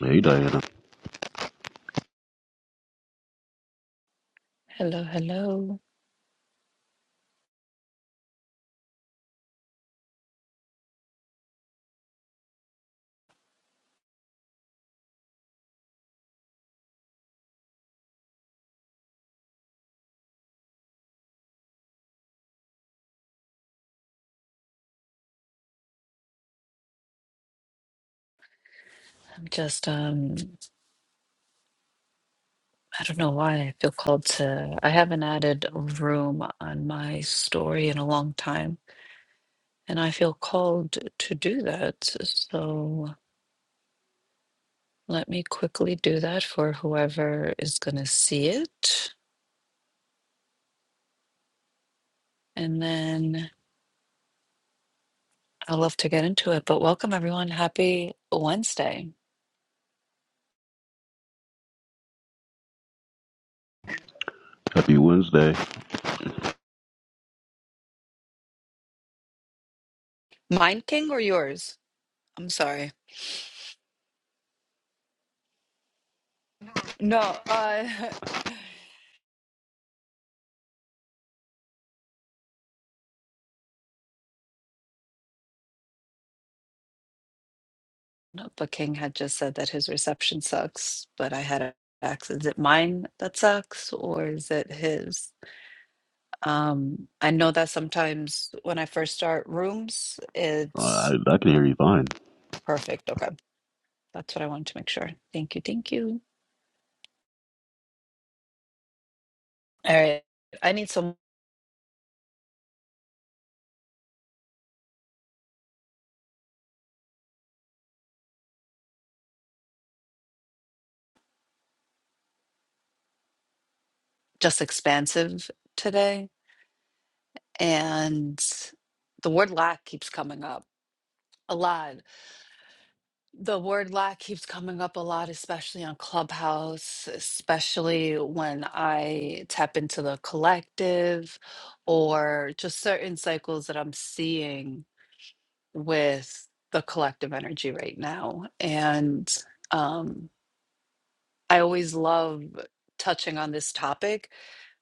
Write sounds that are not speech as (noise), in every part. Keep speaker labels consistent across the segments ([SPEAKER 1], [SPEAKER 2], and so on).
[SPEAKER 1] Hey, Diana.
[SPEAKER 2] Hello, hello. I'm just um I don't know why I feel called to I haven't added a room on my story in a long time, and I feel called to do that. So let me quickly do that for whoever is going to see it, and then i will love to get into it. But welcome everyone. Happy Wednesday.
[SPEAKER 1] Happy Wednesday.
[SPEAKER 2] Mine King or yours? I'm sorry. No, uh (laughs) No, but King had just said that his reception sucks, but I had asked, is it mine that sucks or is it his? Um, I know that sometimes when I first start rooms,
[SPEAKER 1] Uh, I,
[SPEAKER 2] it's
[SPEAKER 1] I can hear you fine.
[SPEAKER 2] perfect. Okay. That's what I wanted to make sure. Thank you. Thank you. All right. I need some just expansive today. And the word lack keeps coming up a lot. The word lack keeps coming up a lot, especially on Clubhouse, especially when I tap into the collective or just certain cycles that I'm seeing with the collective energy right now. And um, I always love touching on this topic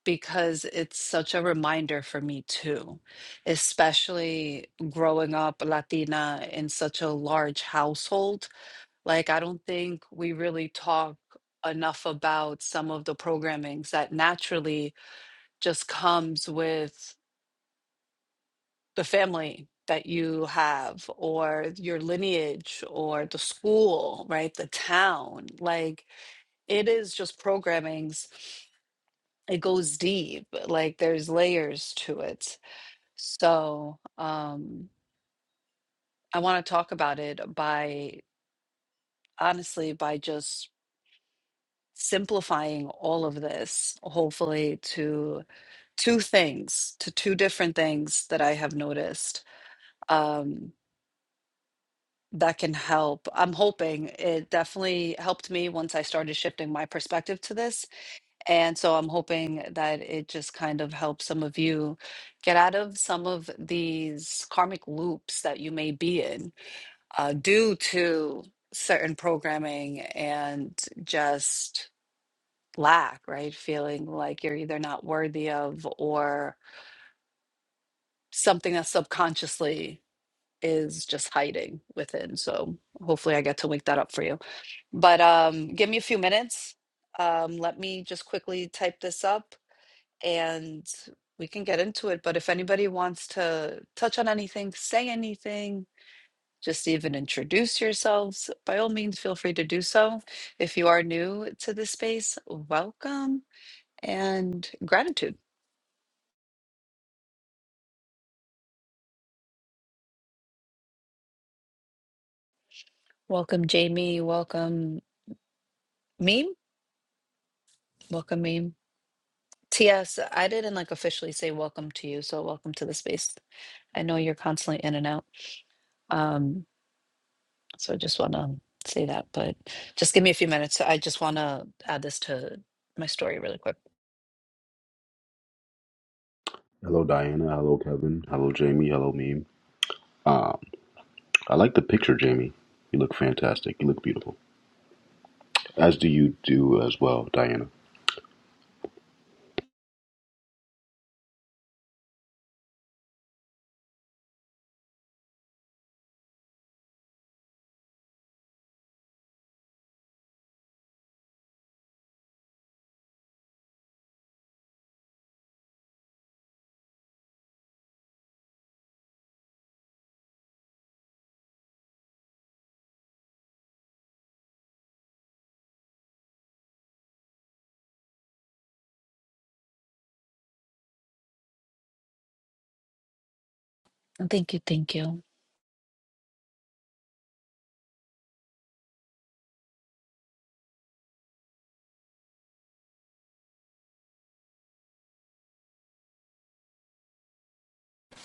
[SPEAKER 2] because it's such a reminder for me too, especially growing up Latina in such a large household like, I don't think we really talk enough about some of the programmings that naturally just comes with the family that you have, or your lineage, or the school, right? The town. Like, it is just programmings. It goes deep. Like, there's layers to it. So, um, I want to talk about it by honestly by just simplifying all of this, hopefully, to two things, to two different things that I have noticed um, that can help. I'm hoping it definitely helped me once I started shifting my perspective to this. And so I'm hoping that it just kind of helps some of you get out of some of these karmic loops that you may be in uh, due to certain programming and just lack, right? Feeling like you're either not worthy of or something that subconsciously is just hiding within. So hopefully I get to wake that up for you. But um, give me a few minutes. Um, let me just quickly type this up and we can get into it. But if anybody wants to touch on anything, say anything, just even introduce yourselves, by all means, feel free to do so. If you are new to this space, welcome and gratitude. Welcome, Jamie. Welcome, Meme. Welcome, Meme. TS, I didn't like officially say welcome to you, so welcome to the space. I know you're constantly in and out. Um, so I just want to say that, but just give me a few minutes. I just want to add this to my story really quick.
[SPEAKER 1] Hello, Diana. Hello, Kevin. Hello, Jamie. Hello, Meme. Um, I like the picture, Jamie. You look fantastic. You look beautiful. As do you do as well, Diana.
[SPEAKER 2] Thank you. Thank you.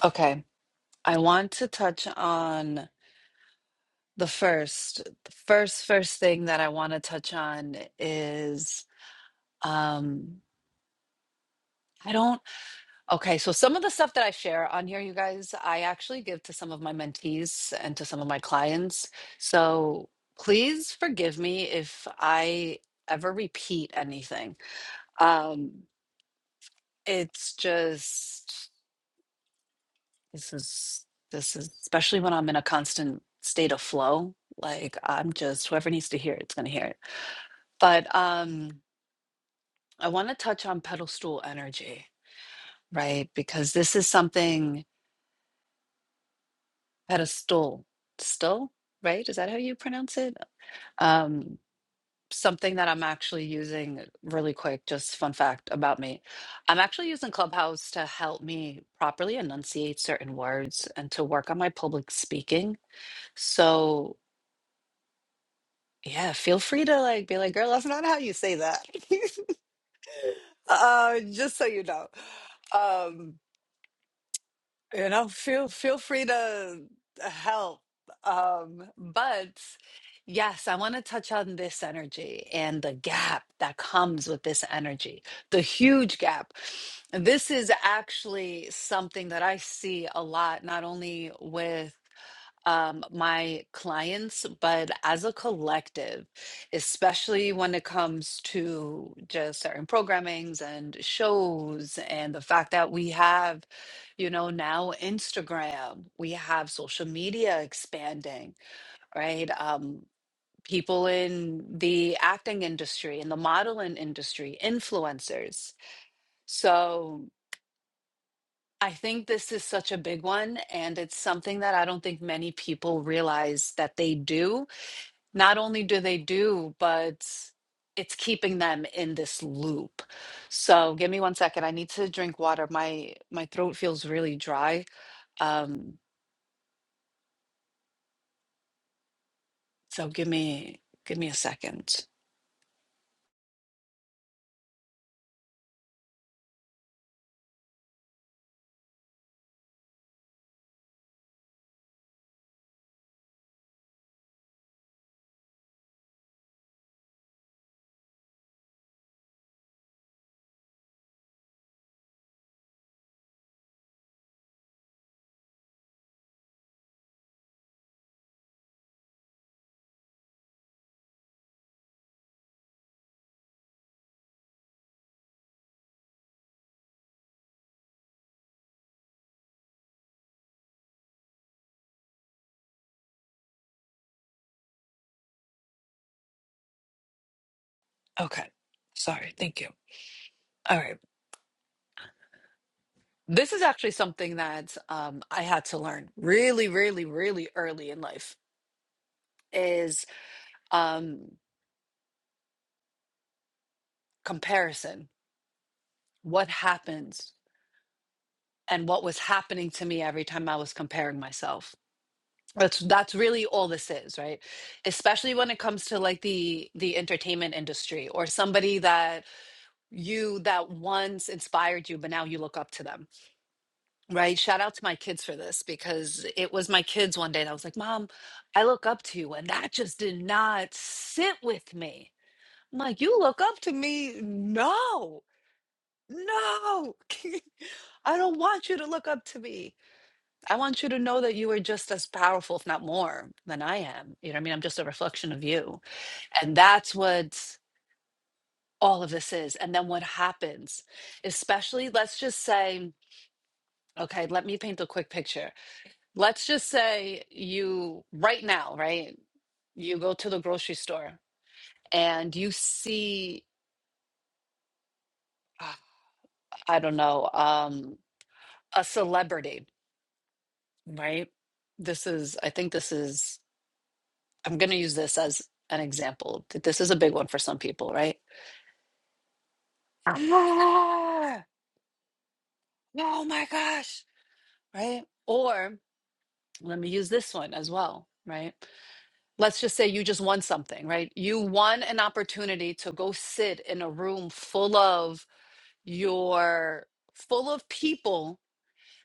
[SPEAKER 2] Okay. I want to touch on the first, the first, first thing that I want to touch on is um, I don't. Okay, so some of the stuff that I share on here, you guys, I actually give to some of my mentees and to some of my clients. So please forgive me if I ever repeat anything. Um, it's just this is this is especially when I'm in a constant state of flow. Like I'm just whoever needs to hear it, it's gonna hear it. But um, I want to touch on pedestal energy, right? Because this is something. at a stole, still, right? Is that how you pronounce it? Um, something that I'm actually using really quick, just fun fact about me. I'm actually using Clubhouse to help me properly enunciate certain words and to work on my public speaking. So, yeah, feel free to like be like, girl, that's not how you say that. (laughs) uh, just so you know. Um, you know feel feel free to help um but yes i want to touch on this energy and the gap that comes with this energy the huge gap this is actually something that i see a lot not only with um, my clients, but as a collective, especially when it comes to just certain programmings and shows, and the fact that we have, you know, now Instagram, we have social media expanding, right? Um, people in the acting industry, in the modeling industry, influencers. So, I think this is such a big one, and it's something that I don't think many people realize that they do not only do they do, but it's keeping them in this loop. So give me one second. I need to drink water. My my throat feels really dry. Um, so give me give me a second. Okay. Sorry. Thank you. All right. This is actually something that um, I had to learn really, really, really early in life is um, comparison. What happens and what was happening to me every time I was comparing myself. That's that's really all this is, right? Especially when it comes to like the the entertainment industry or somebody that you that once inspired you, but now you look up to them, right? Shout out to my kids for this because it was my kids one day that was like, "Mom, I look up to you," and that just did not sit with me. I'm like, "You look up to me? No, no, (laughs) I don't want you to look up to me." I want you to know that you are just as powerful, if not more, than I am. You know what I mean? I'm just a reflection of you. And that's what all of this is. And then what happens, especially, let's just say, okay, let me paint a quick picture. Let's just say you, right now, right? You go to the grocery store and you see, ah, I don't know, um, a celebrity, right? This is, I think this is I'm going to use this as an example. This is a big one for some people, right? Ah, oh my gosh, right? Or let me use this one as well, right? Let's just say you just won something, right? You won an opportunity to go sit in a room full of your full of people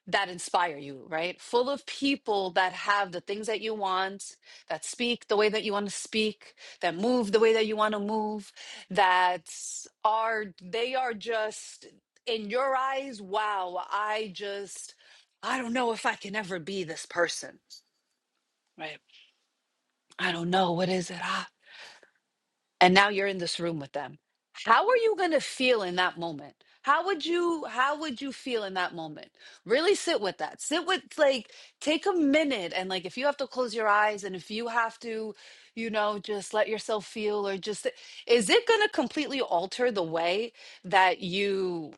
[SPEAKER 2] that inspire you, right? Full of people that have the things that you want, that speak the way that you want to speak, that move the way that you want to move, that are they are just in your eyes, wow, I just I don't know if I can ever be this person, right? I don't know what is it. ah and now you're in this room with them how are you going to feel in that moment how would you how would you feel in that moment really sit with that sit with like take a minute and like if you have to close your eyes and if you have to you know just let yourself feel or just is it going to completely alter the way that you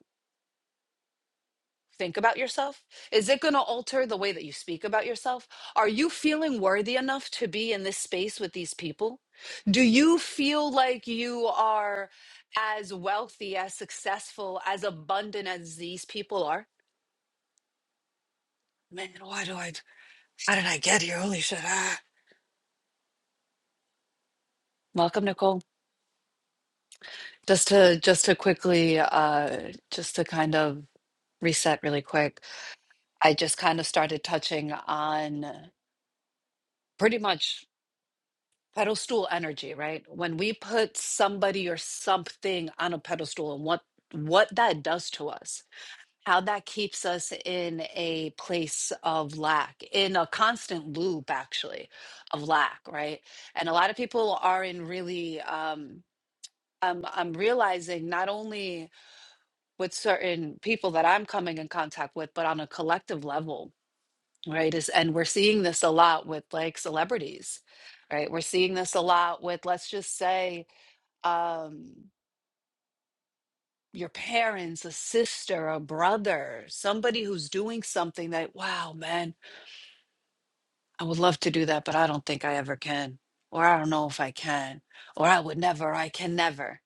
[SPEAKER 2] think about yourself? Is it going to alter the way that you speak about yourself? Are you feeling worthy enough to be in this space with these people? Do you feel like you are as wealthy, as successful, as abundant as these people are? Man, why do I? How did I get here? Holy shit! Ah. Welcome, Nicole. Just to just to quickly, uh, just to kind of reset really quick. I just kind of started touching on pretty much. pedestal energy, right? When we put somebody or something on a pedestal and what what that does to us, how that keeps us in a place of lack, in a constant loop actually of lack, right? And a lot of people are in really um I'm I'm realizing not only with certain people that I'm coming in contact with, but on a collective level right is and we're seeing this a lot with like celebrities right we're seeing this a lot with let's just say um your parents a sister a brother somebody who's doing something that wow man i would love to do that but i don't think i ever can or i don't know if i can or i would never i can never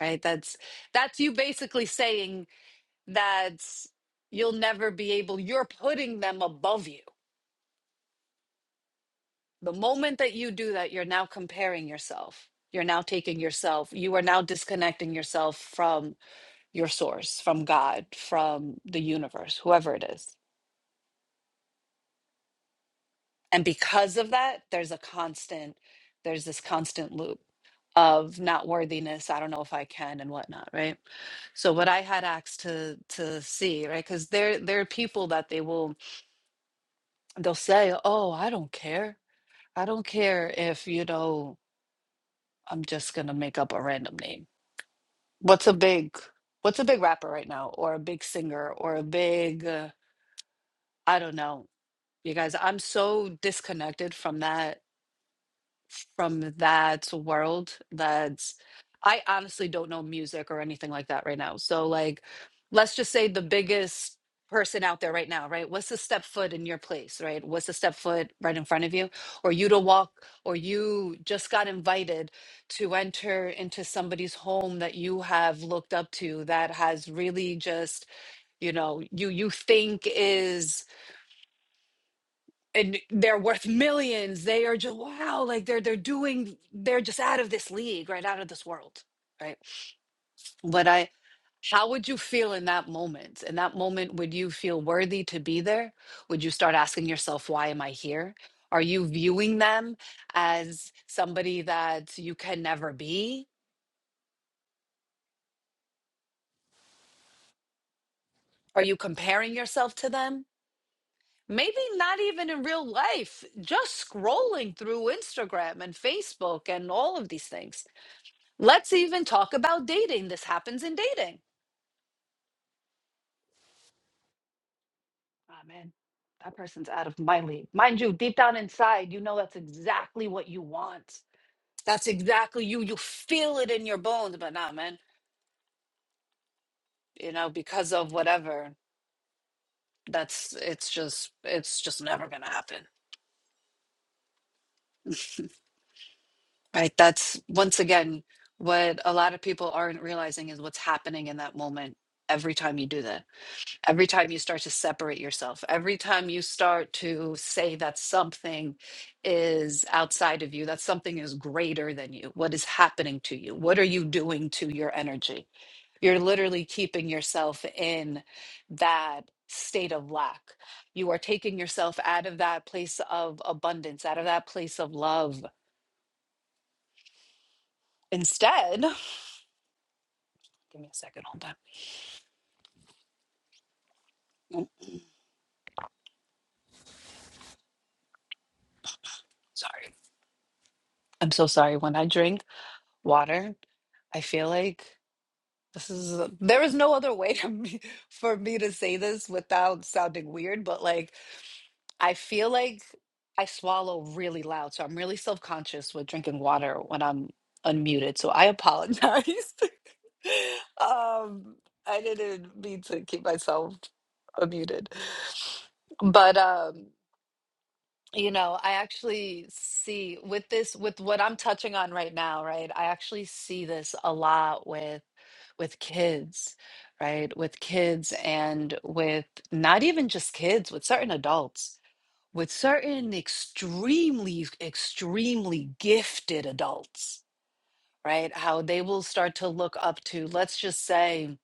[SPEAKER 2] right that's that's you basically saying that you'll never be able you're putting them above you The moment that you do that, you're now comparing yourself. You're now taking yourself, you are now disconnecting yourself from your source, from God, from the universe, whoever it is. And because of that, there's a constant, there's this constant loop of not worthiness. I don't know if I can and whatnot, right? So what I had asked to to see, right? Because there there are people that they will they'll say, "Oh, I don't care. I don't care if you know I'm just gonna make up a random name. What's a big what's a big rapper right now or a big singer or a big uh, I don't know. You guys, I'm so disconnected from that from that world that's I honestly don't know music or anything like that right now. So like let's just say the biggest person out there right now, right? What's the step foot in your place, right? What's the step foot right in front of you? Or you to walk or you just got invited to enter into somebody's home that you have looked up to that has really just, you know, you you think is and they're worth millions. They are just wow, like they're they're doing they're just out of this league, right? Out of this world. Right. But I how would you feel in that moment? In that moment, would you feel worthy to be there? Would you start asking yourself, why am I here? Are you viewing them as somebody that you can never be? Are you comparing yourself to them? Maybe not even in real life, just scrolling through Instagram and Facebook and all of these things Let's even talk about dating. This happens in dating. Ah man, that person's out of my league. Mind you, deep down inside, you know that's exactly what you want. That's exactly you. You feel it in your bones, but nah, man, you know, because of whatever, that's it's just it's just never gonna happen. Right? That's once again what a lot of people aren't realizing is what's happening in that moment every time you do that every time you start to separate yourself, every time you start to say that something is outside of you, that something is greater than you, what is happening to you? What are you doing to your energy? You're literally keeping yourself in that state of lack. You are taking yourself out of that place of abundance, out of that place of love. Instead, (sighs) (laughs) give me a second, hold on. Mm, Sorry. I'm so sorry. When I drink water, I feel like This is there is no other way to me, (laughs) for me to say this without sounding weird, but like I feel like I swallow really loud, so I'm really self-conscious with drinking water when I'm unmuted. So I apologize. (laughs) Um, I didn't mean to keep myself unmuted. But um, you know, I actually see with this with what I'm touching on right now, right? I actually see this a lot with with kids, right? With kids and with not even just kids, with certain adults, with certain extremely, extremely gifted adults, right? How they will start to look up to, let's just say,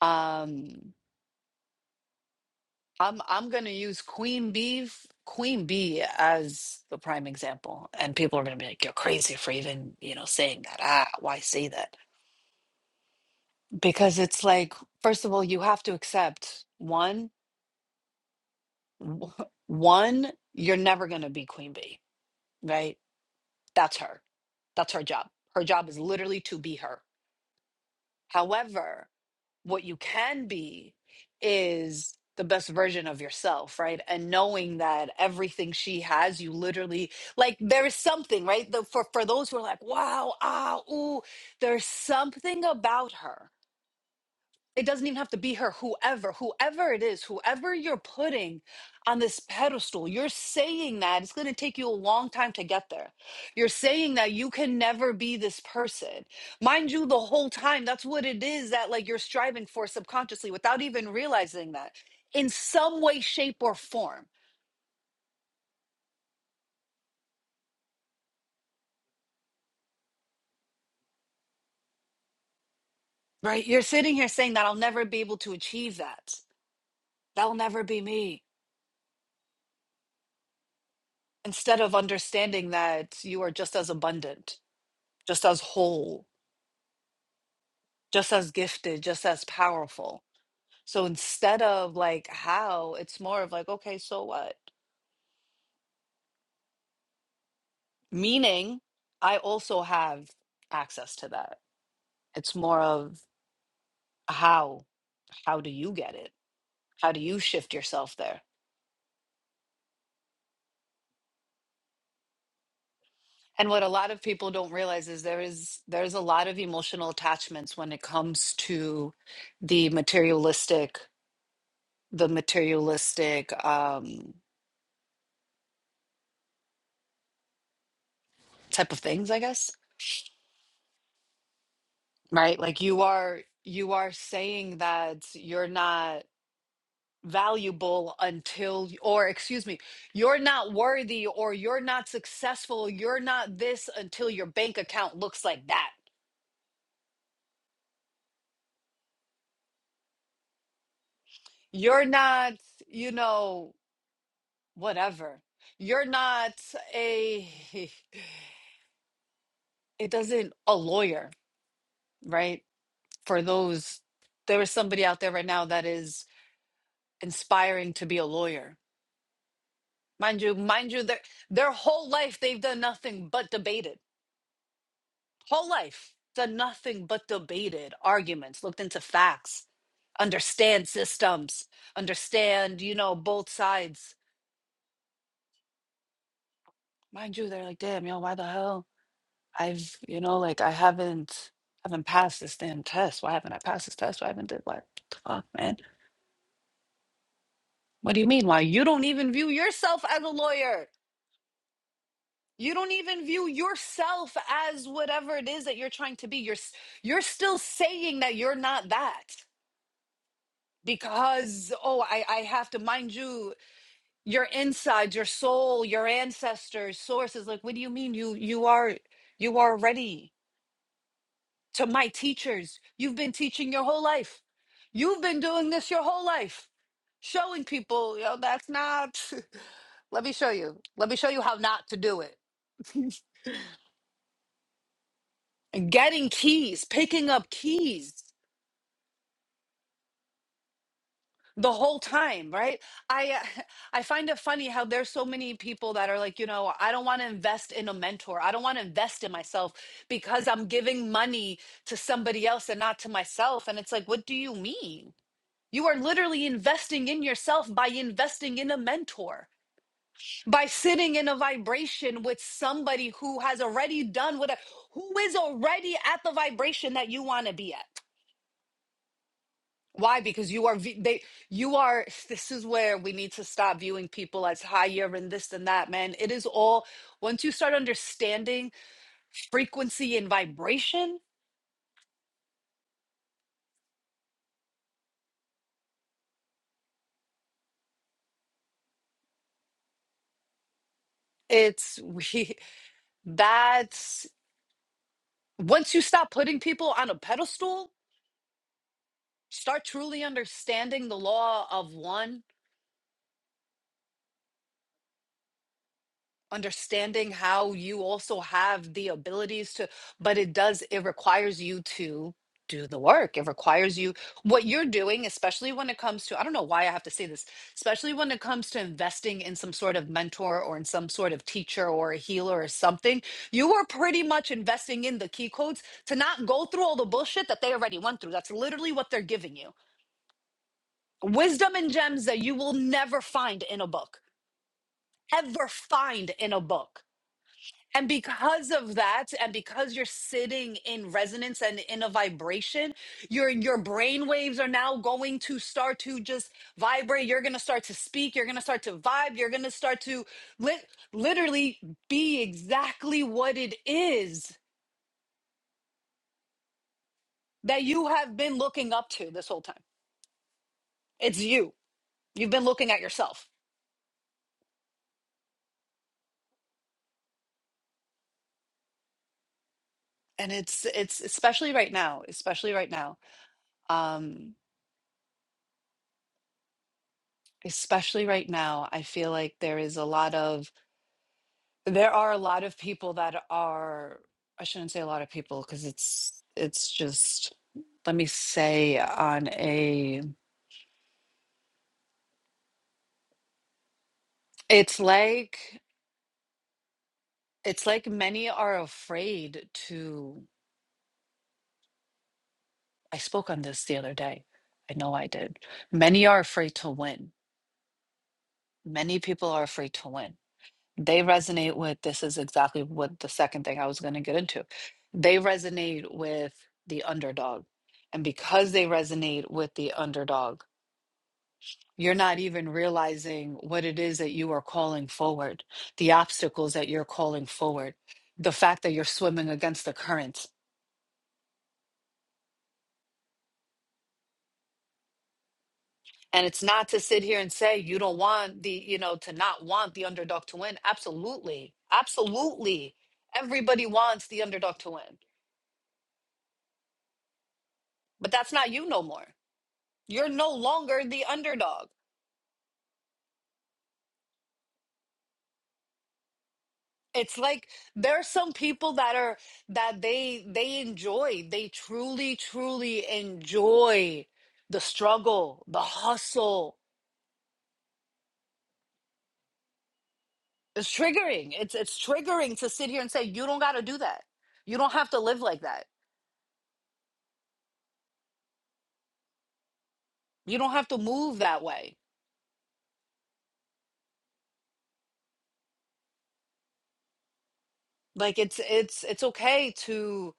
[SPEAKER 2] um, I'm I'm gonna use Queen Bee, f- Queen Bee as the prime example. And people are gonna be like, you're crazy for even, you know, saying that. Ah, why say that? Because it's like, first of all, you have to accept one. w- one, you're never going to be queen bee, right? That's her. That's her job. Her job is literally to be her. However, what you can be is the best version of yourself, right? And knowing that everything she has, you literally like there is something, right? The, for for those who are like, wow, ah, ooh, there's something about her it doesn't even have to be her whoever whoever it is whoever you're putting on this pedestal you're saying that it's going to take you a long time to get there you're saying that you can never be this person mind you the whole time that's what it is that like you're striving for subconsciously without even realizing that in some way shape or form right you're sitting here saying that i'll never be able to achieve that that'll never be me instead of understanding that you are just as abundant just as whole just as gifted, just as powerful. So instead of like how, it's more of like, okay, so what? Meaning, I also have access to that. It's more of how, how do you get it? How do you shift yourself there? And what a lot of people don't realize is there is there's a lot of emotional attachments when it comes to the materialistic, the materialistic um, type of things, I guess right like you are you are saying that you're not valuable until or excuse me you're not worthy or you're not successful you're not this until your bank account looks like that you're not you know whatever you're not a (laughs) it doesn't a lawyer right for those there is somebody out there right now that is inspiring to be a lawyer Mind you, mind you, their their whole life they've done nothing but debated. Whole life done nothing but debated arguments, looked into facts, understand systems, understand, you know, both sides. Mind you, they're like, damn, yo, why the hell? I've, you know, like I haven't haven't passed this damn test. Why haven't I passed this test? Why haven't did what the fuck, man? What do you mean? Why you don't even view yourself as a lawyer? You don't even view yourself as whatever it is that you're trying to be. You're s- you're still saying that you're not that because oh, I I have to mind you your inside, your soul, your ancestors, sources. Like what do you mean you you are you are ready to my teachers? You've been teaching your whole life. You've been doing this your whole life. Showing people, yo, that's not (laughs) Let me show you. Let me show you how not to do it. (laughs) getting keys, picking up keys the whole time, right? I uh, (laughs) I find it funny how there's so many people that are like, you know, I don't want to invest in a mentor. I don't want to invest in myself because I'm giving money to somebody else and not to myself. And it's like, what do you mean? You are literally investing in yourself by investing in a mentor, by sitting in a vibration with somebody who has already done what, who is already at the vibration that you want to be at. Why? Because you are vi- they you are (laughs) this is where we need to stop viewing people as higher and this and that, man. It is all once you start understanding frequency and vibration, it's we (laughs) that's once you stop putting people on a pedestal, start truly understanding the law of one understanding how you also have the abilities to but it does it requires you to do the work it requires you what you're doing especially when it comes to i don't know why i have to say this especially when it comes to investing in some sort of mentor or in some sort of teacher or a healer or something you are pretty much investing in the key codes to not go through all the bullshit that they already went through that's literally what they're giving you wisdom and gems that you will never find in a book ever find in a book and because of that, and because you're sitting in resonance and in a vibration, your your brain waves are now going to start to just vibrate. You're gonna start to speak. You're gonna start to vibe. You're gonna start to lit literally be exactly what it is that you have been looking up to this whole time. It's you. You've been looking at yourself, and it's it's especially right now. Especially right now. Um, especially right now. I feel like there is a lot of There are a lot of people that are, I shouldn't say a lot of people because it's it's just let me say on a it's like it's like many are afraid to I spoke on this the other day. I know I did. Many are afraid to win. Many people are afraid to win. They resonate with this is exactly what the second thing I was going to get into. They resonate with the underdog. And because they resonate with the underdog, You're not even realizing what it is that you are calling forward, the obstacles that you're calling forward, the fact that you're swimming against the current. And it's not to sit here and say you don't want the, you know, to not want the underdog to win. Absolutely. Absolutely. Everybody wants the underdog to win, but that's not you no more. You're no longer the underdog. it's like there are some people that are that they they enjoy they truly truly enjoy the struggle the hustle it's triggering it's it's triggering to sit here and say you don't got to do that you don't have to live like that you don't have to move that way like it's it's it's okay to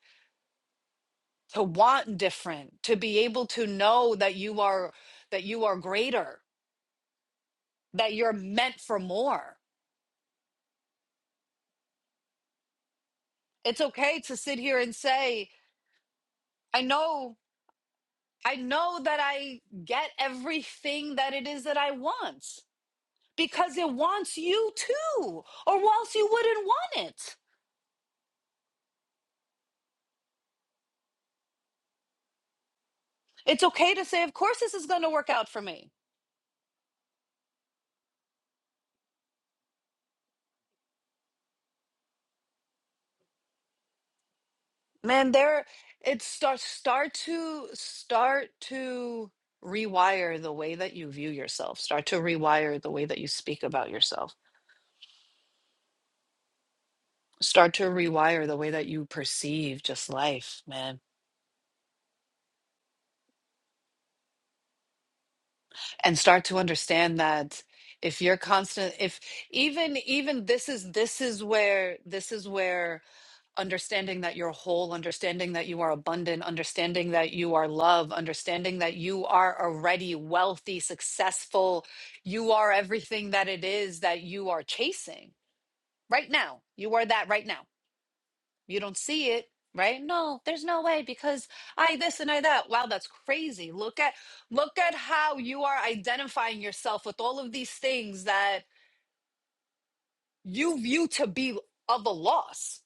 [SPEAKER 2] to want different to be able to know that you are that you are greater that you're meant for more it's okay to sit here and say I know I know that I get everything that it is that I want because it wants you too, or else you wouldn't want it. It's okay to say, of course, this is going to work out for me. Man, there, it start start to, start to rewire the way that you view yourself, start to rewire the way that you speak about yourself, start to rewire the way that you perceive just life, man and start to understand that if you're constant if even even this is this is where this is where understanding that you're whole understanding that you are abundant understanding that you are love understanding that you are already wealthy successful you are everything that it is that you are chasing right now you are that right now you don't see it, right? No, there's no way because I this and I that. Wow, that's crazy. Look at look at how you are identifying yourself with all of these things that you view to be of a loss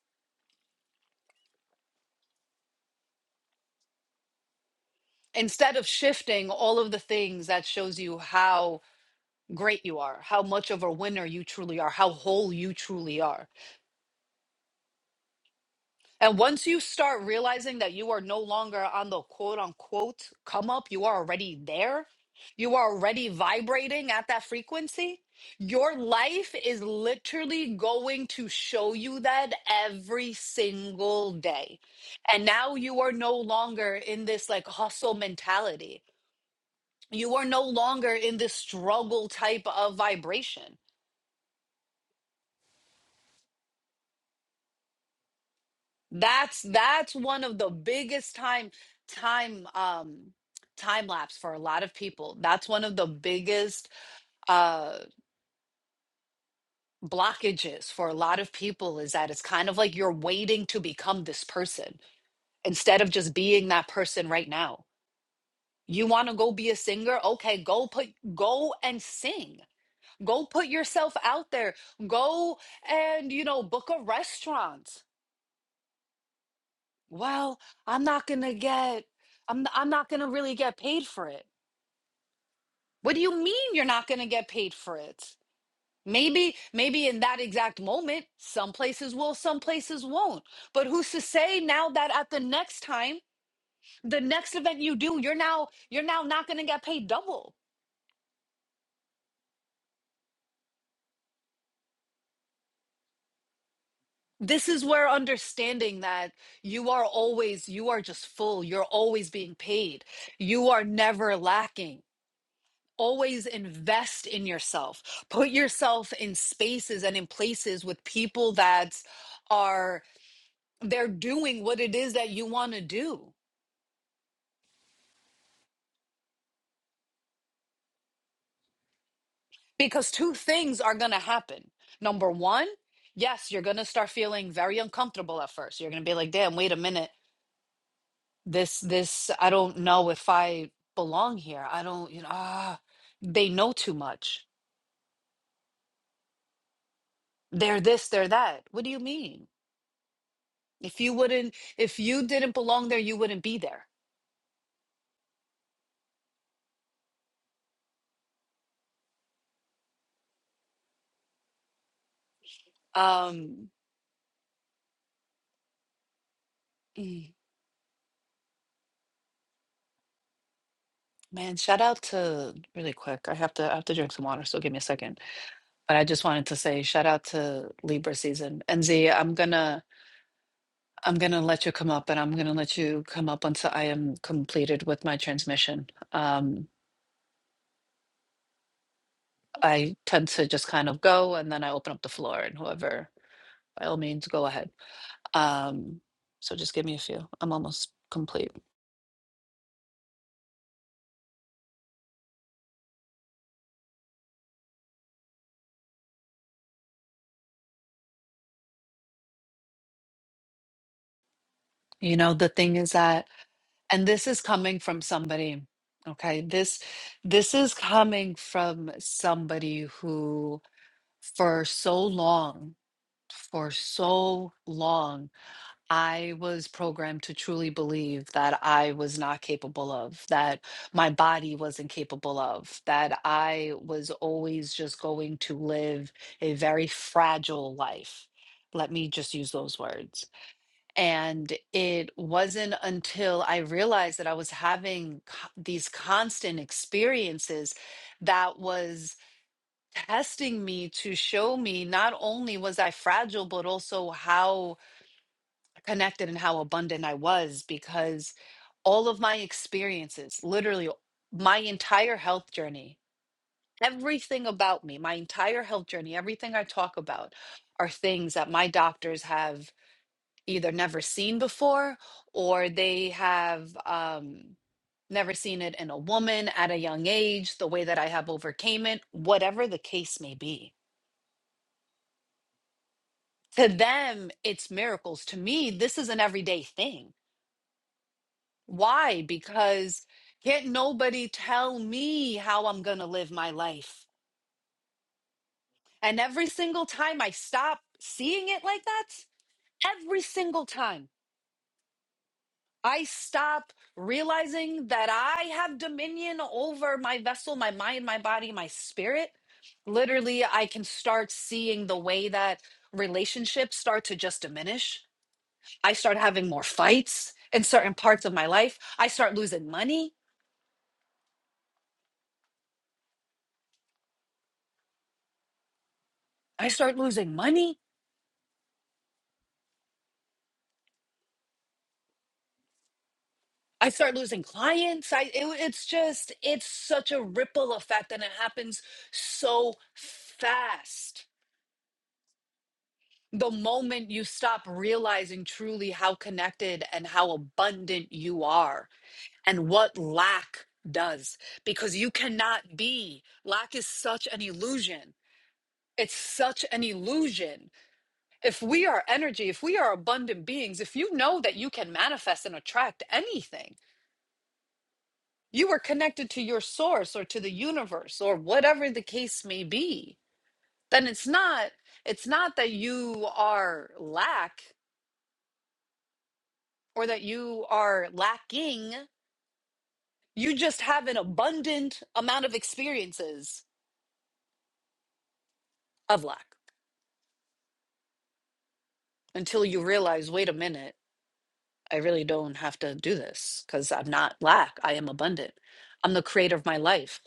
[SPEAKER 2] instead of shifting all of the things that shows you how great you are, how much of a winner you truly are, how whole you truly are And once you start realizing that you are no longer on the quote unquote come up, you are already there, you are already vibrating at that frequency. Your life is literally going to show you that every single day. And now you are no longer in this like hustle mentality. You are no longer in this struggle type of vibration That's that's one of the biggest time time um time lapse for a lot of people. That's one of the biggest uh blockages for a lot of people is that it's kind of like you're waiting to become this person instead of just being that person right now. You want to go be a singer? Okay, go put go and sing. Go put yourself out there. Go and you know book a restaurant. Well, I'm not gonna get I'm I'm not gonna really get paid for it. What do you mean you're not gonna get paid for it? Maybe maybe in that exact moment, some places will, some places won't. But who's to say now that at the next time, the next event you do, you're now you're now not gonna get paid double. This is where understanding that you are always you are just full, you're always being paid. You are never lacking always invest in yourself put yourself in spaces and in places with people that are they're doing what it is that you want to do because two things are going to happen number one yes you're going to start feeling very uncomfortable at first you're going to be like damn wait a minute this this i don't know if i belong here i don't you know ah they know too much they're this they're that what do you mean if you wouldn't if you didn't belong there you wouldn't be there Um, mm, man, shout out to really quick. I have to I have to drink some water, so give me a second. But I just wanted to say shout out to Libra season. And Z, I'm gonna I'm gonna let you come up and I'm gonna let you come up until I am completed with my transmission. Um, I tend to just kind of go and then I open up the floor and whoever by all means go ahead. Um, so just give me a few. I'm almost complete. You know, the thing is that and this is coming from somebody okay this this is coming from somebody who for so long for so long i was programmed to truly believe that i was not capable of that my body wasn't capable of that i was always just going to live a very fragile life let me just use those words and it wasn't until I realized that I was having co- these constant experiences that was testing me to show me not only was I fragile, but also how connected and how abundant I was because all of my experiences, literally my entire health journey, everything about me, my entire health journey, everything I talk about are things that my doctors have either never seen before or they have um, never seen it in a woman at a young age, the way that I have overcame it, whatever the case may be. To them, it's miracles. To me, this is an everyday thing. Why? Because can't nobody tell me how I'm going to live my life. And every single time I stop seeing it like that, every single time. I stop realizing that I have dominion over my vessel, my mind, my body, my spirit. Literally, I can start seeing the way that relationships start to just diminish. I start having more fights in certain parts of my life. I start losing money. I start losing money. I start losing clients. I it- it's just it's such a ripple effect and it happens so fast the moment you stop realizing truly how connected and how abundant you are and what lack does because you cannot be lack is such an illusion it's such an illusion if we are energy if we are abundant beings if you know that you can manifest and attract anything you are connected to your source or to the universe or whatever the case may be then it's not it's not that you are lack or that you are lacking. You just have an abundant amount of experiences of lack until you realize, wait a minute, I really don't have to do this because I'm not lack. I am abundant. I'm the creator of my life.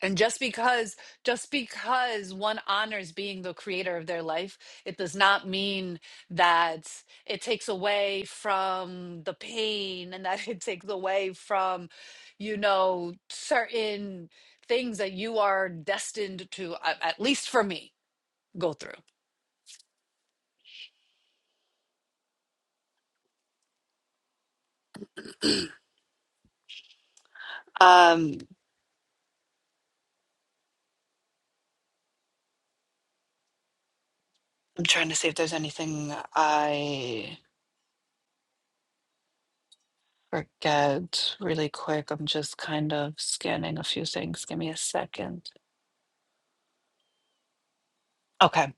[SPEAKER 2] And just because just because one honors being the creator of their life, it does not mean that it takes away from the pain and that (laughs) it takes away from, you know, certain things that you are destined to, a- at least for me, go through. Um, I'm trying to see if there's anything I forget really quick. I'm just kind of scanning a few things. Give me a second. Okay.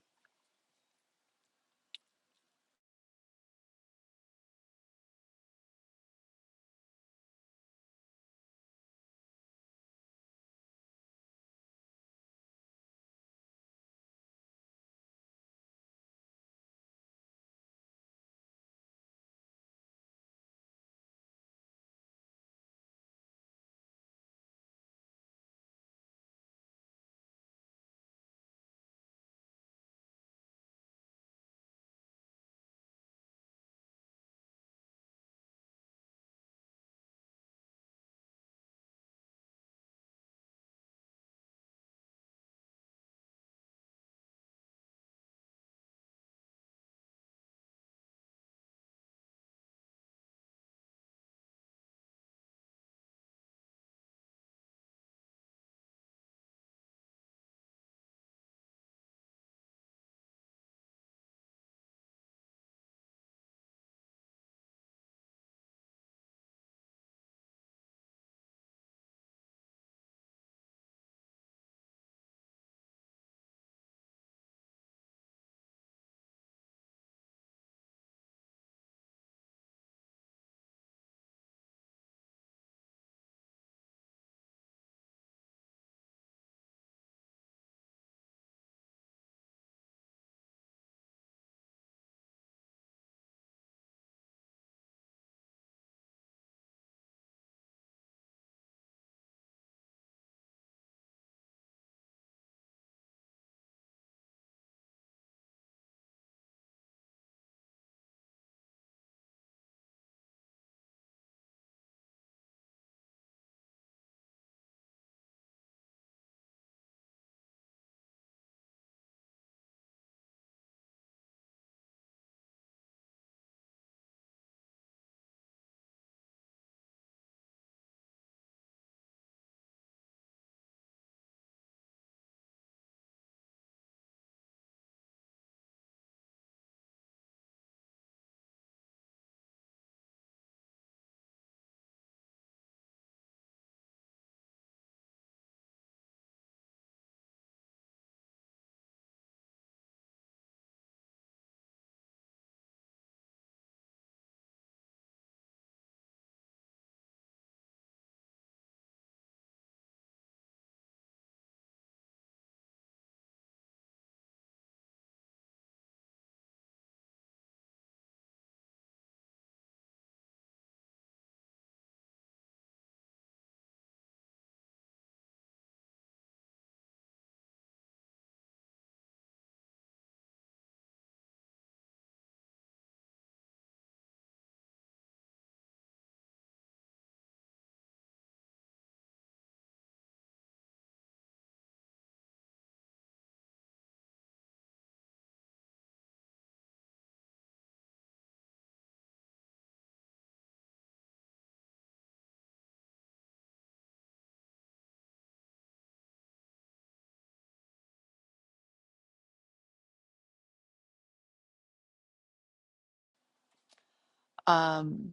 [SPEAKER 2] Um.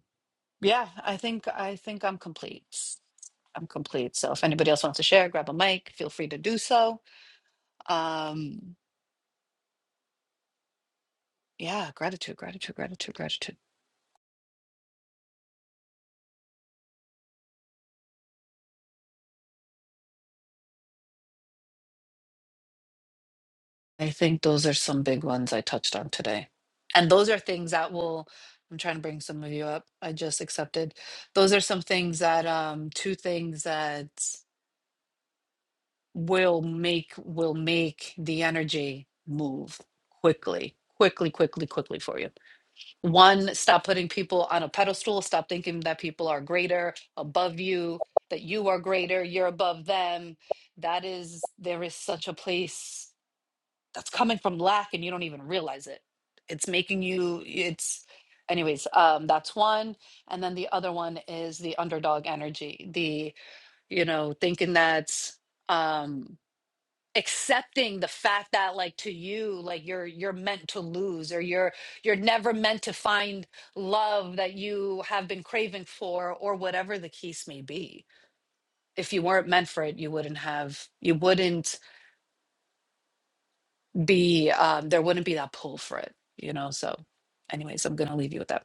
[SPEAKER 2] Yeah, I think I think I'm complete. I'm complete. So if anybody else wants to share, grab a mic, feel free to do so. Um, yeah, gratitude, gratitude, gratitude, gratitude. I think those are some big ones I touched on today. And those are things that will I'm trying to bring some of you up. I just accepted. Those are some things that um two things that will make will make the energy move quickly, quickly, quickly, quickly for you One, stop putting people on a pedestal. Stop thinking that people are greater, above you, that you are greater, you're above them. That is, there is such a place that's coming from lack and you don't even realize it. It's making you, it's, anyways, um, that's one. And then the other one is the underdog energy, the, you know, thinking that. um, accepting the fact that like to you like you're you're meant to lose or you're you're never meant to find love that you have been craving for or whatever the case may be if you weren't meant for it you wouldn't have you wouldn't be um there wouldn't be that pull for it you know so anyways i'm gonna leave you with that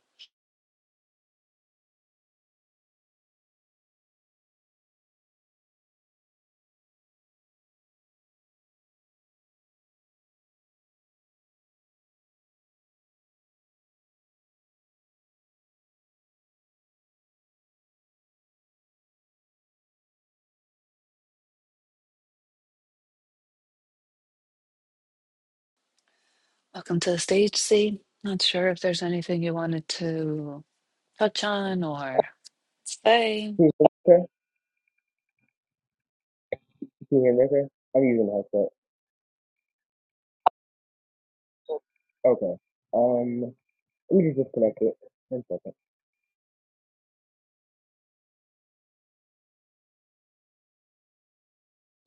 [SPEAKER 2] Welcome to the stage, C. Not sure if there's anything you wanted to touch on or say.
[SPEAKER 3] Can you hear me okay? Can you hear me okay? I'm using the headset. Okay. Um, let me just disconnect it. One second.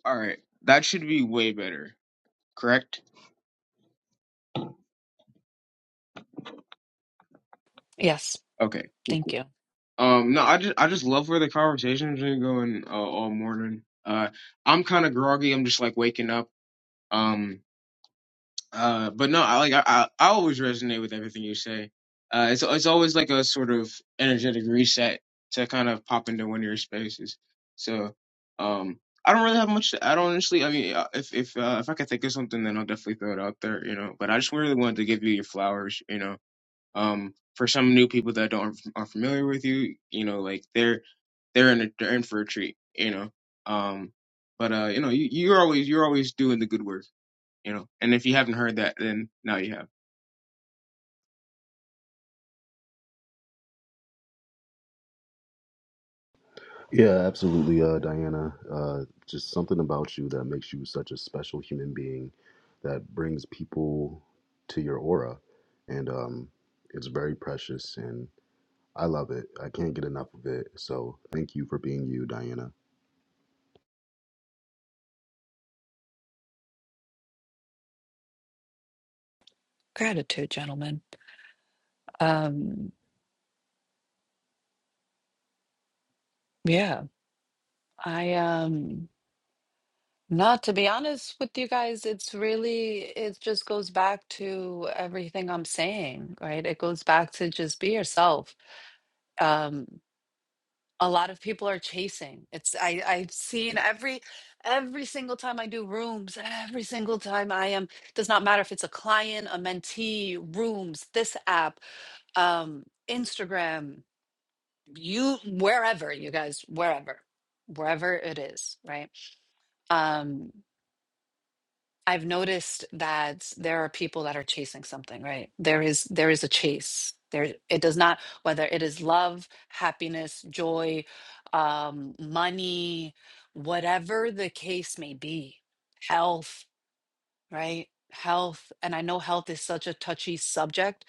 [SPEAKER 3] All right, that should be way better. Correct?
[SPEAKER 2] Yes,
[SPEAKER 3] Okay. Cool,
[SPEAKER 2] thank
[SPEAKER 3] cool.
[SPEAKER 2] you.
[SPEAKER 3] Um, no, I just I just love where the conversation's been going uh, all morning. Uh, I'm kind of groggy. I'm just like waking up. Um. Uh, but no, I like I, I I always resonate with everything you say. Uh, it's it's always like a sort of energetic reset to kind of pop into one of your spaces. So, um, I don't really have much. to- I don't honestly. I mean, uh, if if uh, if I can think of something, then I'll definitely throw it out there. You know, but I just really wanted to give you your flowers. You know, um, for some new people that don't aren't familiar with you, you know, like they're they're in a, they're in for a treat. You know, um, but uh, you know, you, you're always you're always doing the good work you know. And if you haven't heard that, then now you have.
[SPEAKER 1] Yeah, absolutely, uh, Diana. Uh, just something about you that makes you such a special human being that brings people to your aura. And um, it's very precious, and I love it. I can't get enough of it. So thank you for being you, Diana.
[SPEAKER 2] Gratitude, gentlemen. Um, yeah, I um not to be honest with you guys, it's really it just goes back to everything I'm saying, right? It goes back to just be yourself. Um, a lot of people are chasing it's i i've seen every every single time i do rooms every single time i am does not matter if it's a client a mentee rooms this app um instagram you wherever you guys wherever wherever it is right um I've noticed that there are people that are chasing something, right? There is there is a chase. There it does not whether it is love, happiness, joy, um, money, whatever the case may be, health right? Health. And I know health is such a touchy subject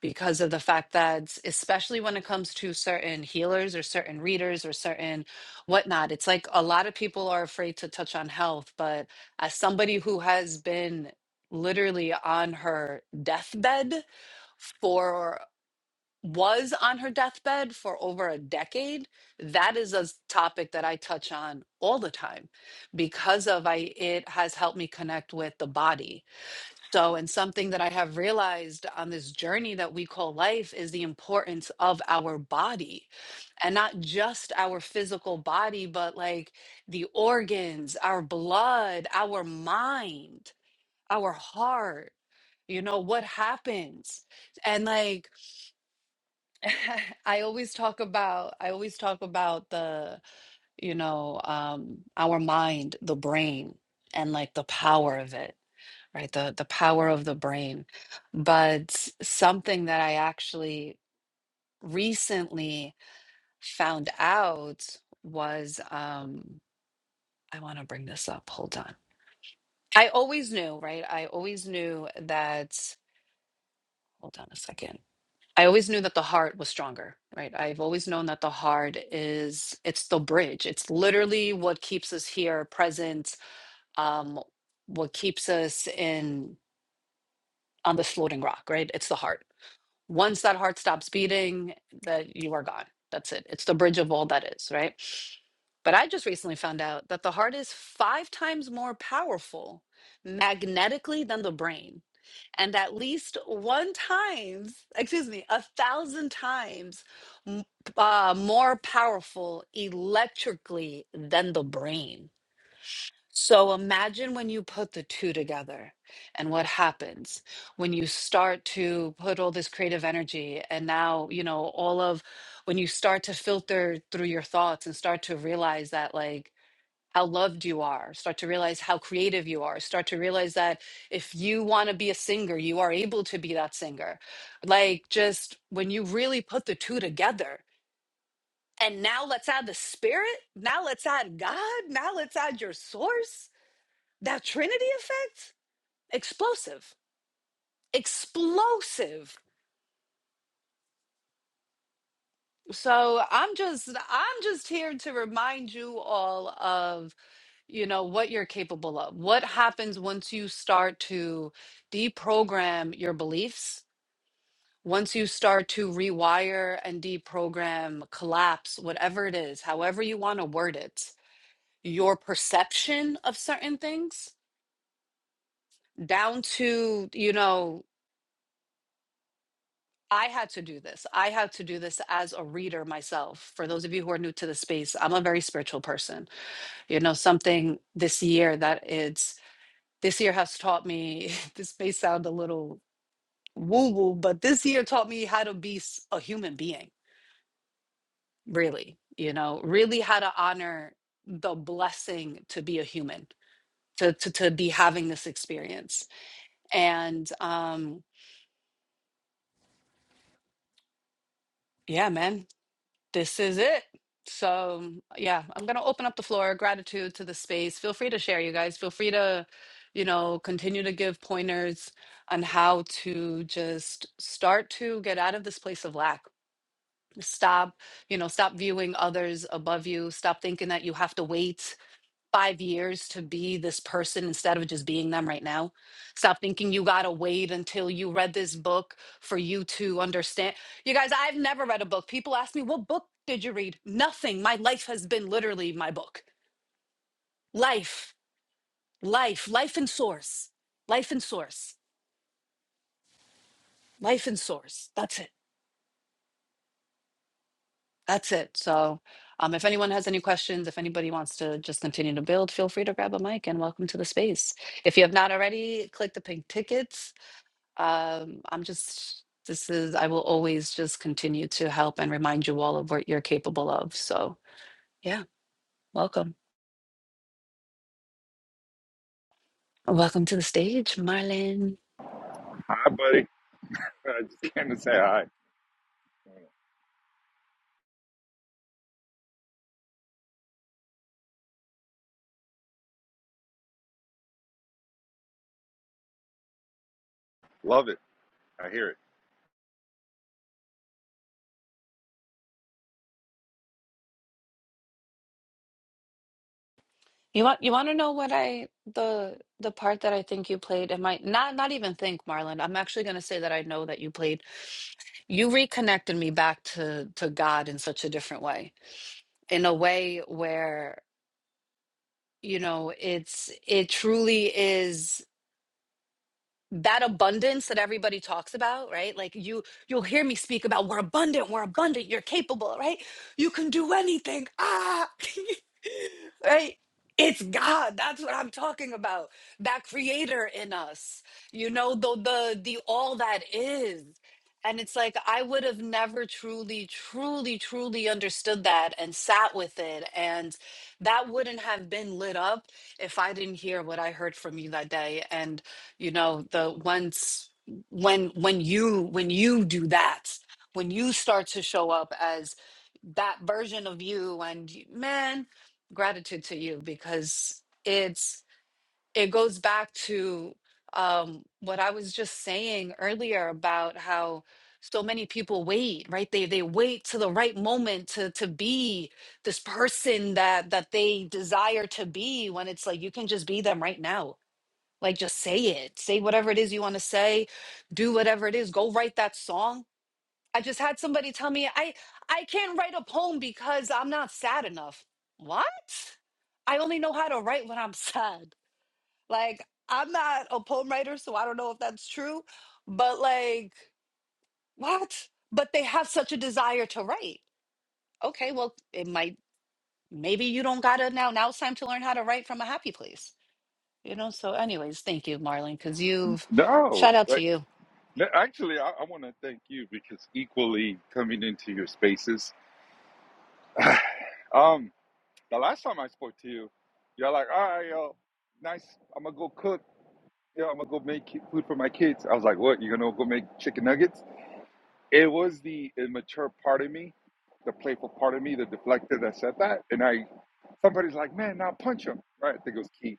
[SPEAKER 2] because of the fact that, especially when it comes to certain healers or certain readers or certain whatnot, it's like a lot of people are afraid to touch on health. But as somebody who has been literally on her deathbed for, was on her deathbed for over a decade, that is a s- topic that I touch on all the time because of I it has helped me connect with the body so, and something that I have realized on this journey that we call life is the importance of our body and not just our physical body, but like the organs, our blood, our mind, our heart, you know, what happens. And like, (laughs) I always talk about, I always talk about the, you know, um, our mind, the brain, and like the power of it right? The the power of the brain. But something that I actually recently found out was um I want to bring this up. Hold on. I always knew, right? I always knew that hold on a second. I always knew that the heart was stronger, right? I've always known that the heart is it's the bridge. It's literally what keeps us here present, um what keeps us in on this floating rock, right? It's the heart Once that heart stops beating, that you are gone. That's it. It's the bridge of all that is, right? But I just recently found out that the heart is five times more powerful magnetically than the brain. And at least one times, excuse me, a thousand times m- uh, more powerful electrically than the brain. So imagine when you put the two together and what happens when you start to put all this creative energy and now, you know, all of when you start to filter through your thoughts and start to realize that, like, how loved you are, start to realize how creative you are, start to realize that if you want to be a singer, you are able to be that singer. Like, just when you really put the two together. And now let's add the spirit. Now let's add God. Now let's add your source that Trinity effect, explosive, explosive. So I'm just I'm just here to remind you all of, you know, what you're capable of. What happens once you start to deprogram your beliefs? Once you start to rewire and deprogram, collapse, whatever it is, however you want to word it, your perception of certain things down to, you know, I had to do this. I had to do this as a reader myself. For those of you who are new to the space, I'm a very spiritual person. You know, something this year that it's this year has taught me, (laughs) this may sound a little woo woo, but this year taught me how to be s- a human being, really, you know, really how to honor the blessing to be a human, to, to, to be having this experience. And um, yeah, man, this is it. So, yeah, I'm going to open up the floor. Gratitude to the space. Feel free to share, you guys. Feel free to, you know, continue to give pointers on how to just start to get out of this place of lack. Stop, you know, stop viewing others above you. Stop thinking that you have to wait five years to be this person instead of just being them right now. Stop thinking you got to wait until you read this book for you to understand. You guys, I've never read a book. People ask me, What book did you read? Nothing. My life has been literally my book. Life, life, life and source, life and source, life and source. That's it. That's it. So, um, if anyone has any questions, if anybody wants to just continue to build, feel free to grab a mic and welcome to the space. If you have not already, click the pink tickets Um, I'm just, this is, I will always just continue to help and remind you all of what you're capable of. So, yeah, welcome. Welcome to the stage, Marlon.
[SPEAKER 4] Hi, buddy. (laughs) I just came to say hi. Love it. I hear it.
[SPEAKER 2] You want you want to know what I the the part that I think you played and my not not even think Marlon I'm actually going to say that I know that you played you reconnected me back to to God in such a different way in a way where you know it's it truly is that abundance that everybody talks about right like you you'll hear me speak about we're abundant we're abundant you're capable right you can do anything ah (laughs) right it's god that's what i'm talking about that creator in us you know the the the all that is and it's like i would have never truly truly truly understood that and sat with it and that wouldn't have been lit up if i didn't hear what i heard from you that day And you know the once when when you when you do that when you start to show up as that version of you and y- man gratitude to you because it's it goes back to um what i was just saying earlier about how so many people wait right they they wait to the right moment to to be this person that that they desire to be when it's like you can just be them right now like, just say it. Say whatever it is you want to say. Do whatever it is. Go write that song. I just had somebody tell me I I can't write a poem because I'm not sad enough. What? I only know how to write when I'm (laughs) sad. Like, I'm not a poem writer, so I don't know if that's true, but like, what? But they have such a desire to write. Okay, well, it might maybe you don't gotta now. Now it's time to learn how to write from a happy place. You know, so anyways, thank you, Marlon, because you've
[SPEAKER 4] No,
[SPEAKER 2] shout out to
[SPEAKER 4] like
[SPEAKER 2] you.
[SPEAKER 4] no, actually, I, I want to thank you because equally coming into your spaces. (sighs) um, the last time I spoke to you, you're like, all right, yo, nice. I'm gonna go cook. Yo, I'm gonna go make ki- food for my kids. I was like, what? You're gonna go make chicken nuggets? It was the immature part of me, the playful part of me, the deflector that said that, and I. Somebody's like, man, now punch him. Right? I think it was Keith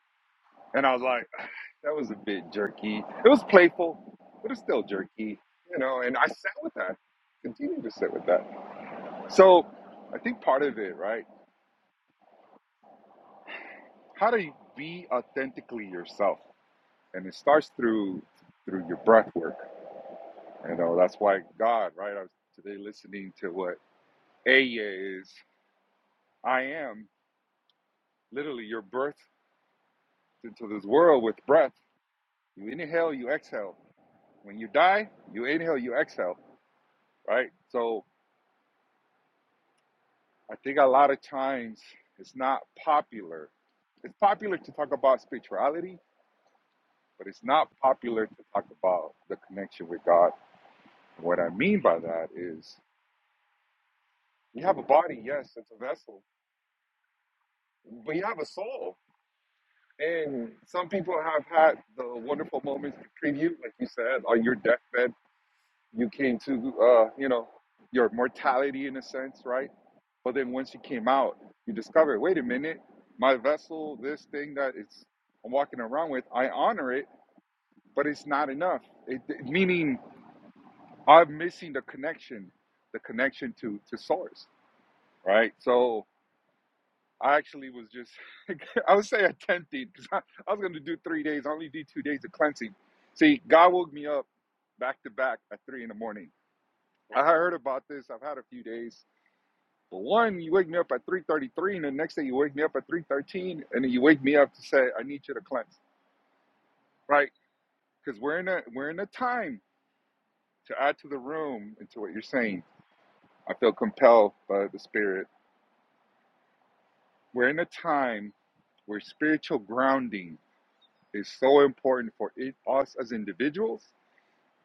[SPEAKER 4] And I was like, (sighs) that was a bit jerky. It was playful, but it's still jerky, you know. And I sat with that, continue to sit with that. So I think part of it, right? How to be authentically yourself, and it starts through through your breath work. You know, that's why God, right? I was today listening to what Aya is. I am literally your birth into this world with breath. You inhale, you exhale. When you die, you inhale, you exhale, right? So I think a lot of times it's not popular. It's popular to talk about spirituality, but it's not popular to talk about the connection with God. And What I mean by that is you have a body, yes, it's a vessel, but you have a soul. And some people have had the wonderful moments to preview, like you said, on your deathbed, you came to, uh, you know, your mortality in a sense, right? But then once you came out, you discover. wait a minute, my vessel, this thing that it's I'm walking around with, I honor it, but it's not enough. It, it- meaning I'm missing the connection, the connection to to source, right? So I actually was just, (laughs) I would say attempting because I, I was going to do three days. I only did two days of cleansing. See, God woke me up back to back at three in the morning. I heard about this. I've had a few days But one, you wake me up at 3.33, and the next day you wake me up at 3.13, and then you wake me up to say, I need you to cleanse, right? Because we're in a we're in a time to add to the room and to what you're saying. I feel compelled by the spirit. We're in a time where spiritual grounding is so important for it, us as individuals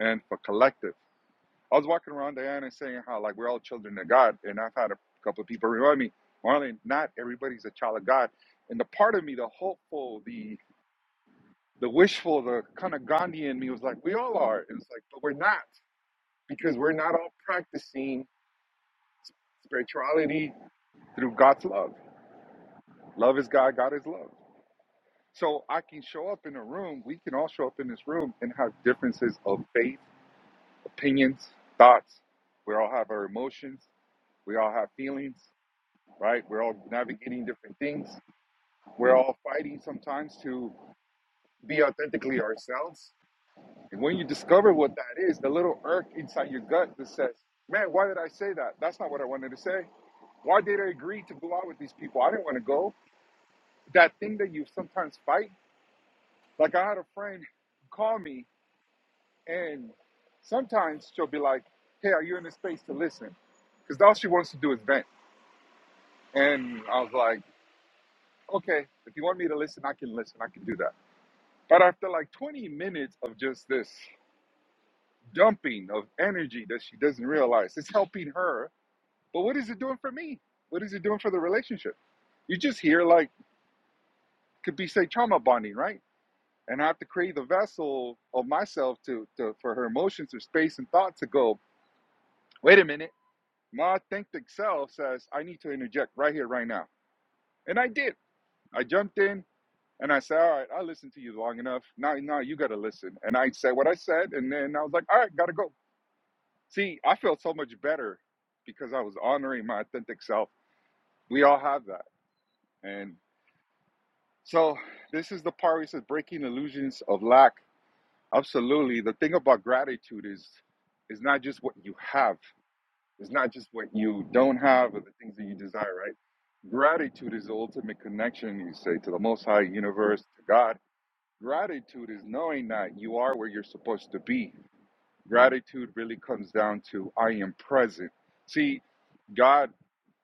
[SPEAKER 4] and for collective. I was walking around Diana and saying how like we're all children of God, and I've had a couple of people remind me, Marlon, not everybody's a child of God. And the part of me, the hopeful, the the wishful, the kind of Gandhi in me was like, we all are. And it's like, but we're not because we're not all practicing spirituality through God's love. Love is God, God is love. So I can show up in a room, we can all show up in this room and have differences of faith, opinions, thoughts. We all have our emotions, we all have feelings, right? We're all navigating different things. We're all fighting sometimes to be authentically ourselves And when you discover what that is, the little irk inside your gut that says, man, why did I say that? That's not what I wanted to say. Why did I agree to go out with these people? I didn't want to go. That thing that you sometimes fight. Like I had a friend call me and sometimes she'll be like, hey, are you in a space to listen? Because all she wants to do is vent. And I was like, okay, if you want me to listen, I can listen. I can do that. But after like 20 minutes of just this dumping of energy that she doesn't realize, it's helping her But what is it doing for me? What is it doing for the relationship? You just hear like could be say trauma bonding, right? And I have to create the vessel of myself to, to for her emotions or space and thought to go, wait a minute. My authentic self says I need to interject right here, right now. And I did. I jumped in and I said, All right, I listened to you long enough. Now now you gotta listen. And I said what I said and then I was like, All right, gotta go. See, I felt so much better because I was honoring my authentic self. We all have that. and. So this is the part where it says breaking illusions of lack. Absolutely. The thing about gratitude is is not just what you have. It's not just what you don't have or the things that you desire, right? Gratitude is the ultimate connection, you say, to the most high universe, to God. Gratitude is knowing that you are where you're supposed to be. Gratitude really comes down to I am present. See, God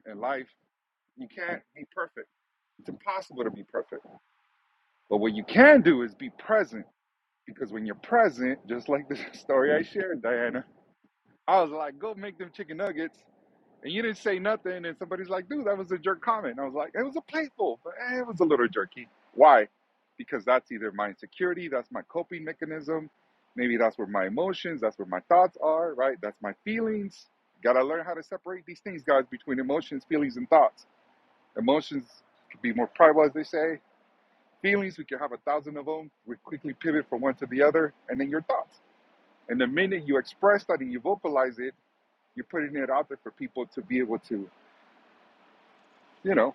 [SPEAKER 4] and life, you can't be perfect. It's impossible to be perfect. But what you can do is be present Because when you're present, just like the (laughs) story I shared, Diana, I was like, go make them chicken nuggets. And you didn't say nothing. And somebody's like, dude, that was a jerk comment. And I was like, it was a playful, but eh, it was a little jerky. Why? Because that's either my insecurity, that's my coping mechanism. Maybe that's where my emotions, that's where my thoughts are, right? That's my feelings. Gotta learn how to separate these things, guys, between emotions, feelings, and thoughts. Emotions can be more primal, as they say feelings. We can have a thousand of them. We quickly pivot from one to the other, and then your thoughts. And the minute you express that and you vocalize it, you're putting it out there for people to be able to, you know,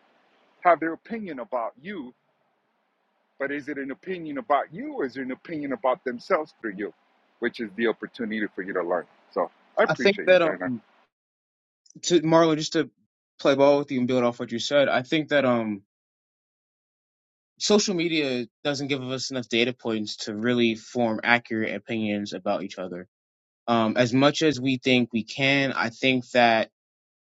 [SPEAKER 4] have their opinion about you. But is it an opinion about you or is it an opinion about themselves through you? Which is the opportunity for you to learn. So I
[SPEAKER 3] I think
[SPEAKER 4] appreciate you,
[SPEAKER 3] that
[SPEAKER 4] Dana.
[SPEAKER 3] um to Marlo, just to play ball with you and build off what you said, I think that um social media doesn't give us enough data points to really form accurate opinions about each other. Um, as much as we think we can, I think that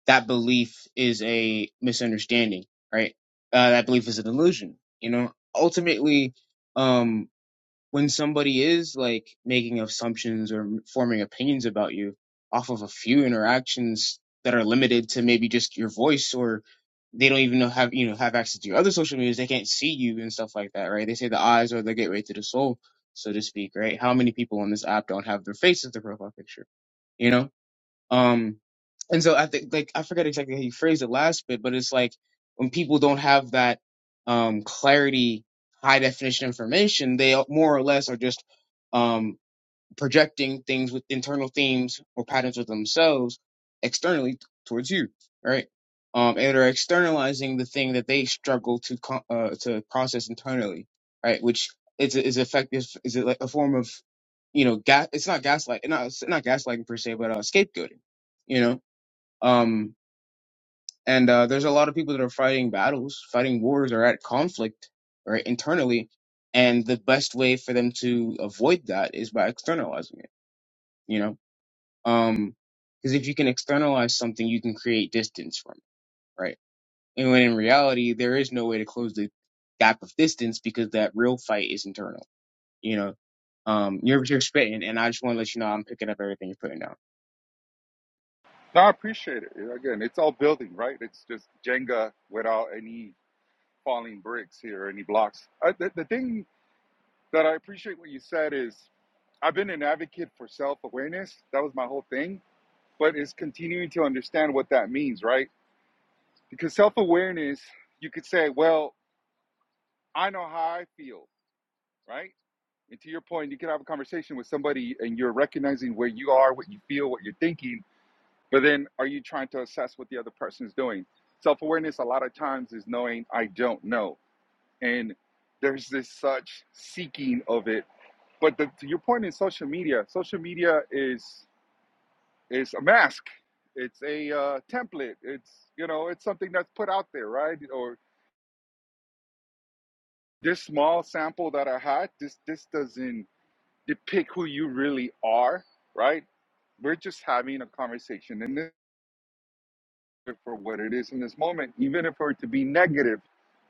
[SPEAKER 3] that belief is a misunderstanding, right? Uh, that belief is an illusion. You know, ultimately, um. when somebody is like making assumptions or forming opinions about you off of a few interactions that are limited to maybe just your voice or they don't even know have you know have access to your other social medias they can't see you and stuff like that right they say the eyes are the gateway to the soul so to speak right how many people on this app don't have their face as their profile picture you know um, and so I think like I forget exactly how you phrased it last bit, but it's like when people don't have that um clarity, high definition information, they more or less are just um, projecting things with internal themes or patterns of themselves externally towards you, right? Um, and are externalizing the thing that they struggle to co- uh, to process internally, right? Which is is effective is it like a form of you know gas? It's not gaslight, not it's not gaslighting per se, but uh, scapegoating, you know. Um, and uh, there's a lot of people that are fighting battles, fighting wars, or at conflict, right, internally. And the best way for them to avoid that is by externalizing it, you know um, because if you can externalize something, you can create distance from it, right? And when in reality, there is no way to close the gap of distance because that real fight is internal. You know, um, you're you're spitting, and I just want to let you know I'm picking up everything you're putting down.
[SPEAKER 4] No, I appreciate it. Again, it's all building, right? It's just Jenga without any falling bricks here, any blocks. I, the, the thing that I appreciate what you said is I've been an advocate for self awareness. That was my whole thing but it's continuing to understand what that means, right? Because self awareness, you could say, well, I know how I feel, right? And to your point, you can have a conversation with somebody and you're recognizing where you are, what you feel, what you're thinking, but then are you trying to assess what the other person is doing? Self awareness, a lot of times, is knowing I don't know. And there's this such seeking of it. But the, to your point in social media, social media is It's a mask. It's a uh, template. It's you know, it's something that's put out there, right? Or this small sample that I had, this this doesn't depict who you really are, right? We're just having a conversation and this is for what it is in this moment, even if it were to be negative,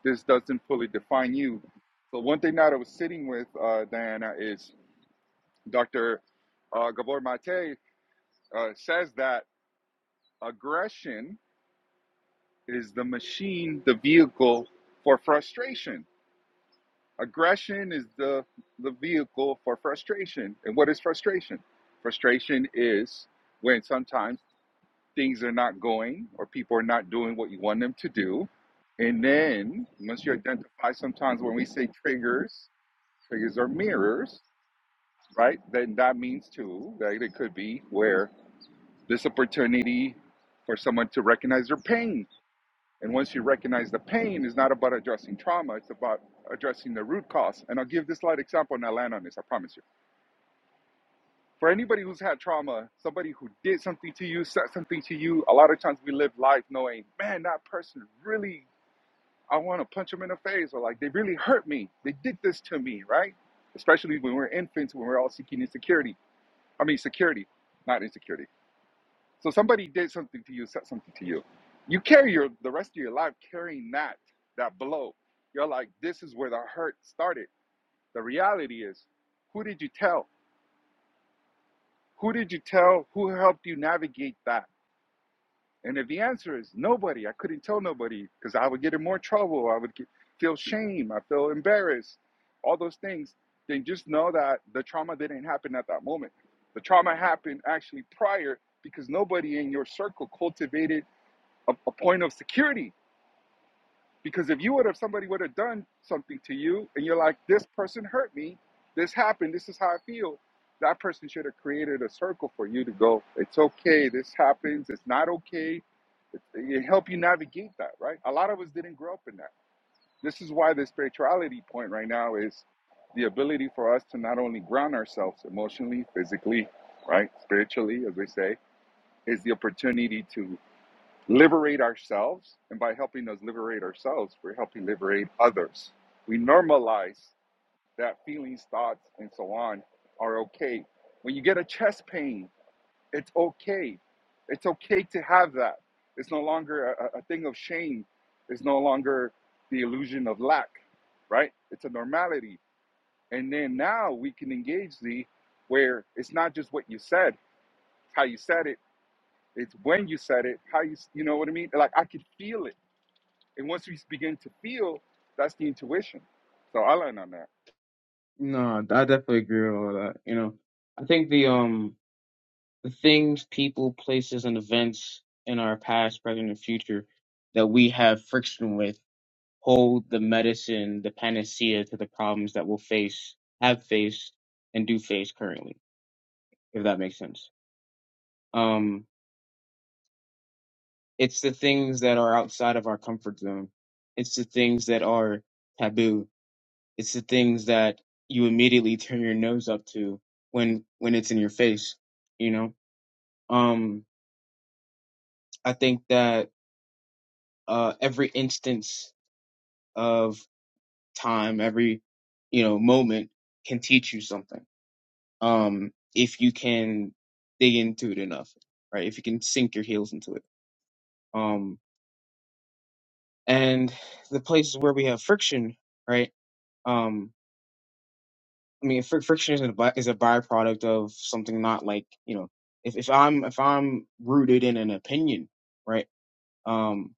[SPEAKER 4] this doesn't fully define you. So one thing that I was sitting with uh, Diana is Dr. Uh, Gabor Mate uh, says that aggression is the machine the vehicle for frustration? Aggression is the, the vehicle for frustration. And what is frustration? Frustration is when sometimes things are not going or people are not doing what you want them to do. And then once you identify sometimes when we say triggers, triggers are mirrors, right? Then that means too that it could be where this opportunity for someone to recognize their pain And once you recognize the pain, it's not about addressing trauma, it's about addressing the root cause. And I'll give this light example and I'll land on this, I promise you. For anybody who's had trauma, somebody who did something to you, said something to you, a lot of times we live life knowing, man, that person really, I want to punch them in the face, or like, they really hurt me. They did this to me, right? Especially when we're infants, when we're all seeking insecurity. I mean, security, not insecurity. So somebody did something to you, said something to you. You carry your the rest of your life carrying that that blow. You're like, this is where the hurt started. The reality is, who did you tell? Who did you tell? Who helped you navigate that? And if the answer is nobody, I couldn't tell nobody because I would get in more trouble. I would get, feel shame. I feel embarrassed. All those things. Then just know that the trauma didn't happen at that moment. The trauma happened actually prior because nobody in your circle cultivated a, a point of security because if you would have somebody would have done something to you and you're like this person hurt me this happened this is how i feel that person should have created a circle for you to go it's okay this happens it's not okay it help you navigate that right a lot of us didn't grow up in that this is why the spirituality point right now is the ability for us to not only ground ourselves emotionally physically right spiritually as we say is the opportunity to liberate ourselves. And by helping us liberate ourselves, we're helping liberate others. We normalize that feelings, thoughts, and so on are okay. When you get a chest pain, it's okay. It's okay to have that. It's no longer a, a thing of shame. It's no longer the illusion of lack, right? It's a normality. And then now we can engage the where it's not just what you said, how you said it, it's when you said it, how you, you know what I mean? Like I could feel it and once we begin to feel, that's the intuition. So I learned on that.
[SPEAKER 3] No, I definitely agree with all that. You know, I think the um the things, people, places, and events in our past, present, and future that we have friction with hold the medicine, the panacea to the problems that we'll face, have faced, and do face currently, if that makes sense. Um, it's the things that are outside of our comfort zone. It's the things that are taboo. It's the things that you immediately turn your nose up to when when it's in your face, you know? Um, I think that uh every instance of time, every you know, moment can teach you something um, if you can dig into it enough, right? If you can sink your heels into it. Um, and the places where we have friction, right? Um, I mean, fr- friction is a by- is a byproduct of something not like you know, if if I'm if I'm rooted in an opinion, right? Um.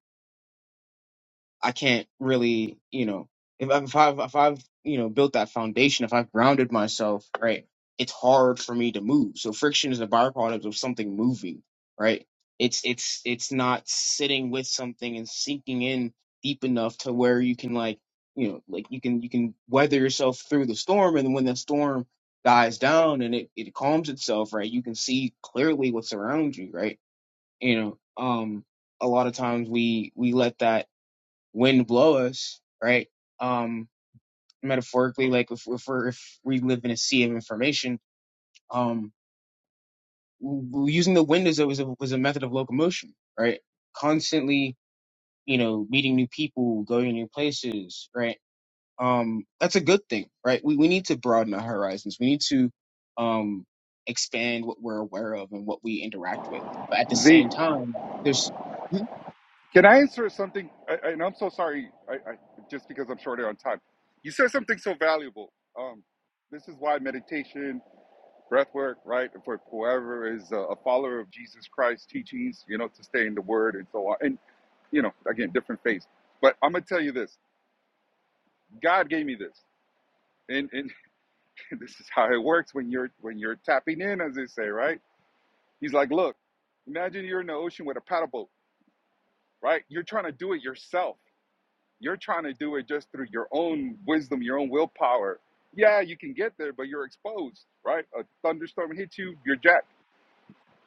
[SPEAKER 3] I can't really, you know, if, I've- if I've if I've you know built that foundation, if I've grounded myself, right, it's hard for me to move. So friction is a byproduct of something moving, right? It's it's it's not sitting with something and sinking in deep enough to where you can like you know like you can you can weather yourself through the storm, and when the storm dies down and it, it calms itself, right, you can see clearly what's around you, right? You know, um, a lot of times we we let that wind blow us, right? Um, metaphorically, like if if, we're, if we live in a sea of information, um, using the wind as a, was a was a method of locomotion, right? Constantly, you know, meeting new people, going to new places, right? Um, that's a good thing, right? We we need to broaden our horizons. We need to um expand what we're aware of and what we interact with. But at the
[SPEAKER 4] Z,
[SPEAKER 3] same time, there's Mhm.
[SPEAKER 4] can I answer something? I, I, and I'm so sorry, I, I, just because I'm shorter on time. You said something so valuable. Um, this is why meditation, breath work, right? For whoever is a, a follower of Jesus Christ teachings, you know, to stay in the word and so on. And, you know, again, different faiths. But I'm going to tell you this God gave me this. And, and (laughs) this is how it works when you're when you're tapping in, as they say, right? He's like, look, imagine you're in the ocean with a paddle boat, right? You're trying to do it yourself. You're trying to do it just through your own wisdom, your own willpower. Yeah, you can get there, but you're exposed, right? A thunderstorm hits you, you're jacked.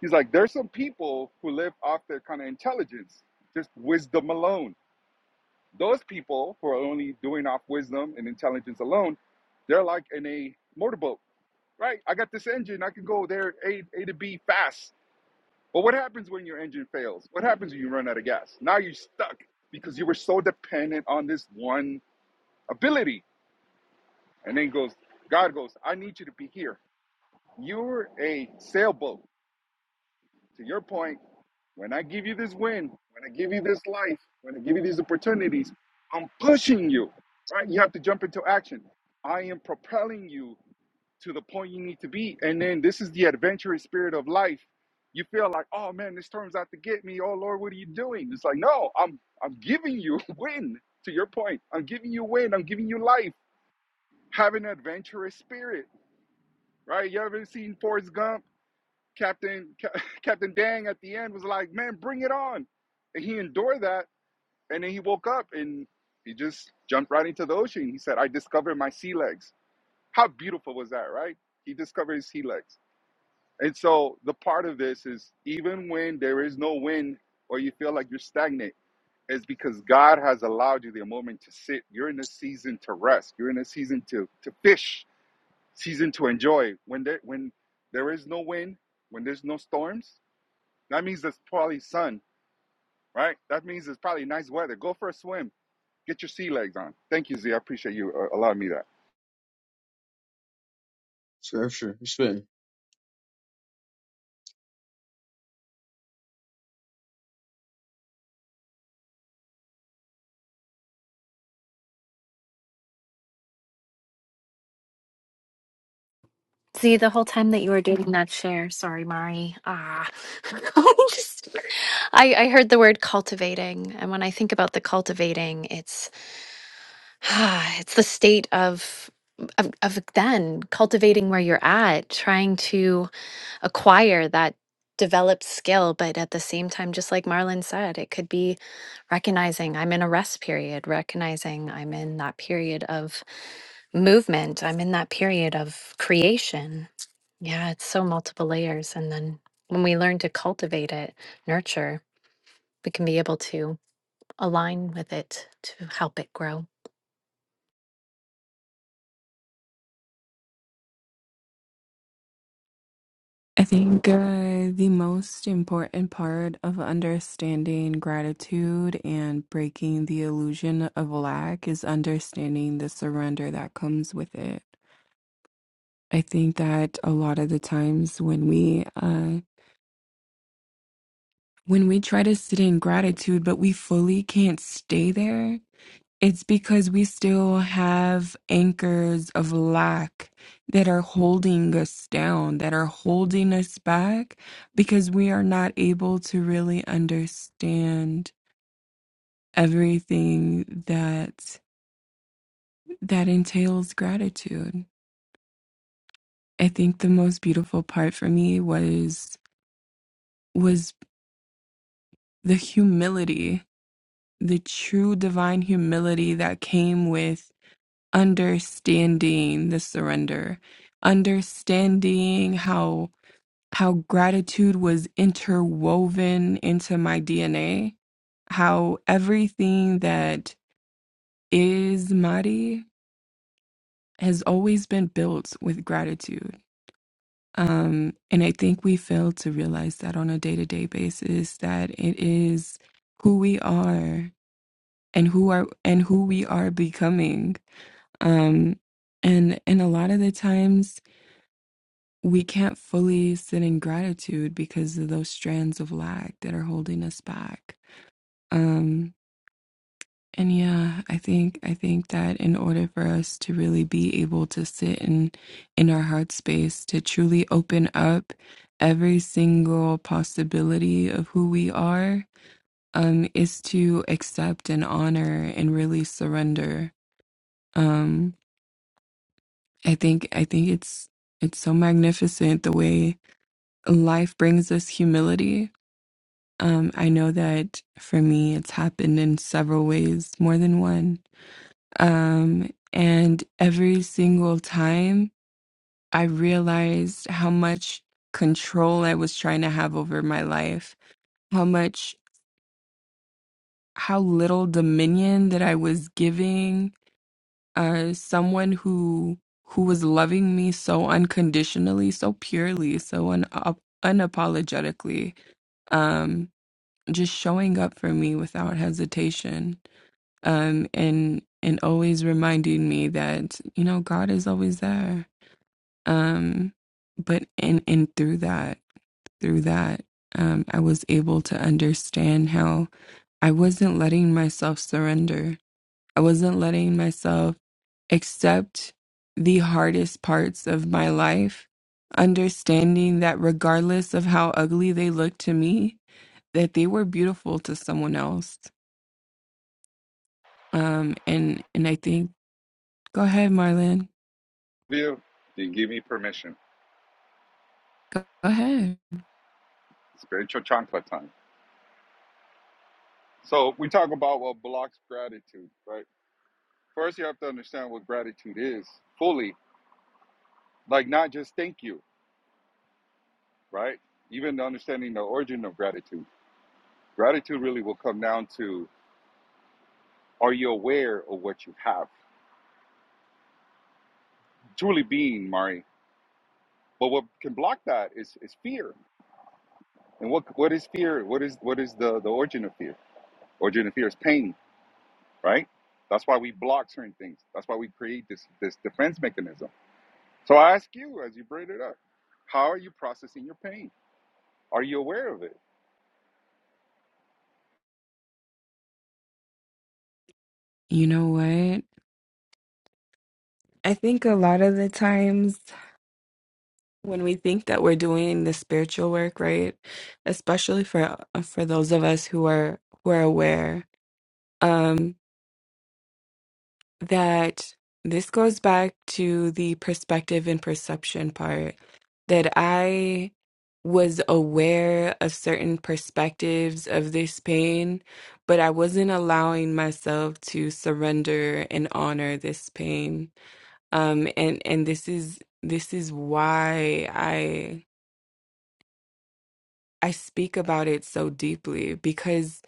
[SPEAKER 4] He's like, there's some people who live off their kind of intelligence, just wisdom alone. Those people who are only doing off wisdom and intelligence alone, they're like in a motorboat, right? I got this engine, I can go there A, a to B fast But what happens when your engine fails? What happens when you run out of gas? Now you're stuck because you were so dependent on this one ability. And then goes, God goes, I need you to be here. You're a sailboat. To your point, when I give you this wind, when I give you this life, when I give you these opportunities, I'm pushing you. Right? You have to jump into action. I am propelling you to the point you need to be. And then this is the adventurous spirit of life. You feel like, oh man, this turns out to get me. Oh Lord, what are you doing? It's like, no, I'm I'm giving you (laughs) win. To your point, I'm giving you win. I'm giving you life. Have an adventurous spirit, right? You ever seen Forrest Gump? Captain Ca- (laughs) Captain Dang at the end was like, man, bring it on, and he endured that. And then he woke up and he just jumped right into the ocean. He said, I discovered my sea legs. How beautiful was that, right? He discovered his sea legs And so the part of this is even when there is no wind or you feel like you're stagnant, is because God has allowed you the moment to sit. You're in a season to rest. You're in a season to to fish, season to enjoy. When there when there is no wind, when there's no storms, that means there's probably sun, right? That means it's probably nice weather. Go for a swim. Get your sea legs on. Thank you, Z. I appreciate you uh, allowing me that.
[SPEAKER 3] sure, sure, sure.
[SPEAKER 5] See, the whole time that you were doing that share, sorry, Mari. Ah, (laughs) I just, I, I heard the word cultivating, and when I think about the cultivating, it's, (sighs) ah, it's the state of, of, of then cultivating where you're at, trying to acquire that developed skill, but at the same time, just like Marlon said, it could be recognizing I'm in a rest period, recognizing I'm in that period of movement, I'm in that period of creation. Yeah, it's so multiple layers. And then when we learn to cultivate it, nurture, we can be able to align with it to help it grow.
[SPEAKER 6] I think uh, the most important part of understanding gratitude and breaking the illusion of lack is understanding the surrender that comes with it. I think that a lot of the times when we uh, when we try to sit in gratitude, but we fully can't stay there, It's because we still have anchors of lack that are holding us down, that are holding us back because we are not able to really understand everything that that entails gratitude. I think the most beautiful part for me was was the humility, the true divine humility that came with understanding the surrender understanding how how gratitude was interwoven into my dna how everything that is mari has always been built with gratitude um and i think we fail to realize that on a day-to-day basis that it is who we are and who are and who we are becoming um and and a lot of the times we can't fully sit in gratitude because of those strands of lack that are holding us back um and yeah i think i think that in order for us to really be able to sit in in our heart space to truly open up every single possibility of who we are um is to accept and honor and really surrender um i think i think it's it's so magnificent the way life brings us humility Um, I know that for me, it's happened in several ways, more than one. Um, and every single time, I realized how much control I was trying to have over my life, how much, how little dominion that I was giving uh, someone who who was loving me so unconditionally, so purely, so un- up- unapologetically, um, just showing up for me without hesitation um, and and always reminding me that you know God is always there. Um, but and and through that, through that, um, I was able to understand how I wasn't letting myself surrender. I wasn't letting myself accept the hardest parts of my life, understanding that regardless of how ugly they looked to me, that they were beautiful to someone else. Um, and and I think Go ahead, Marlon.
[SPEAKER 4] View, you didn't give me permission.
[SPEAKER 6] Go go ahead.
[SPEAKER 4] Spiritual chancla time. So we talk about what blocks gratitude, right? First, you have to understand what gratitude is fully, like not just thank you, right? Even understanding the origin of gratitude. Gratitude really will come down to are you aware of what you have? Truly being, Mari. But what can block that is, is fear. And what what is fear? What is what is the, the origin of fear? Origin of fear is pain, right? That's why we block certain things. That's why we create this this defense mechanism. So I ask you as you bring it up, how are you processing your pain? Are you aware of it?
[SPEAKER 6] You know what? I think a lot of the times when we think that we're doing the spiritual work, right? Especially for for those of us who are who are aware. Um that this goes back to the perspective and perception part that I was aware of certain perspectives of this pain, but I wasn't allowing myself to surrender and honor this pain. Um, and and this is this is why I I speak about it so deeply because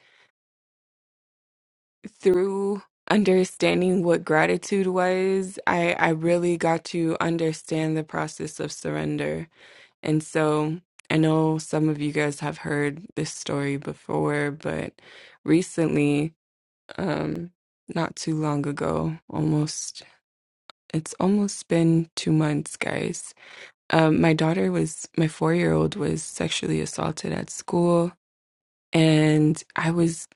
[SPEAKER 6] through understanding what gratitude was, I, I really got to understand the process of surrender. And so I know some of you guys have heard this story before, but recently, um, not too long ago, almost, it's almost been two months, guys. Um, my daughter was, my four year old was sexually assaulted at school, and I was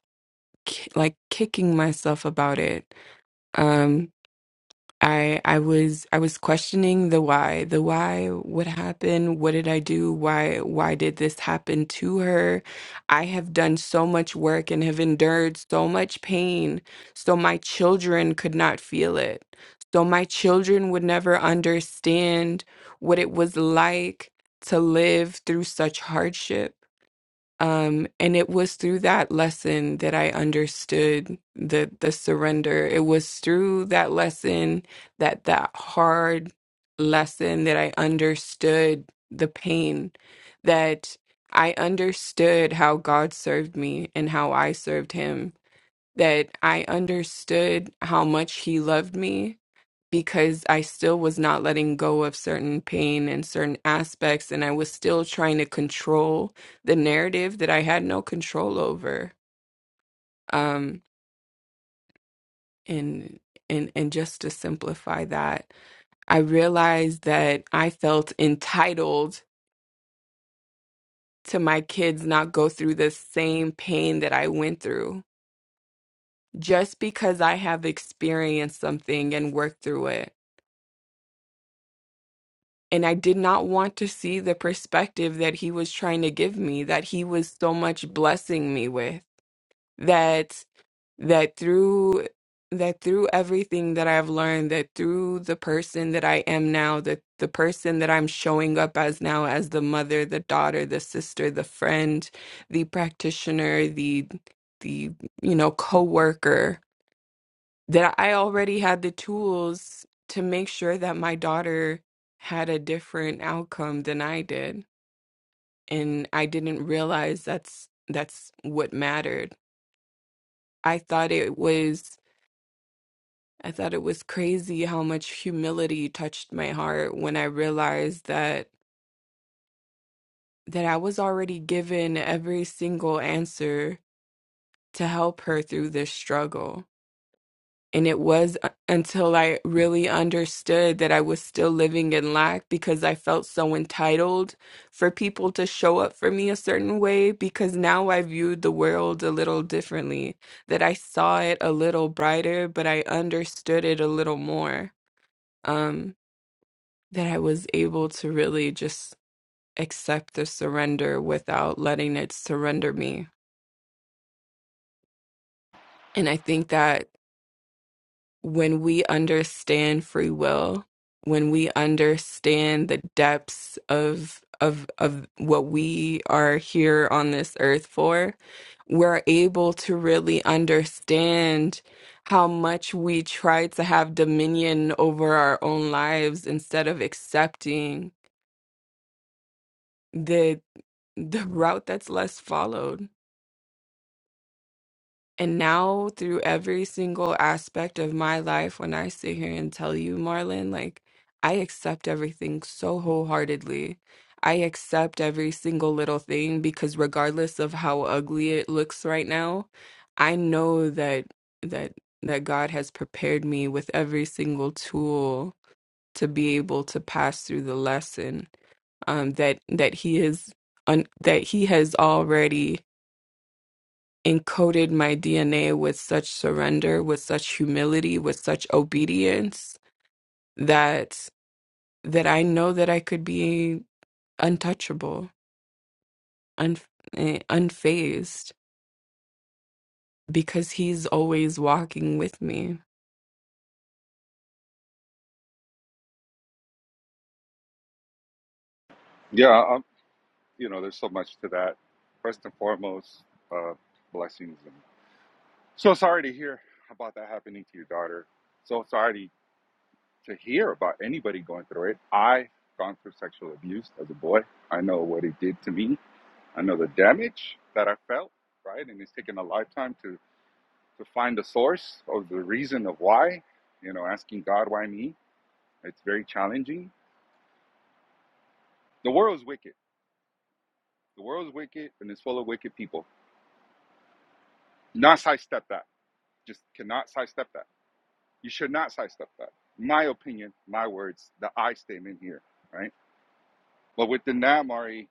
[SPEAKER 6] ki- like kicking myself about it. Um, I I was I was questioning the why, the why, what happened, what did I do, why why did this happen to her? I have done so much work and have endured so much pain, so my children could not feel it. So my children would never understand what it was like to live through such hardship. Um, and it was through that lesson that I understood the the surrender. It was through that lesson that that hard lesson that I understood the pain, that I understood how God served me and how I served him, that I understood how much he loved me because I still was not letting go of certain pain and certain aspects, and I was still trying to control the narrative that I had no control over. Um, and and and just to simplify that, I realized that I felt entitled to my kids not go through the same pain that I went through just because I have experienced something and worked through it. And I did not want to see the perspective that he was trying to give me, that he was so much blessing me with, that that through that through everything that I've learned, that through the person that I am now, that the person that I'm showing up as now, as the mother, the daughter, the sister, the friend, the practitioner, the the you know coworker that I already had the tools to make sure that my daughter had a different outcome than I did. And I didn't realize that's that's what mattered. I thought it was I thought it was crazy how much humility touched my heart when I realized that that I was already given every single answer to help her through this struggle And it was u- until I really understood that I was still living in lack because I felt so entitled for people to show up for me a certain way because now I viewed the world a little differently, that I saw it a little brighter, but I understood it a little more. Um, that I was able to really just accept the surrender without letting it surrender me. And I think that when we understand free will, when we understand the depths of of of what we are here on this earth for, we're able to really understand how much we try to have dominion over our own lives instead of accepting the the route that's less followed And now, through every single aspect of my life, when I sit here and tell you, Marlon, like, I accept everything so wholeheartedly. I accept every single little thing because, regardless of how ugly it looks right now, I know that, that, that God has prepared me with every single tool to be able to pass through the lesson um, that that He is un- that He has already encoded my DNA with such surrender, with such humility, with such obedience that that I know that I could be untouchable, un, eh, unfazed because he's always walking with me.
[SPEAKER 4] Yeah, I you know, there's so much to that. First and foremost, uh, blessings. And so sorry to hear about that happening to your daughter. So sorry to hear about anybody going through it. I gone through sexual abuse as a boy. I know what it did to me. I know the damage that I felt, right? And it's taken a lifetime to to find the source of the reason of why. You know, asking God why me. It's very challenging. The world is wicked. The world is wicked and it's full of wicked people. Not sidestep that. Just cannot sidestep that You should not cite stuff like that. My opinion, my words, the I statement here, right? But with the Namari,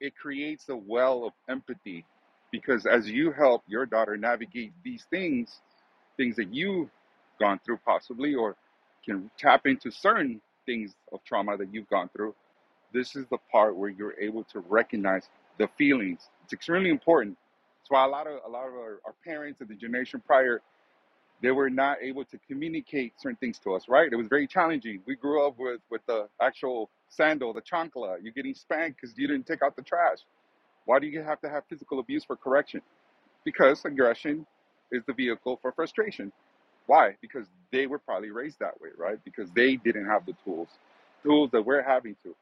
[SPEAKER 4] it creates a well of empathy because as you help your daughter navigate these things, things that you've gone through possibly, or can tap into certain things of trauma that you've gone through, this is the part where you're able to recognize the feelings. It's extremely important. That's why a lot of a lot of our, our parents and the generation prior they were not able to communicate certain things to us, right? It was very challenging. We grew up with, with the actual sandal, the chancla. You're getting spanked because you didn't take out the trash. Why do you have to have physical abuse for correction? Because aggression is the vehicle for frustration. Why? Because they were probably raised that way, right? Because they didn't have the tools, tools that we're having to.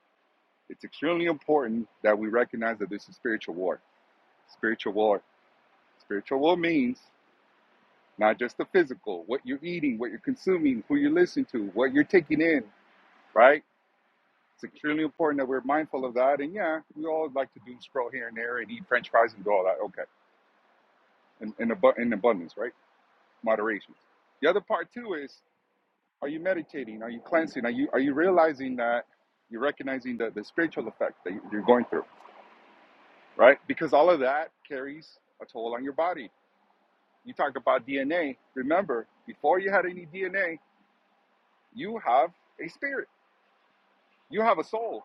[SPEAKER 4] It's extremely important that we recognize that this is spiritual war. Spiritual war. Spiritual war means not just the physical, what you're eating, what you're consuming, who you're listening to, what you're taking in, right? It's extremely important that we're mindful of that. And yeah, we all like to doom scroll here and there and eat French fries and do all that. Okay, in in, abu- in abundance, right? Moderation. The other part too is: Are you meditating? Are you cleansing? Are you are you realizing that you're recognizing the the spiritual effect that you- are going through, right? Because all of that carries a toll on your body. You talk about DNA. Remember, before you had any DNA, you have a spirit You have a soul.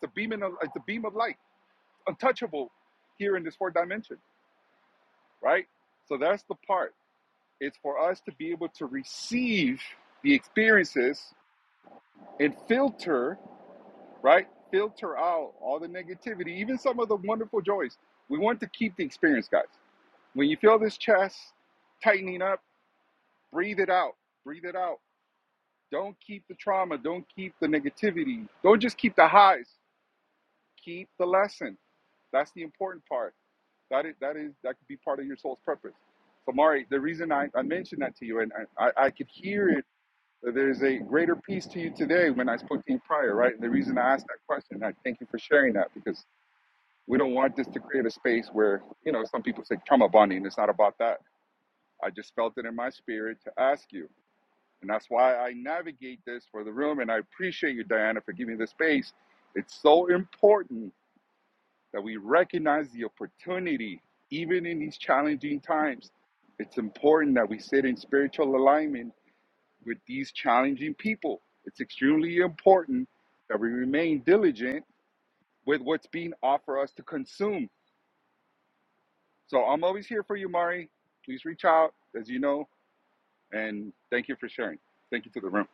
[SPEAKER 4] It's a beam in a, it's a beam of light, untouchable here in this fourth dimension, right? So that's the part. It's for us to be able to receive the experiences and filter, right? Filter out all the negativity, even some of the wonderful joys. We want to keep the experience, guys. When you feel this chest tightening up, breathe it out. Breathe it out. Don't keep the trauma. Don't keep the negativity. Don't just keep the highs. Keep the lesson. That's the important part That is that is that could be part of your soul's purpose. So Mari, the reason I, I mentioned that to you, and I, I could hear it. that There's a greater peace to you today when I spoke to you prior, right? And the reason I asked that question, I thank you for sharing that because we don't want this to create a space where you know some people say trauma bonding. It's not about that. I just felt it in my spirit to ask you, and that's why I navigate this for the room. And I appreciate you, Diana, for giving the space. It's so important that we recognize the opportunity, even in these challenging times. It's important that we sit in spiritual alignment with these challenging people. It's extremely important that we remain diligent with what's being offered us to consume. So I'm always here for you, Mari. Please reach out, as you know, and thank you for sharing. Thank you to the room.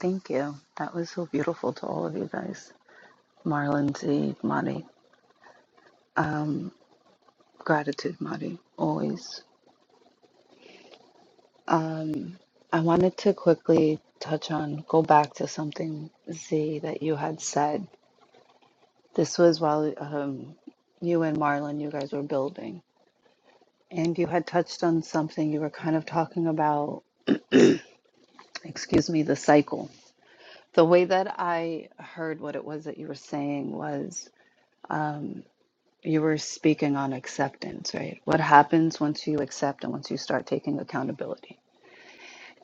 [SPEAKER 2] Thank you. That was so beautiful to all of you guys. Marlon Z, Madi. Um, gratitude, Madi, always. Um, I wanted to quickly touch on, go back to something, Z, that you had said. This was while um, you and Marlon, you guys were building. And you had touched on something, you were kind of talking about, (clears throat) excuse me, the cycle. The way that I heard what it was that you were saying was, um, You were speaking on acceptance, right? What happens once you accept and once you start taking accountability?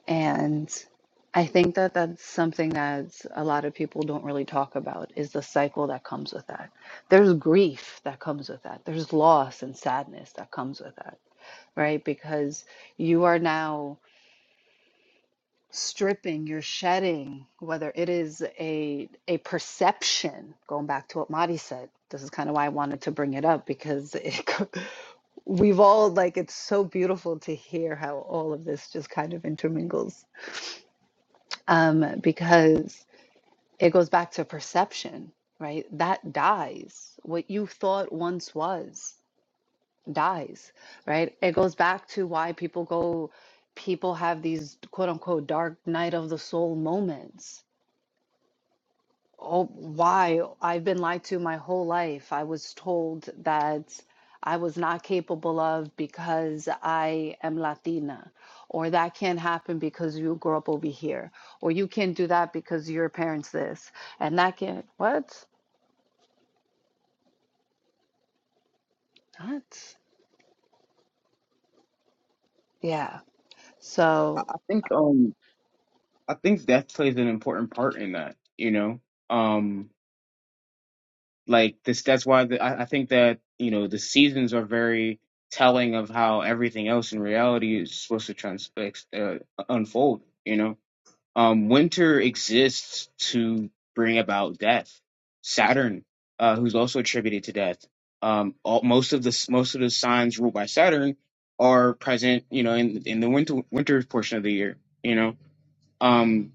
[SPEAKER 2] And I think that that's something that a lot of people don't really talk about is the cycle that comes with that. There's grief that comes with that. There's loss and sadness that comes with that, right? Because you are now stripping, you're shedding, whether it is a a perception, going back to what Madi said, this is kind of why I wanted to bring it up because it, (laughs) we've all like it's so beautiful to hear how all of this just kind of intermingles um, because it goes back to perception, right? That dies. What you thought once was dies, right? It goes back to why people go. People have these quote unquote dark night of the soul moments Oh, why? I've been lied to my whole life. I was told that I was not capable of because I am Latina, or that can't happen because you grew up over here, or you can't do that because your parents this, and that can't. What? What? Yeah.
[SPEAKER 3] I
[SPEAKER 2] So
[SPEAKER 3] I think um I think death plays an important part in that, you know. Um, like this, that's why the, I, I think that you know the seasons are very telling of how everything else in reality is supposed to trans ex- uh, unfold. You know, um, winter exists to bring about death. Saturn, uh, who's also attributed to death, um, all, most of the s- most of the signs ruled by Saturn are present, you know, in in the winter winter portion of the year. You know, Um.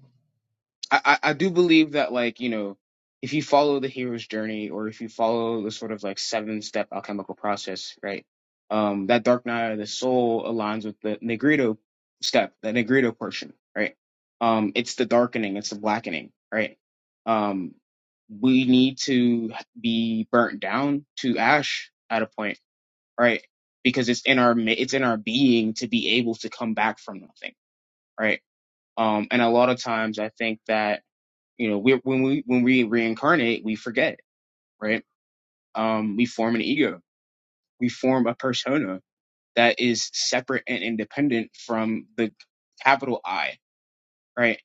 [SPEAKER 3] I, I I do believe that like you know if you follow the hero's journey or if you follow the sort of like seven step alchemical process right um that dark night of the soul aligns with the negrito step the negrito portion right um it's the darkening it's the blackening right um we need to be burnt down to ash at a point right because it's in our mi- it's in our being to be able to come back from nothing right um and a lot of times i think that you know we when we when we reincarnate we forget right um we form an ego we form a persona that is separate and independent from the capital i right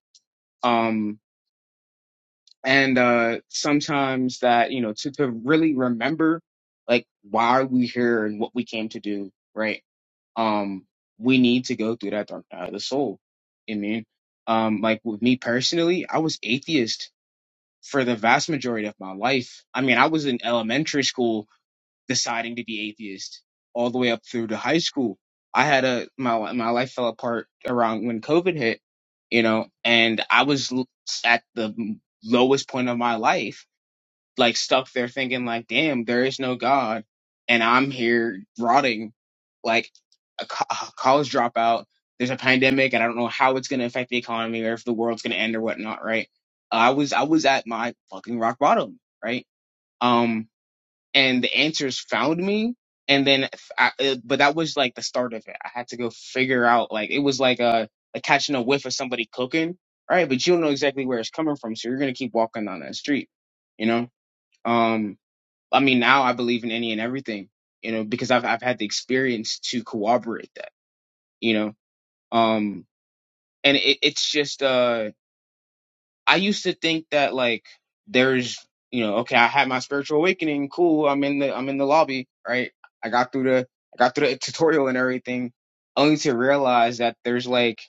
[SPEAKER 3] um and uh sometimes that you know to to really remember like why are we here and what we came to do right um we need to go through that dark night of the soul i mean um like with me personally i was atheist for the vast majority of my life. I mean, I was in elementary school deciding to be atheist all the way up through to high school. I had a my my life fell apart around when COVID hit, you know, and I was l- at the lowest point of my life like stuck there thinking like, damn, there is no God, and I'm here rotting like a, co- a college dropout. There's a pandemic, and I don't know how it's going to affect the economy or if the world's going to end or whatnot. Right? I was I was at my fucking rock bottom. Right? Um, and the answers found me. And then, f- I, uh, but that was like the start of it. I had to go figure out, like, it was like a, like catching a whiff of somebody cooking, right? But you don't know exactly where it's coming from, so you're gonna keep walking down that street, you know? Um, I mean, now I believe in any and everything, you know, because I've I've had the experience to corroborate that, you know. Um, and it, it's just uh, I used to think that like there's, you know, okay, I had my spiritual awakening, cool. I'm in the I'm in the lobby, right? I got through the I got through the (laughs) tutorial and everything, only to realize that there's like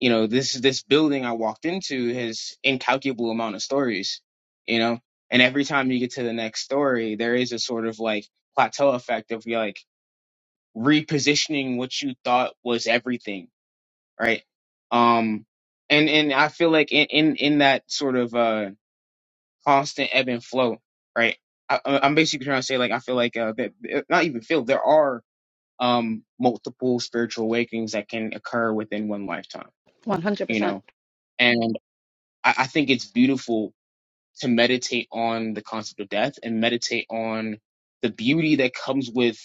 [SPEAKER 3] you know, this this building I walked into has incalculable amount of stories, you know, and every time you get to the next story, there is a sort of like plateau effect of you're like repositioning what you thought was everything, right? Um, and and I feel like in in, in that sort of uh constant ebb and flow, right? I, I- I'm basically trying to say like I feel like uh that not even feel there are um multiple spiritual awakenings that can occur within one lifetime you
[SPEAKER 2] 100%.
[SPEAKER 3] know I, I think it's beautiful to meditate on the concept of death and meditate on the beauty that comes with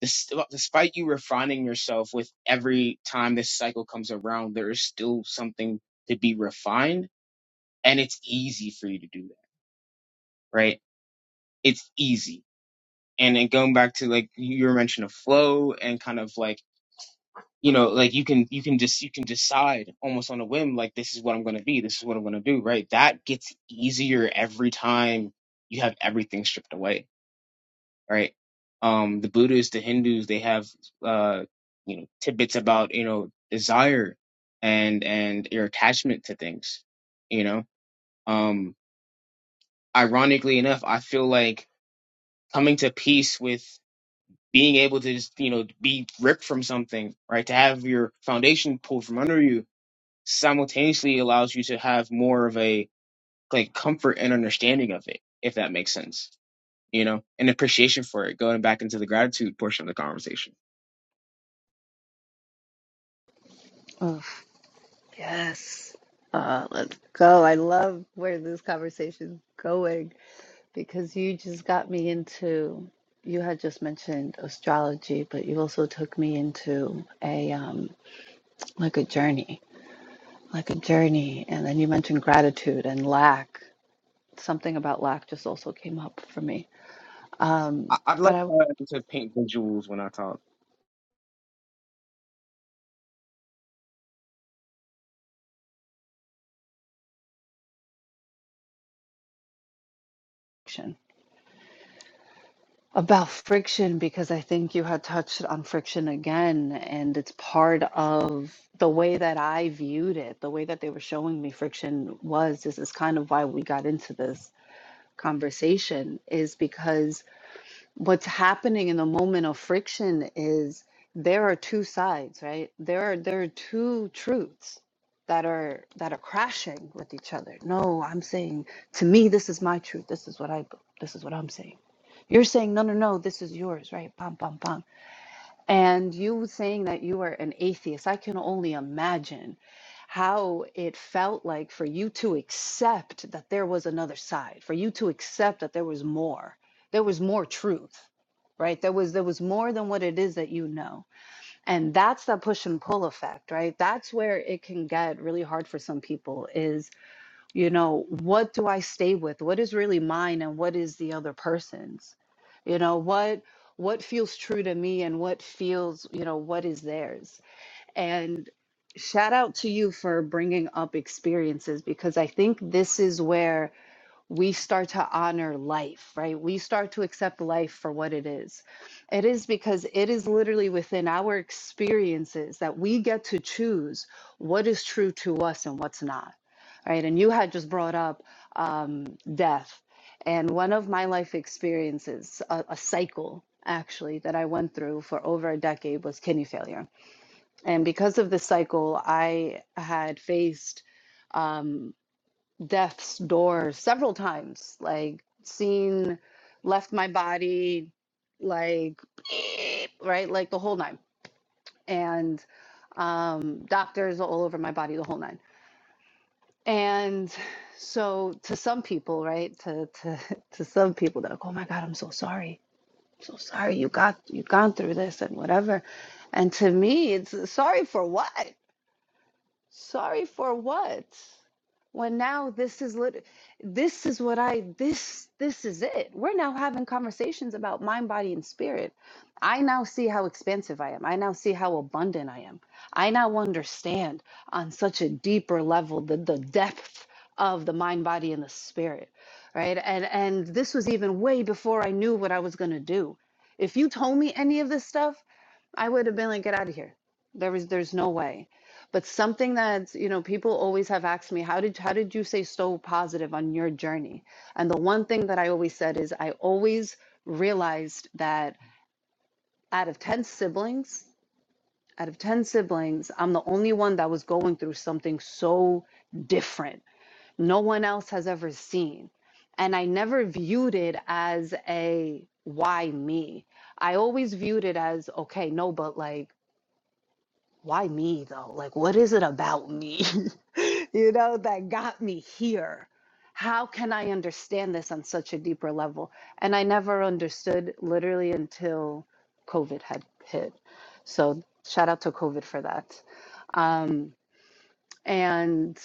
[SPEAKER 3] this, despite you refining yourself with every time this cycle comes around, there is still something to be refined and it's easy for you to do that, right? It's easy. And then going back to like you were mentioning a flow and kind of like you know like you can you can just you can decide almost on a whim like this is what i'm going to be this is what i'm going to do right that gets easier every time you have everything stripped away right um the buddhists the hindus they have uh you know tidbits about you know desire and and your attachment to things you know um ironically enough i feel like coming to peace with being able to just you know be ripped from something right to have your foundation pulled from under you simultaneously allows you to have more of a like comfort and understanding of it, if that makes sense, you know, and appreciation for it. Going back into the gratitude portion of the conversation,
[SPEAKER 2] Oof, yes. Uh, let's go. I love where this conversation's going. Because you just got me into, you had just mentioned astrology, but you also took me into a um, like a journey, like a journey. And then you mentioned gratitude and lack. Something about lack just also came up for me.
[SPEAKER 3] I,
[SPEAKER 2] Um,
[SPEAKER 3] I'd
[SPEAKER 2] but
[SPEAKER 3] like
[SPEAKER 2] I
[SPEAKER 3] to, to paint visuals when I talk.
[SPEAKER 2] friction. about friction because I think you had touched on friction again, and it's part of the way that I viewed it. The way that they were showing me friction was this is kind of why we got into this conversation is because what's happening in the moment of friction is there are two sides right there are there are two truths that are that are crashing with each other no i'm saying to me this is my truth this is what i this is what i'm saying you're saying no no no this is yours right bam bam bam and you saying that you are an atheist i can only imagine how it felt like for you to accept that there was another side for you to accept that there was more there was more truth right there was there was more than what it is that you know and that's the push and pull effect right that's where it can get really hard for some people is you know what do i stay with what is really mine and what is the other person's you know what what feels true to me and what feels you know what is theirs and shout out to you for bringing up experiences because I think this is where we start to honor life, right? We start to accept life for what it is. It is because it is literally within our experiences that we get to choose what is true to us and what's not, right? And you had just brought up um, death. And one of my life experiences, a, a cycle actually, that I went through for over a decade was kidney failure and because of this cycle, I had faced um, death's door several times, like seen, left my body, like, (sniffs) right, like the whole nine. And um, doctors all over my body, the whole nine. And so to some people, right, to, to, (laughs) to some people, they're like, oh my God, I'm so sorry. I'm so sorry you got, you've gone through this and whatever. And to me, it's sorry for what? Sorry for what? When now this is lit this is what I this this is it. We're now having conversations about mind, body, and spirit. I now see how expansive I am. I now see how abundant I am. I now understand on such a deeper level the, the depth of the mind, body, and the spirit. Right. And and this was even way before I knew what I was gonna do. If you told me any of this stuff, I would have been like, get out of here. There was, there's no way. But something that's, you know, people always have asked me, how did, how did you stay so positive on your journey? And the one thing that I always said is I always realized that out of 10 siblings, out of 10 siblings, I'm the only one that was going through something so different. No one else has ever seen. And I never viewed it as a why me. I always viewed it as okay, no, but like why me though? Like, what is it about me, (laughs) you know, that got me here? How can I understand this on such a deeper level? And I never understood literally until COVID had hit. So, shout out to COVID for that. Um, and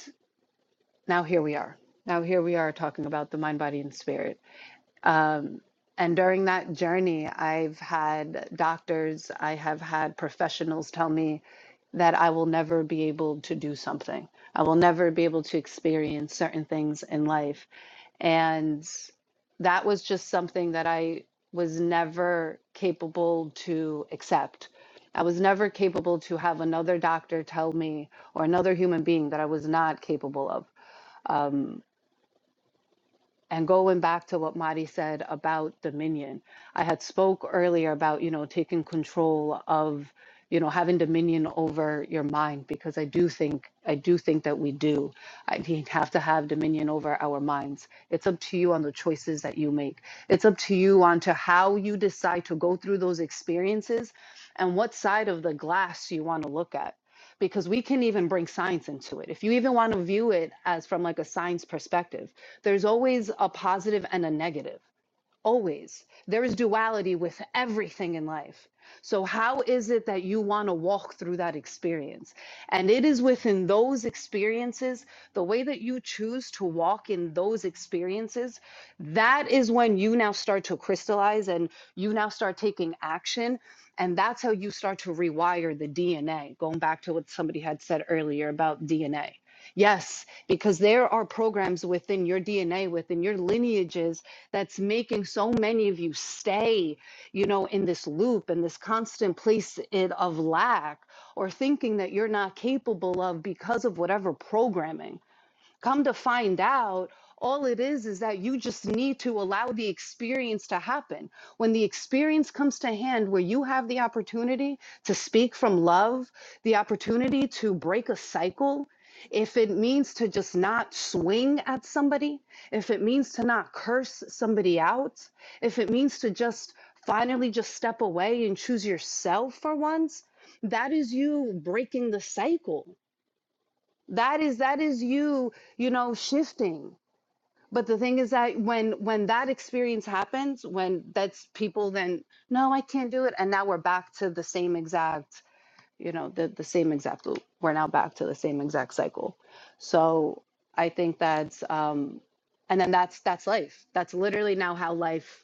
[SPEAKER 2] now here we are. Now here we are talking about the mind, body, and spirit. Um, and during that journey, I've had doctors, I have had professionals tell me that I will never be able to do something. I will never be able to experience certain things in life. And that was just something that I was never capable to accept. I was never capable to have another doctor tell me or another human being that I was not capable of. Um, and going back to what Marty said about dominion, I had spoke earlier about, you know, taking control of, you know, having dominion over your mind because I do think I do think that we do. I mean, (laughs) have to have dominion over our minds. It's up to you on the choices that you make. It's up to you on to how you decide to go through those experiences and what side of the glass you want to look at because we can even bring science into it. If you even want to view it as from like a science perspective, there's always a positive and a negative Always. There is duality with everything in life. So, how is it that you want to walk through that experience? And it is within those experiences, the way that you choose to walk in those experiences, that is when you now start to crystallize and you now start taking action. And that's how you start to rewire the DNA, going back to what somebody had said earlier about DNA. Yes, because there are programs within your DNA, within your lineages that's making so many of you stay, you know, in this loop and this constant place of lack or thinking that you're not capable of because of whatever programming Come to find out, all it is is that you just need to allow the experience to happen. When the experience comes to hand, where you have the opportunity to speak from love, the opportunity to break a cycle, if it means to just not swing at somebody, if it means to not curse somebody out, if it means to just finally just step away and choose yourself for once, that is you breaking the cycle that is that is you you know shifting but the thing is that when when that experience happens when that's people then no i can't do it and now we're back to the same exact you know the, the same exact loop we're now back to the same exact cycle so i think that's um and then that's that's life that's literally now how life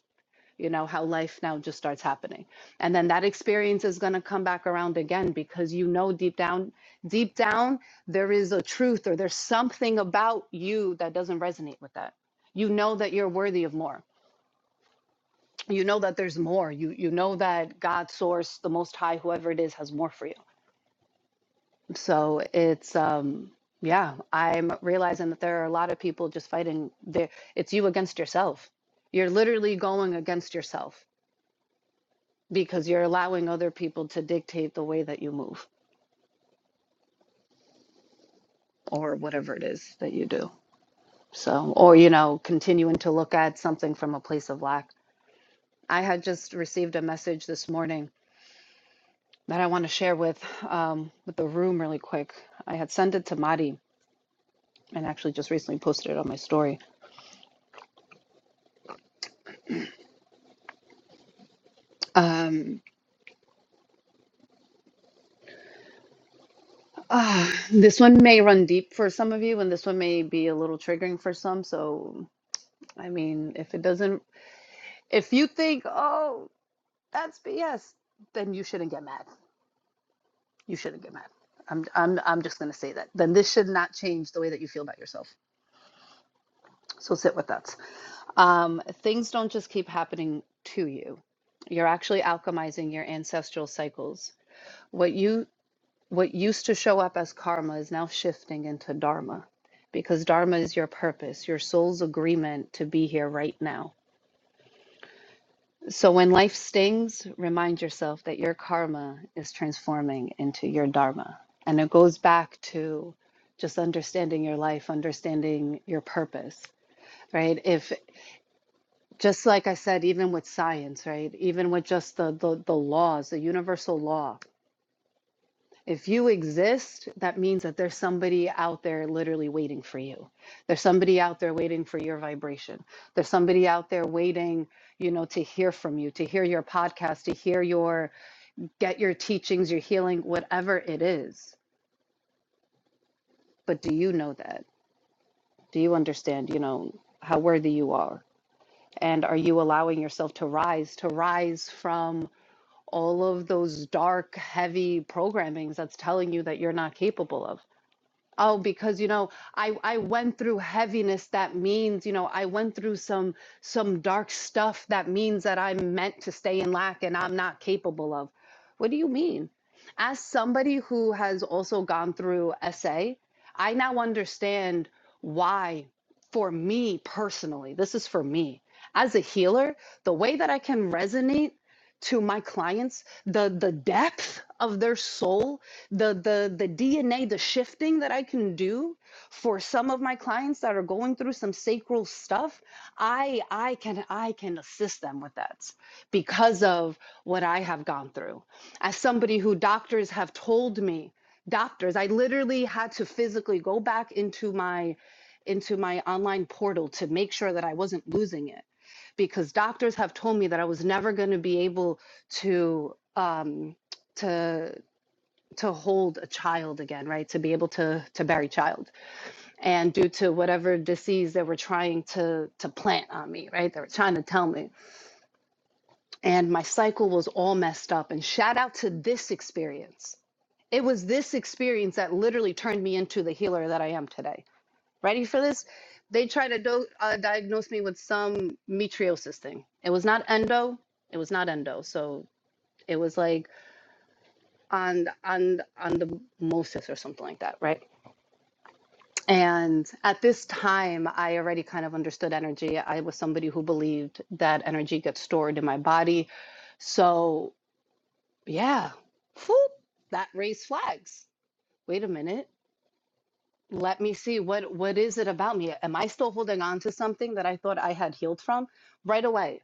[SPEAKER 2] you know how life now just starts happening and then that experience is going to come back around again because you know deep down deep down there is a truth or there's something about you that doesn't resonate with that you know that you're worthy of more you know that there's more you you know that god source the most high whoever it is has more for you so it's um yeah i'm realizing that there are a lot of people just fighting there it's you against yourself you're literally going against yourself because you're allowing other people to dictate the way that you move or whatever it is that you do. So, or, you know, continuing to look at something from a place of lack. I had just received a message this morning that I want to share with um, with the room really quick. I had sent it to Madi and actually just recently posted it on my story. Um, ah, this one may run deep for some of you, and this one may be a little triggering for some. So, I mean, if it doesn't, if you think, oh, that's BS, then you shouldn't get mad. You shouldn't get mad. I'm, I'm, I'm just going to say that. Then this should not change the way that you feel about yourself. So sit with that. Um, things don't just keep happening to you. You're actually alchemizing your ancestral cycles. What you what used to show up as karma is now shifting into dharma because dharma is your purpose, your soul's agreement to be here right now So when life stings, remind yourself that your karma is transforming into your dharma. And it goes back to just understanding your life, understanding your purpose, right? If just like I said, even with science, right? Even with just the the, the laws, the universal law. If you exist, that means that there's somebody out there literally waiting for you. There's somebody out there waiting for your vibration. There's somebody out there waiting, you know, to hear from you, to hear your podcast, to hear your get your teachings, your healing, whatever it is. But do you know that? Do you understand, you know, how worthy you are? And are you allowing yourself to rise, to rise from all of those dark, heavy programmings that's telling you that you're not capable of? Oh, because you know, I I went through heaviness. That means, you know, I went through some some dark stuff. That means that I'm meant to stay in lack and I'm not capable of. What do you mean? As somebody who has also gone through SA, I now understand why, for me personally, this is for me as a healer, the way that I can resonate to my clients, the the depth of their soul, the the the DNA, the shifting that I can do for some of my clients that are going through some sacral stuff, I I can I can assist them with that because of what I have gone through as somebody who doctors have told me doctors i literally had to physically go back into my into my online portal to make sure that i wasn't losing it because doctors have told me that i was never going to be able to um to to hold a child again right to be able to to bury child and due to whatever disease they were trying to to plant on me right they were trying to tell me and my cycle was all messed up. And shout out to this experience. It was this experience that literally turned me into the healer that I am today. Ready for this? They tried to do- uh, diagnose me with some metriosis thing. It was not endo. It was not endo. So it was like on on on the mosis or something like that, right? And at this time, I already kind of understood energy. I was somebody who believed that energy gets stored in my body. So Yeah. Whoop, that raised flags. Wait a minute. Let me see what what is it about me? Am I still holding on to something that I thought I had healed from? Right away.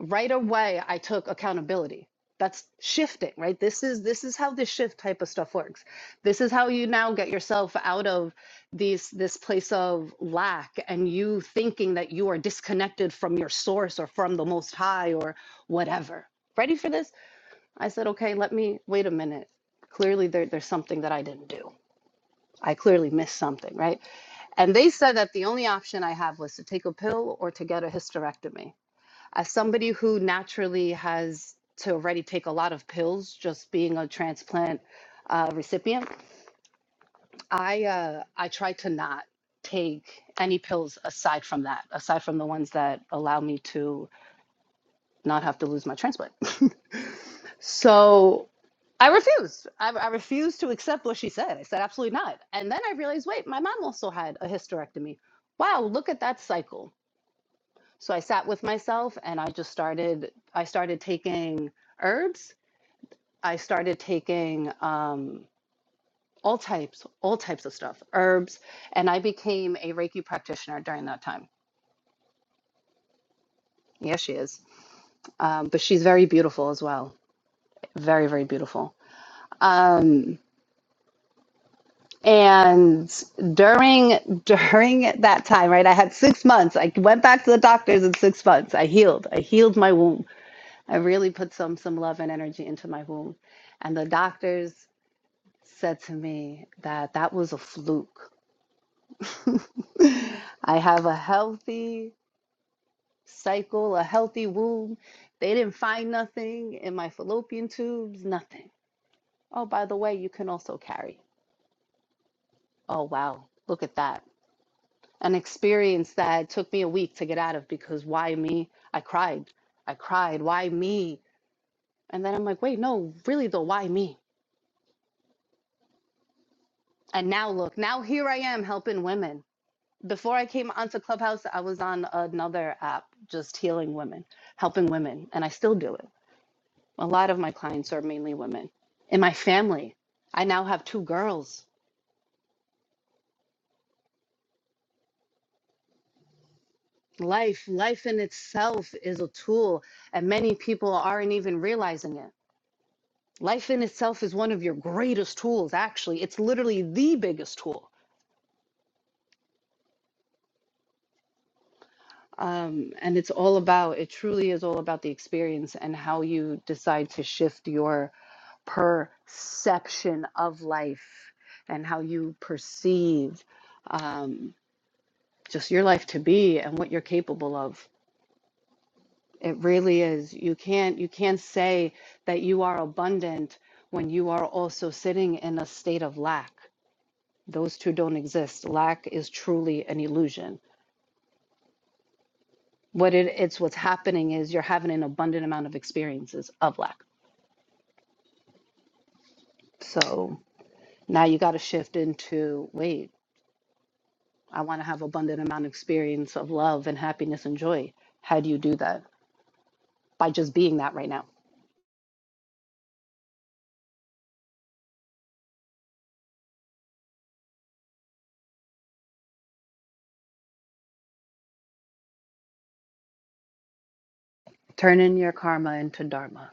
[SPEAKER 2] Right away I took accountability. That's shifting, right? This is this is how this shift type of stuff works. This is how you now get yourself out of these this place of lack and you thinking that you are disconnected from your source or from the most high or whatever. Ready for this? I said, okay, let me wait a minute. Clearly, there, there's something that I didn't do. I clearly missed something, right? And they said that the only option I have was to take a pill or to get a hysterectomy. As somebody who naturally has to already take a lot of pills, just being a transplant uh, recipient, I uh, I try to not take any pills aside from that, aside from the ones that allow me to not have to lose my transplant. (laughs) so I refused. I, I refused to accept what she said. I said, absolutely not. And then I realized, wait, my mom also had a hysterectomy. Wow, look at that cycle. So I sat with myself and I just started, I started taking herbs. I started taking um, all types, all types of stuff, herbs. And I became a Reiki practitioner during that time. Yes, she is. Um, but she's very beautiful as well. Very, very beautiful. Um, And during during that time, right, I had six months. I went back to the doctors in six months. I healed. I healed my womb. I really put some some love and energy into my womb. And the doctors said to me that that was a fluke. (laughs) I have a healthy cycle, a healthy womb. They didn't find nothing in my fallopian tubes, nothing. Oh, by the way, you can also carry. Oh, wow. Look at that. an experience that took me a week to get out of because why me? I cried. I cried. Why me? And then I'm like, wait, no, really though, why me? And now look, now here I am helping women. Before I came onto Clubhouse, I was on another app just healing women, helping women, and I still do it. A lot of my clients are mainly women. In my family, I now have two girls. Life, life in itself is a tool, and many people aren't even realizing it Life in itself is one of your greatest tools, actually. It's literally the biggest tool. Um, and it's all about, it truly is all about the experience and how you decide to shift your perception of life and how you perceive um, just your life to be and what you're capable of. It really is. You can't you can't say that you are abundant when you are also sitting in a state of lack. Those two don't exist. Lack is truly an illusion. What it, it's what's happening is you're having an abundant amount of experiences of lack. So now you got to shift into wait, I want to have abundant amount of experience of love and happiness and joy. How do you do that? By just being that right now. Turning your karma into dharma.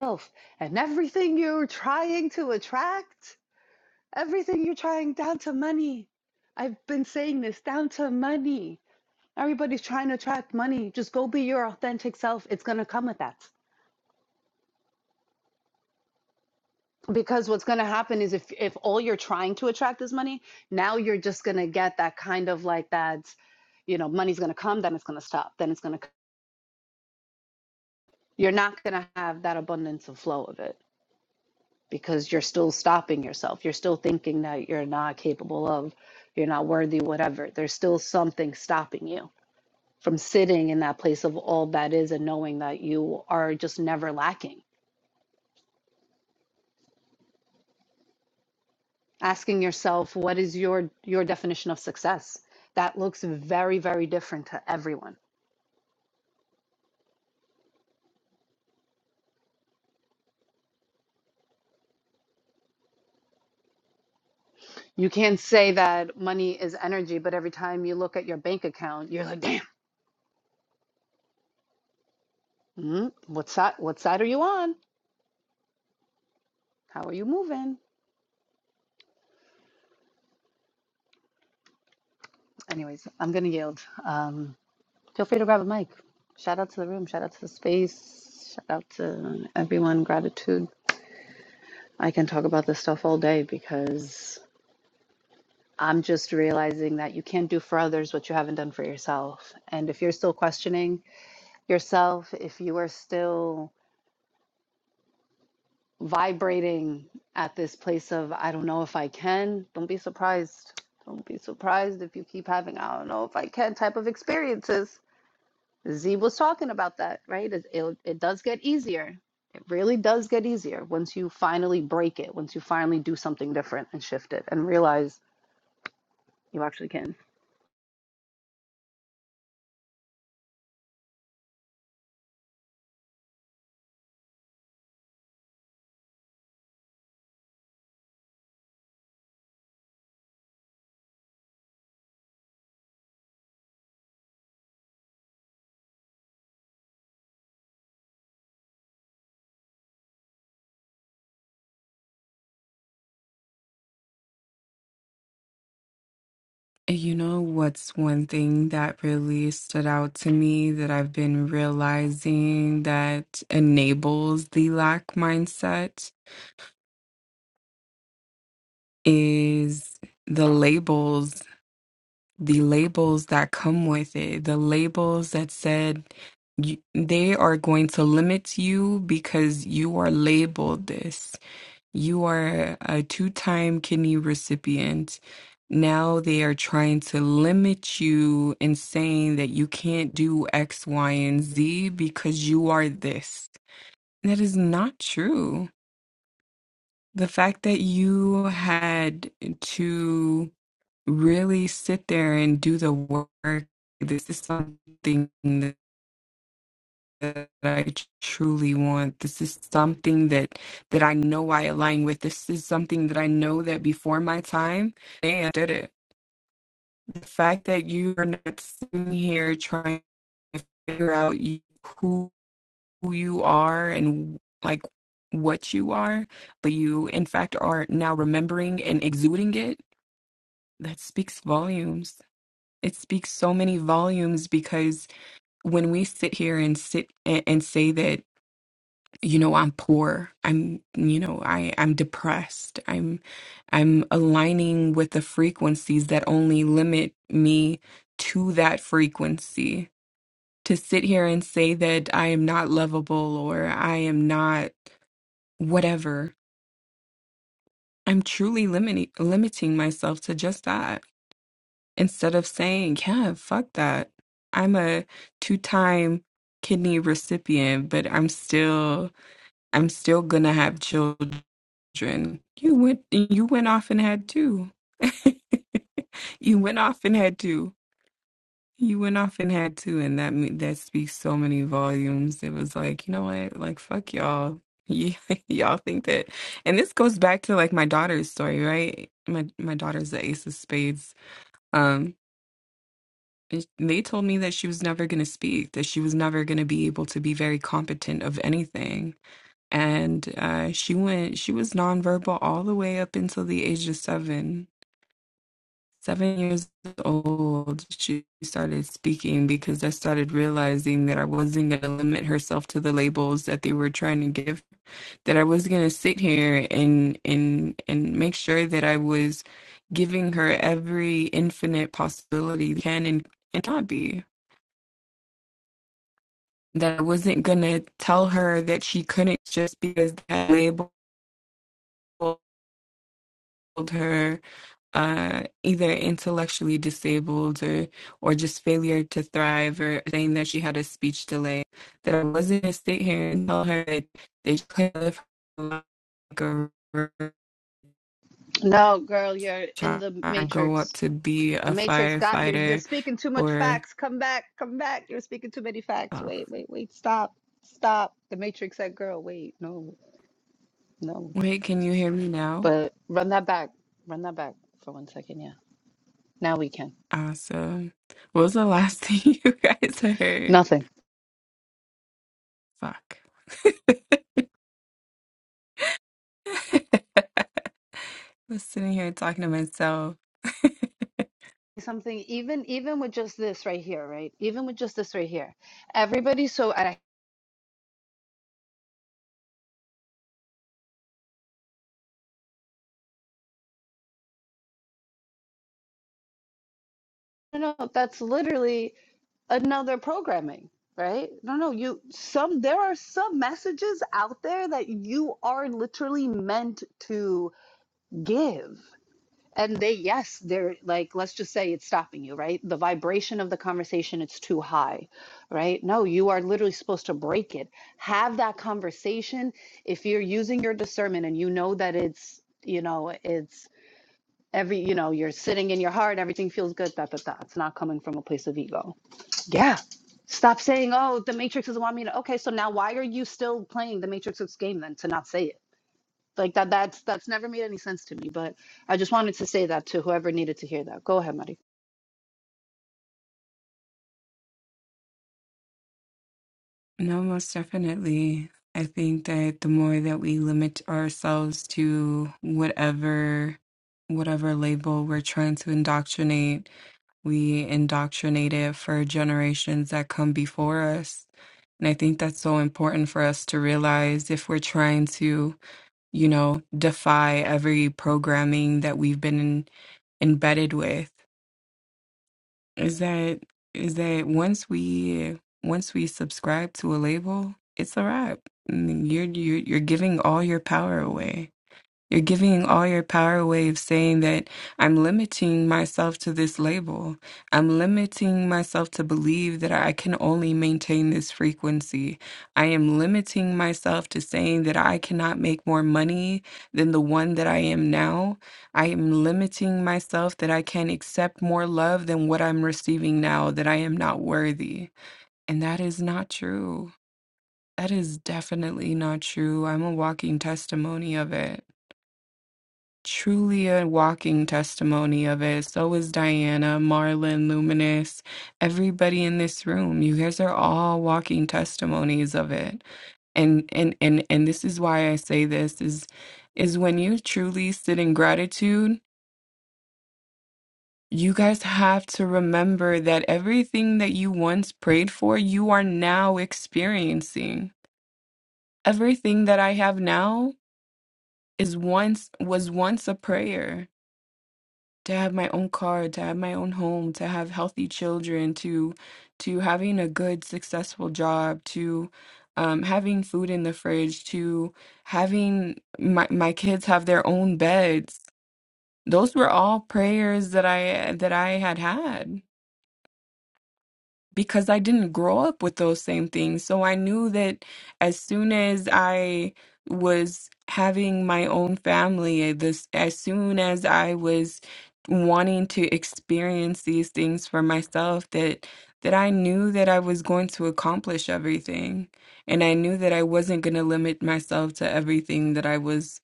[SPEAKER 2] Self and everything you're trying to attract, everything you're trying down to money. I've been saying this down to money Everybody's trying to attract money. Just go be your authentic self. It's going to come with that. Because what's going to happen is if if all you're trying to attract is money, now you're just going to get that kind of like that, you know, money's going to come, then it's going to stop, then it's going to you're not going to have that abundance of flow of it because you're still stopping yourself. You're still thinking that you're not capable of, you're not worthy whatever. There's still something stopping you from sitting in that place of all that is and knowing that you are just never lacking asking yourself what is your your definition of success that looks very very different to everyone you can't say that money is energy but every time you look at your bank account you're like damn mm, what side what side are you on how are you moving anyways i'm gonna yield um, feel free to grab a mic shout out to the room shout out to the space shout out to everyone gratitude i can talk about this stuff all day because I'm just realizing that you can't do for others what you haven't done for yourself. And if you're still questioning yourself, if you are still vibrating at this place of, I don't know if I can, don't be surprised. Don't be surprised if you keep having, I don't know if I can type of experiences. Z was talking about that, right? It, it, it does get easier. It really does get easier once you finally break it, once you finally do something different and shift it and realize you actually can.
[SPEAKER 6] You know what's one thing that really stood out to me that I've been realizing that enables the lack mindset is the labels the labels that come with it, the labels that said you, they are going to limit you because you are labeled this. You are a two time kidney recipient. Now they are trying to limit you and saying that you can't do X, Y, and Z because you are this. That is not true. The fact that you had to really sit there and do the work. This is something that that I truly want. This is something that that I know I align with. This is something that I know that before my time, and did it. The fact that you're not sitting here trying to figure out you- who you are and like what you are, but you in fact are now remembering and exuding it. That speaks volumes. it speaks so many volumes because when we sit here and sit and, and say that you know i'm poor i'm you know i i'm depressed i'm i'm aligning with the frequencies that only limit me to that frequency to sit here and say that i am not lovable or i am not whatever i'm truly limiting limiting myself to just that instead of saying, yeah, fuck that. I'm a two-time kidney recipient, but I'm still I'm still gonna have children. You went you went off and had two. (laughs) you went off and had two. You went off and had two, and that me- that speaks so many volumes. It was like, you know what? Like, fuck y'all. (laughs) Y- y'all think that, and this goes back to like my daughter's story, right? My my daughter's the ace of spades. Um, and they told me that she was never going to speak, that she was never going to be able to be very competent of anything. And uh, she went, she was nonverbal all the way up until the age of seven. Seven years old, she started speaking because I started realizing that I wasn't going to limit herself to the labels that they were trying to give, that I was going to sit here and, and, and make sure that I was giving her every infinite possibility can and, and not be. that I wasn't gonna tell her that she couldn't just because that labeled her uh, either intellectually disabled or or just failure to thrive or saying that she had a speech delay. That I wasn't gonna sit here and tell her that they couldn't live her life like a
[SPEAKER 2] No, girl, you're in
[SPEAKER 6] child
[SPEAKER 2] the
[SPEAKER 6] grow up
[SPEAKER 2] matrix.
[SPEAKER 6] to be a
[SPEAKER 2] The matrix got you. You're
[SPEAKER 6] firefighter
[SPEAKER 2] speaking too much
[SPEAKER 6] or
[SPEAKER 2] facts. Come back, come back. You're speaking too many facts.
[SPEAKER 6] oh,
[SPEAKER 2] Wait, wait, wait. Stop, stop. The matrix said, girl, wait, no, no.
[SPEAKER 6] wait, can you hear me now?
[SPEAKER 2] But run that back. Run that back for one second. Yeah. Now we can.
[SPEAKER 6] Awesome. What was the last (laughs) thing you guys heard?
[SPEAKER 2] Nothing.
[SPEAKER 6] Fuck. (laughs) I was sitting here talking to myself.
[SPEAKER 2] Something, even even with just this right here, right? Even with just this right here. Everybody, so I don't know. That's literally. another programming, right? No, no, you some there are some messages out there that you are literally meant to give. And they yes, they're like let's just say it's stopping you, right? The vibration of the conversation it's too high, right? No, you are literally supposed to break it. Have that conversation if you're using your discernment and you know that it's, you know, it's every, you know, you're sitting in your heart, everything feels good, da da da. It's not coming from a place of ego yeah. Stop saying, oh, the Matrix doesn't want me to. Okay, so now why are you still playing the Matrix of game then to not say it? Like that that's that's never made any sense to me, but I just wanted to say that to whoever needed to hear that. Go ahead, Mari.
[SPEAKER 6] No, most definitely. I think that the more that we limit ourselves to whatever whatever label we're trying to indoctrinate, we indoctrinate it for generations that come before us. And I think that's so important for us to realize if we're trying to, you know, defy every programming that we've been embedded with is that is that once we once we subscribe to a label, it's a wrap. And You're you're you're giving all your power away. You're giving all your power away of saying that I'm limiting myself to this label. I'm limiting myself to believe that I can only maintain this frequency. I am limiting myself to saying that I cannot make more money than the one that I am now. I am limiting myself that I can accept more love than what I'm receiving now, that I am not worthy. And that is not true. That is definitely not true. I'm a walking testimony of it truly a walking testimony of it. So is Diana, Marlon, Luminous, everybody in this room. You guys are all walking testimonies of it. And and and and this is why I say this is is when you truly sit in gratitude, you guys have to remember that everything that you once prayed for, you are now experiencing. Everything that I have now is once was once a prayer. to have my own car, to have my own home, to have healthy children, to to having a good successful job, to um, having food in the fridge, to having my my kids have their own beds. Those were all prayers that I that I had had because I didn't grow up with those same things. So I knew that as soon as I was having my own family, eh, this as soon as I was wanting to experience these things for myself that that I knew that I was going to accomplish everything and I knew that I wasn't going to limit myself to everything that I was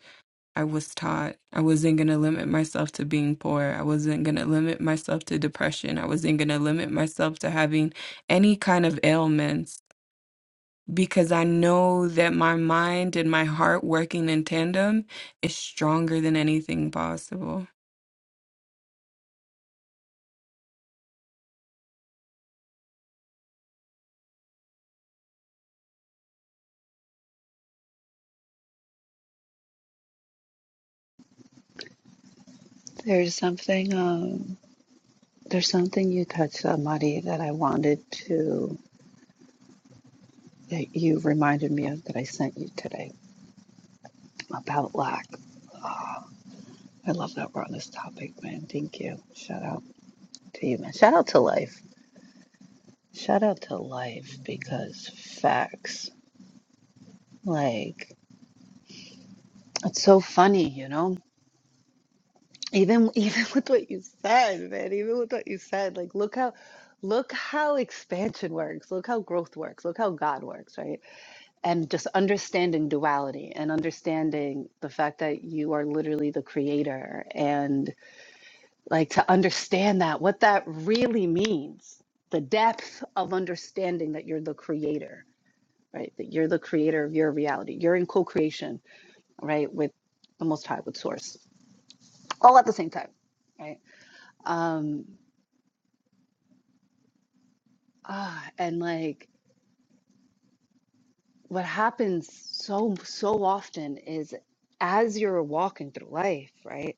[SPEAKER 6] I was taught I wasn't going to limit myself to being poor. I wasn't going to limit myself to depression. I wasn't going to limit myself to having any kind of ailments because I know that my mind and my heart working in tandem is stronger than anything possible.
[SPEAKER 2] There's something um there's something you touched on, Mari, that I wanted to that you reminded me of that I sent you today about lack. I love that we're on this topic, man. Thank you. Shout out to you, man. Shout out to life. Shout out to life because facts. Like It's so funny, you know. Even (laughs) even with what you said, man, even with what you said, like look how look how expansion works, look how growth works, look how God works, right? And just understanding duality and understanding the fact that you are literally the creator and like to understand that what that really means, the depth of understanding that you're the creator, right? That you're the creator of your reality. You're in co-creation, right, with the most high with source all at the same time, right? Um, ah, and like what happens so so often is as you're walking through life, right?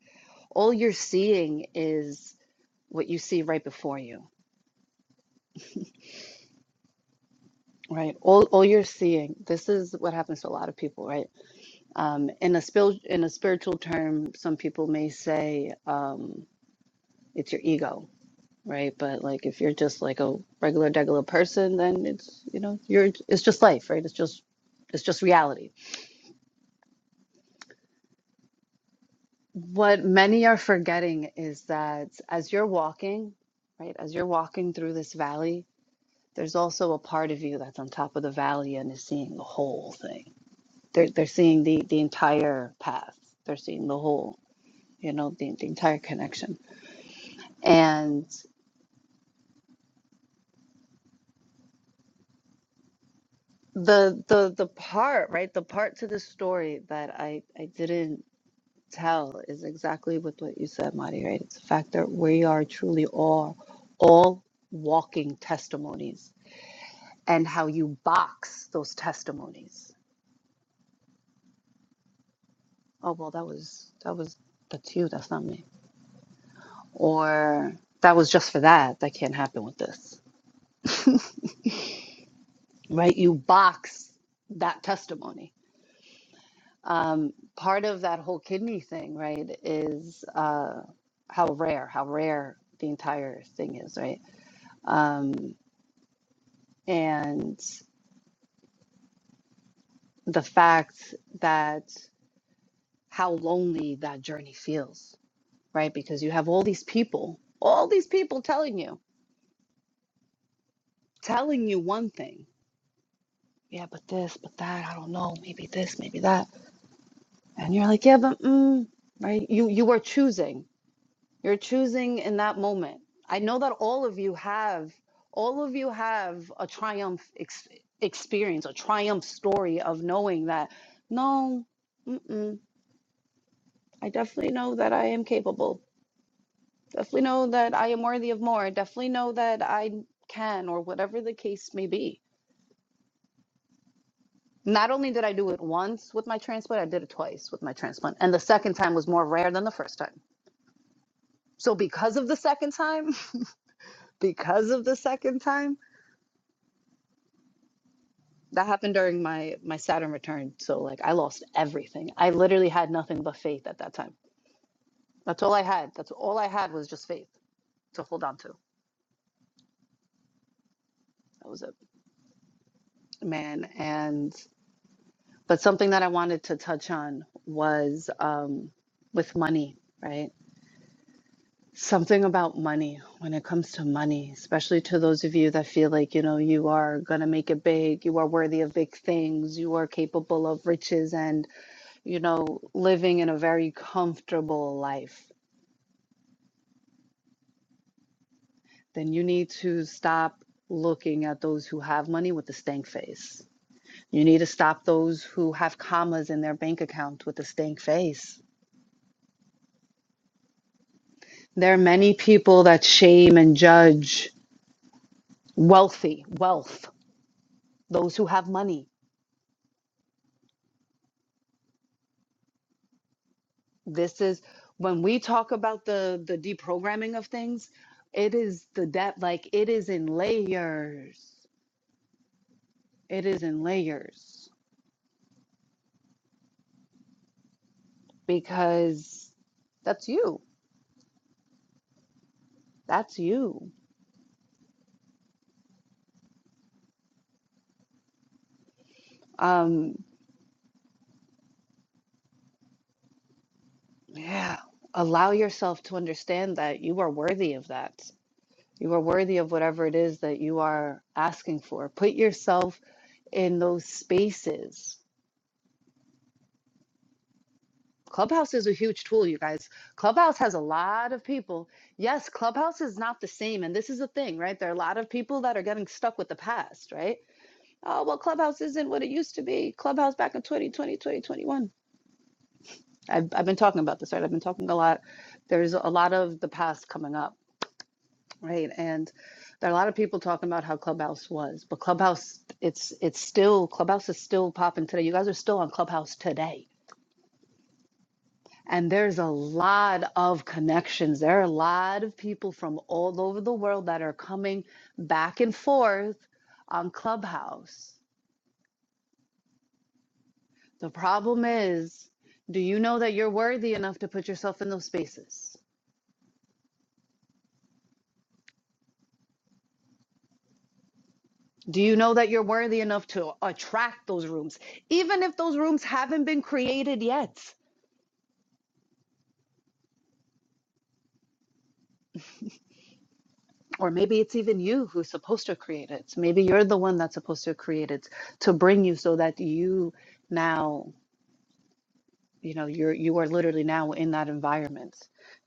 [SPEAKER 2] All you're seeing is what you see right before you, right? All all you're seeing. This is what happens to a lot of people, right? Um, in a spil in a spiritual term, some people may say um, it's your ego, right? But like if you're just like a regular degular person, then it's you know you're it's just life, right? It's just it's just reality. What many are forgetting is that as you're walking, right, as you're walking through this valley, there's also a part of you that's on top of the valley and is seeing the whole thing. They're they're seeing the the entire path. They're seeing the whole, you know, the, the entire connection. And the the the part, right, the part to the story that I I didn't tell is exactly with what you said, Marty, right? It's a fact that we are truly all, all walking testimonies and how you box those testimonies. Oh, well, that was, that was, that's you, that's not me. Or that was just for that. That can't happen with this, (laughs) right? You box that testimony. Um, part of that whole kidney thing, right, is uh, how rare, how rare the entire thing is, right? Um, and the fact that how lonely that journey feels, right? Because you have all these people, all these people telling you, telling you one thing. Yeah, but this, but that, I don't know, maybe this, maybe that. And you're like, yeah, but mm, right? You you are choosing. You're choosing in that moment. I know that all of you have all of you have a triumph ex- experience, a triumph story of knowing that no, mm-mm, I definitely know that I am capable Definitely know that I am worthy of more. Definitely know that I can, or whatever the case may be. Not only did I do it once with my transplant, I did it twice with my transplant. And the second time was more rare than the first time. So because of the second time, (laughs) because of the second time, that happened during my my Saturn return. So like I lost everything. I literally had nothing but faith at that time. That's all I had. That's all I had was just faith to hold on to. That was it, man. and. But something that I wanted to touch on was um, with money, right? Something about money when it comes to money, especially to those of you that feel like, you know, you are going to make it big, you are worthy of big things, you are capable of riches and, you know, living in a very comfortable life, then you need to stop looking at those who have money with a stank face. You need to stop those who have commas in their bank account with a stank face There are many people that shame and judge wealthy, wealth, those who have money. This is when we talk about the the deprogramming of things, it is the depth, like it is in layers. It is in layers because that's you. That's you. Um, yeah. Allow yourself to understand that you are worthy of that. You are worthy of whatever it is that you are asking for. Put yourself in those spaces. Clubhouse is a huge tool, you guys. Clubhouse has a lot of people. Yes, Clubhouse is not the same. And this is a thing, right? There are a lot of people that are getting stuck with the past, right? Oh, well, Clubhouse isn't what it used to be. Clubhouse back in twenty twenty, twenty twenty-one. I've, I've been talking about this, right? I've been talking a lot. There's a lot of the past coming up, right? And there are a lot of people talking about how Clubhouse was, but Clubhouse, it's it's still Clubhouse is still popping today. You guys are still on Clubhouse today And there's a lot of connections. There are a lot of people from all over the world that are coming back and forth on Clubhouse. The problem is, do you know that you're worthy enough to put yourself in those spaces? Do you know that you're worthy enough to attract those rooms, even if those rooms haven't been created yet? Or maybe it's even you who's supposed to create it. Maybe you're the one that's supposed to create it to bring you so that you now you know you're you are literally now in that environment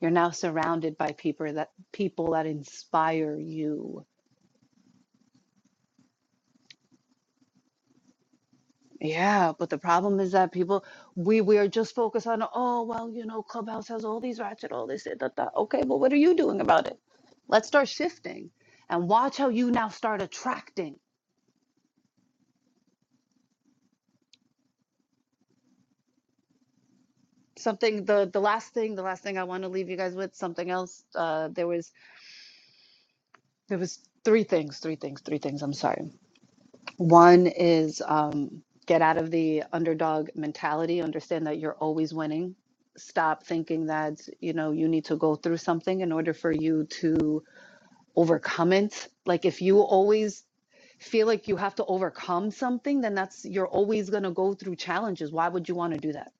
[SPEAKER 2] you're now surrounded by people that people that inspire you yeah but the problem is that people we we are just focused on oh well you know clubhouse has all these ratchet all this da, da, okay well what are you doing about it let's start shifting and watch how you now start attracting something the the last thing the last thing i want to leave you guys with something else uh there was there was three things three things three things i'm sorry One is um, get out of the underdog mentality, understand that you're always winning. Stop thinking that, you know, you need to go through something in order for you to overcome it. Like if you always feel like you have to overcome something, then that's you're always going to go through challenges. Why would you want to do that?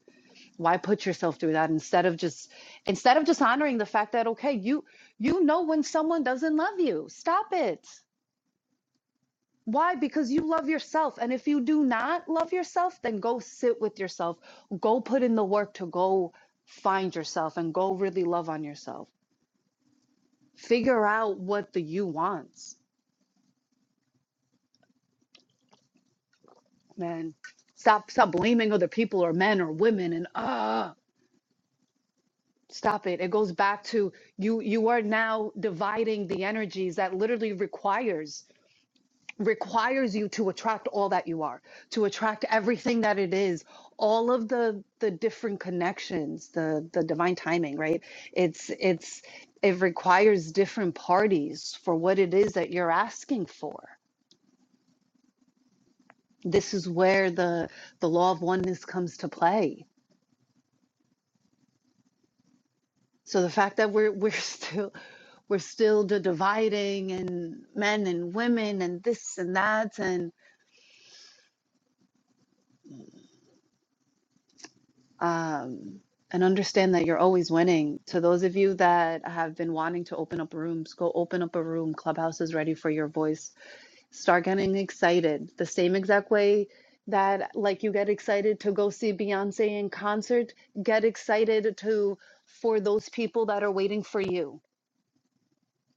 [SPEAKER 2] Why put yourself through that instead of just instead of just honoring the fact that okay, you you know when someone doesn't love you. Stop it. Why? Because you love yourself. And if you do not love yourself, then go sit with yourself. Go put in the work to go find yourself and go really love on yourself. Figure out what the you wants, man. Stop stop blaming other people or men or women and ah stop it. It goes back to you you are now dividing the energies that literally requires requires you to attract all that you are to attract everything that it is all of the the different connections the the divine timing right it's it's it requires different parties for what it is that you're asking for this is where the the law of oneness comes to play so the fact that we're we're still we're still the dividing and men and women and this and that and. um, and understand that you're always winning. To those of you that have been wanting to open up rooms, go open up a room. Clubhouse is ready for your voice. Start getting excited the same exact way that like you get excited to go see Beyonce in concert, get excited to for those people that are waiting for you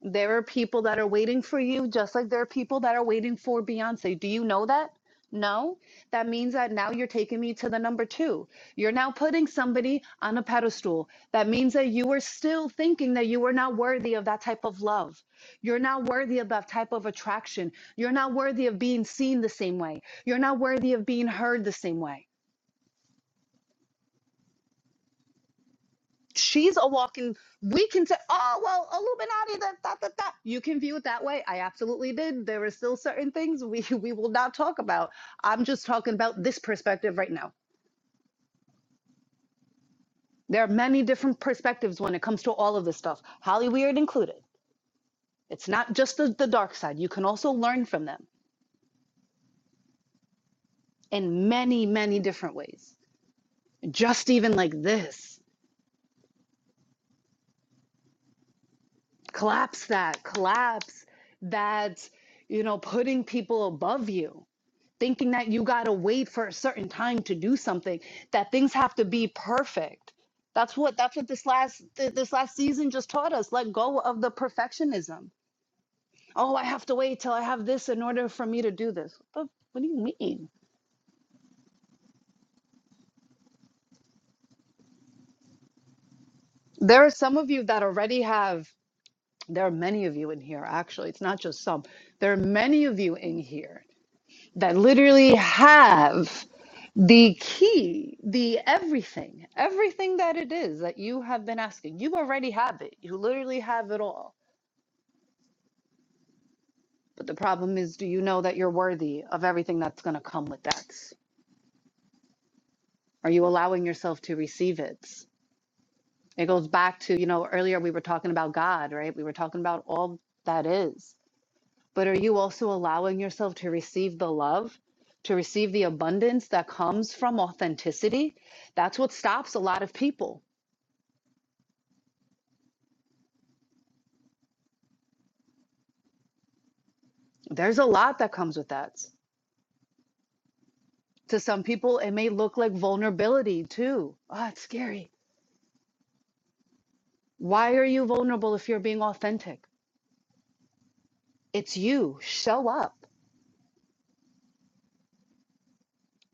[SPEAKER 2] there are people that are waiting for you, just like there are people that are waiting for Beyonce. Do you know that? No. That means that now you're taking me to the number two. You're now putting somebody on a pedestal. That means that you are still thinking that you are not worthy of that type of love. You're not worthy of that type of attraction. You're not worthy of being seen the same way. You're not worthy of being heard the same way. she's a walking we can say oh well illuminati that that that that you can view it that way i absolutely did there are still certain things we (laughs) we will not talk about i'm just talking about this perspective right now there are many different perspectives when it comes to all of this stuff holly weird included it's not just the, the dark side you can also learn from them in many many different ways just even like this collapse that collapse that you know putting people above you thinking that you got to wait for a certain time to do something that things have to be perfect that's what that's what this last th- this last season just taught us let go of the perfectionism oh i have to wait till i have this in order for me to do this but what do you mean there are some of you that already have there are many of you in here actually it's not just some there are many of you in here that literally have the key, the everything, everything that it is that you have been asking. You already have it. You literally have it all. But the problem is, do you know that you're worthy of everything that's going to come with that? Are you allowing yourself to receive it? It goes back to, you know, earlier we were talking about God, right? We were talking about all that is. but are you also allowing yourself to receive the love, to receive the abundance that comes from authenticity? That's what stops a lot of people. There's a lot that comes with that. To some people, it may look like vulnerability too. Oh, it's scary. Why are you vulnerable if you're being authentic? It's you. Show up.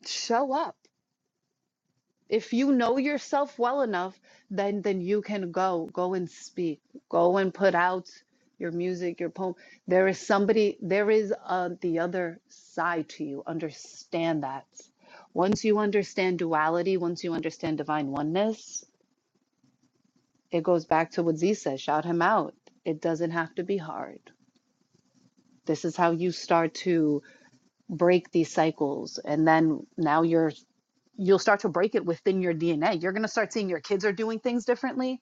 [SPEAKER 2] Show up. if you know yourself well enough then then you can go go and speak go and put out your music your poem there is somebody there is uh, the other side to you understand that once you understand duality once you understand divine oneness it goes back to what z says shout him out it doesn't have to be hard this is how you start to break these cycles and then now you're you'll start to break it within your dna you're going to start seeing your kids are doing things differently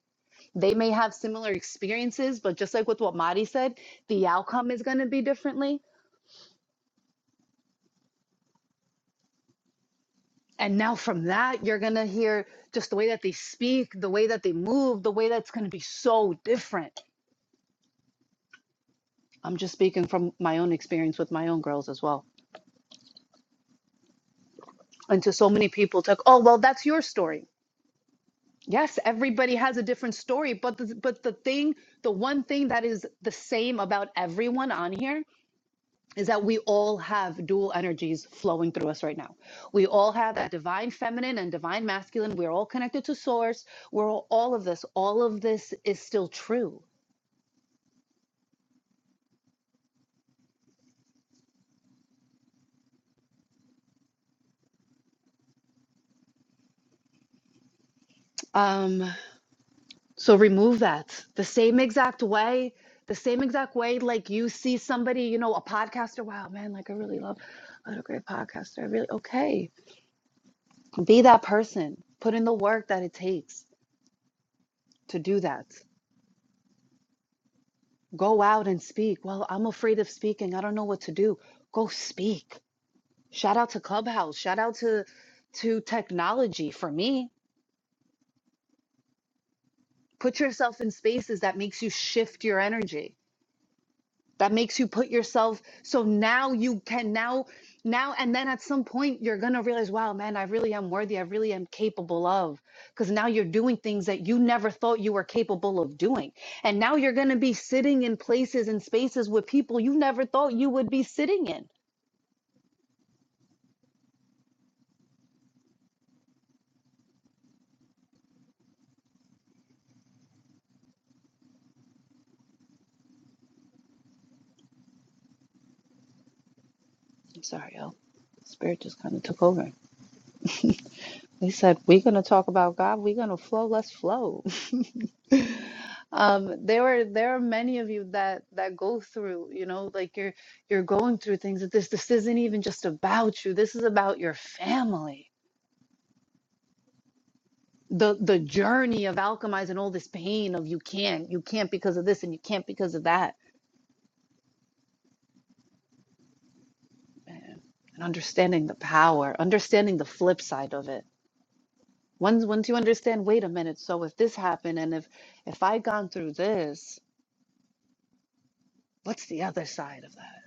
[SPEAKER 2] they may have similar experiences, but just like with what Mari said, the outcome is going to be differently. And now from that, you're going to hear just the way that they speak, the way that they move, the way that's going to be so different. I'm just speaking from my own experience with my own girls as well. And to so many people, took, oh, well, that's your story. Yes, everybody has a different story, but the, but the thing, the one thing that is the same about everyone on here is that we all have dual energies flowing through us right now. We all have that divine feminine and divine masculine. We're all connected to source. We're all, all of this. All of this is still true. Um, so remove that the same exact way, the same exact way. Like you see somebody, you know, a podcaster. Wow, man, like I really love what a great podcaster. I really okay. Be that person. Put in the work that it takes to do that. Go out and speak. Well, I'm afraid of speaking. I don't know what to do. Go speak. Shout out to Clubhouse. Shout out to to technology for me. Put yourself in spaces that makes you shift your energy. That makes you put yourself so now you can now now and then at some point you're going to realize, wow, man, I really am worthy. I really am capable of because now you're doing things that you never thought you were capable of doing. And now you're going to be sitting in places and spaces with people you never thought you would be sitting in. Sorry, y'all. Spirit just kind of took over. They said, We're going to talk about God. We're going to flow. Let's flow. (laughs) Um, there were there are many of you that that go through, you know, like you're you're going through things that this this isn't even just about you. This is about your family. The the journey of alchemizing all this pain of you can't, you can't because of this and you can't because of that. Man. And understanding the power, understanding the flip side of it. Once once you understand, wait a minute, so if this happened and if if I gone through this, what's the other side of that?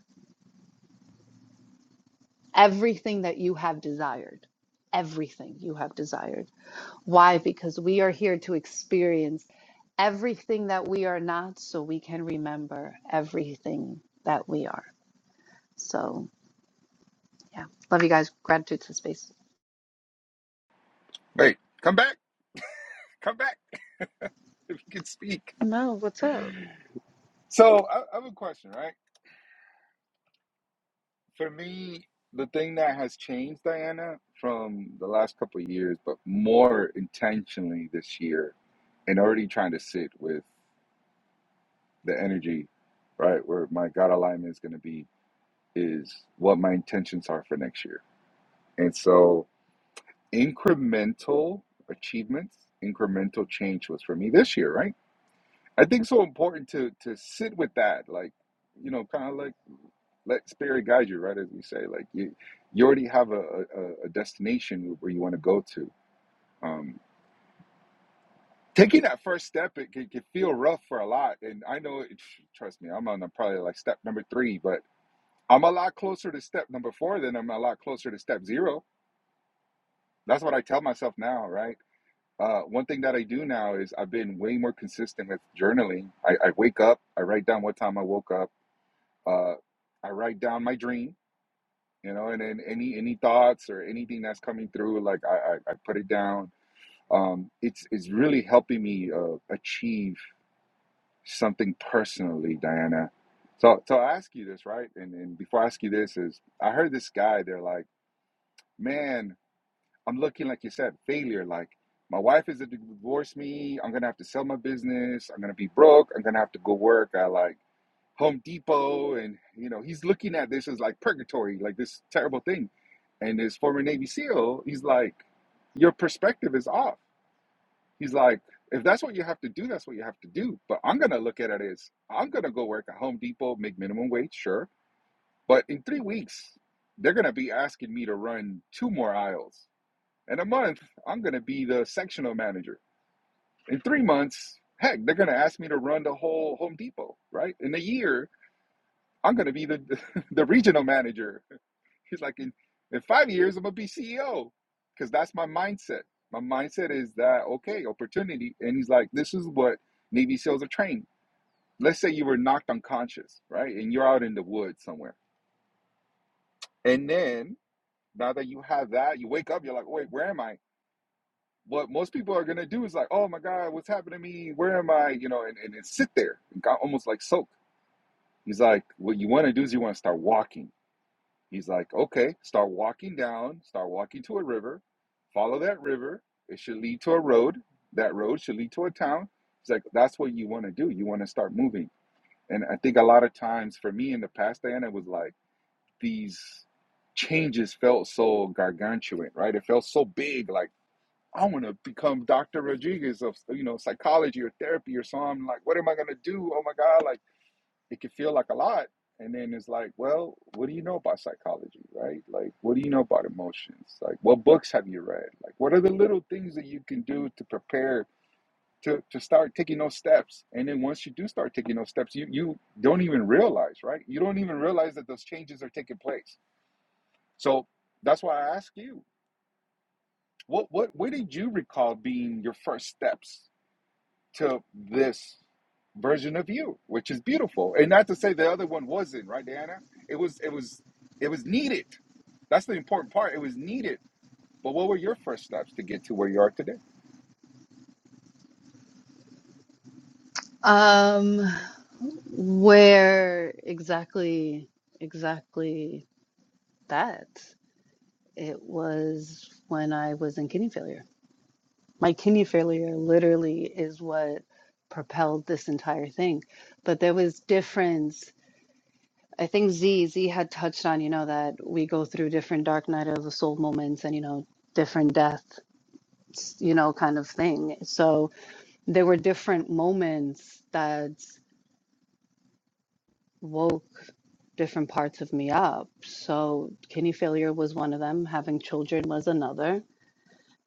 [SPEAKER 2] Everything that you have desired. Everything you have desired. Why? Because we are here to experience everything that we are not so we can remember everything that we are. So, yeah. Love you guys. Gratitude to space.
[SPEAKER 4] Wait, come back, come back if you can speak.
[SPEAKER 2] No, what's up?
[SPEAKER 4] So I, I have a question, right? For me, the thing that has changed, Diana, from the last couple of years, but more intentionally this year, and already trying to sit with the energy, right, where my God alignment is going to be, is what my intentions are for next year. And so incremental achievements, incremental change was for me this year, right? I think so important to to sit with that, like, you know, kind of like let spirit guide you right as we say like you you already have a, a, a destination where you want to go to um taking that first step it can, can feel rough for a lot and i know it, trust me i'm on probably like step number three but i'm a lot closer to step number four than i'm a lot closer to step zero that's what i tell myself now right uh, one thing that I do now is I've been way more consistent with journaling. I, I wake up, I write down what time I woke up, uh, I write down my dream, you know and then any any thoughts or anything that's coming through like i i, I put it down um it's it's really helping me uh, achieve something personally diana so so i ask you this right and and before i ask you this is i heard this guy they're like man i'm looking like you said failure like my wife is to divorce me i'm gonna have to sell my business i'm gonna be broke i'm gonna have to go work at like Home Depot, and you know he's looking at this as like purgatory, like this terrible thing. And this former Navy SEAL, he's like, your perspective is off. He's like, if that's what you have to do, that's what you have to do. But I'm gonna look at it as I'm gonna go work at Home Depot, make minimum wage, sure. But in three weeks, they're gonna be asking me to run two more aisles. In a month, I'm gonna be the sectional manager. In three months, heck, they're gonna ask me to run the whole Home Depot, right? In a year, I'm gonna be the (laughs) the regional manager. He's like, in, in five years, I'm gonna be CEO, because that's my mindset. My mindset is that okay, opportunity. And he's like, this is what Navy SEALs are trained. Let's say you were knocked unconscious, right, and you're out in the woods somewhere, and then now that you have that, you wake up, you're like, wait, where am I? What most people are gonna do is like, oh my god, what's happened to me? Where am I? You know, and and, and sit there, and got almost like soak. He's like, what you want to do is you want to start walking He's like, okay, start walking down, start walking to a river, follow that river. It should lead to a road. That road should lead to a town. He's like, that's what you want to do. You want to start moving. And I think a lot of times for me in the past, Diana, it was like these changes felt so gargantuan, right? It felt so big. Like, I want to become Dr. Rodriguez of, you know, psychology or therapy or something. Like, what am I going to do? Oh my God. Like, it can feel like a lot. And then it's like, well, what do you know about psychology, right? Like, what do you know about emotions? Like, what books have you read? Like, what are the little things that you can do to prepare to, to start taking those steps? And then once you do start taking those steps, you, you don't even realize, right? You don't even realize that those changes are taking place. So that's why I ask you, what, what, what did you recall being your first steps to this version of you, which is beautiful. And not to say the other one wasn't, right, Diana? It was it was it was needed. That's the important part. It was needed. But what were your first steps to get to where you are today?
[SPEAKER 2] Um where exactly exactly that? It was when I was in kidney failure. My kidney failure literally is what propelled this entire thing. But there was difference. I think Z Z had touched on, you know, that we go through different dark night of the soul moments and, you know, different death, you know, kind of thing. So there were different moments that woke different parts of me up. So kidney failure was one of them, having children was another,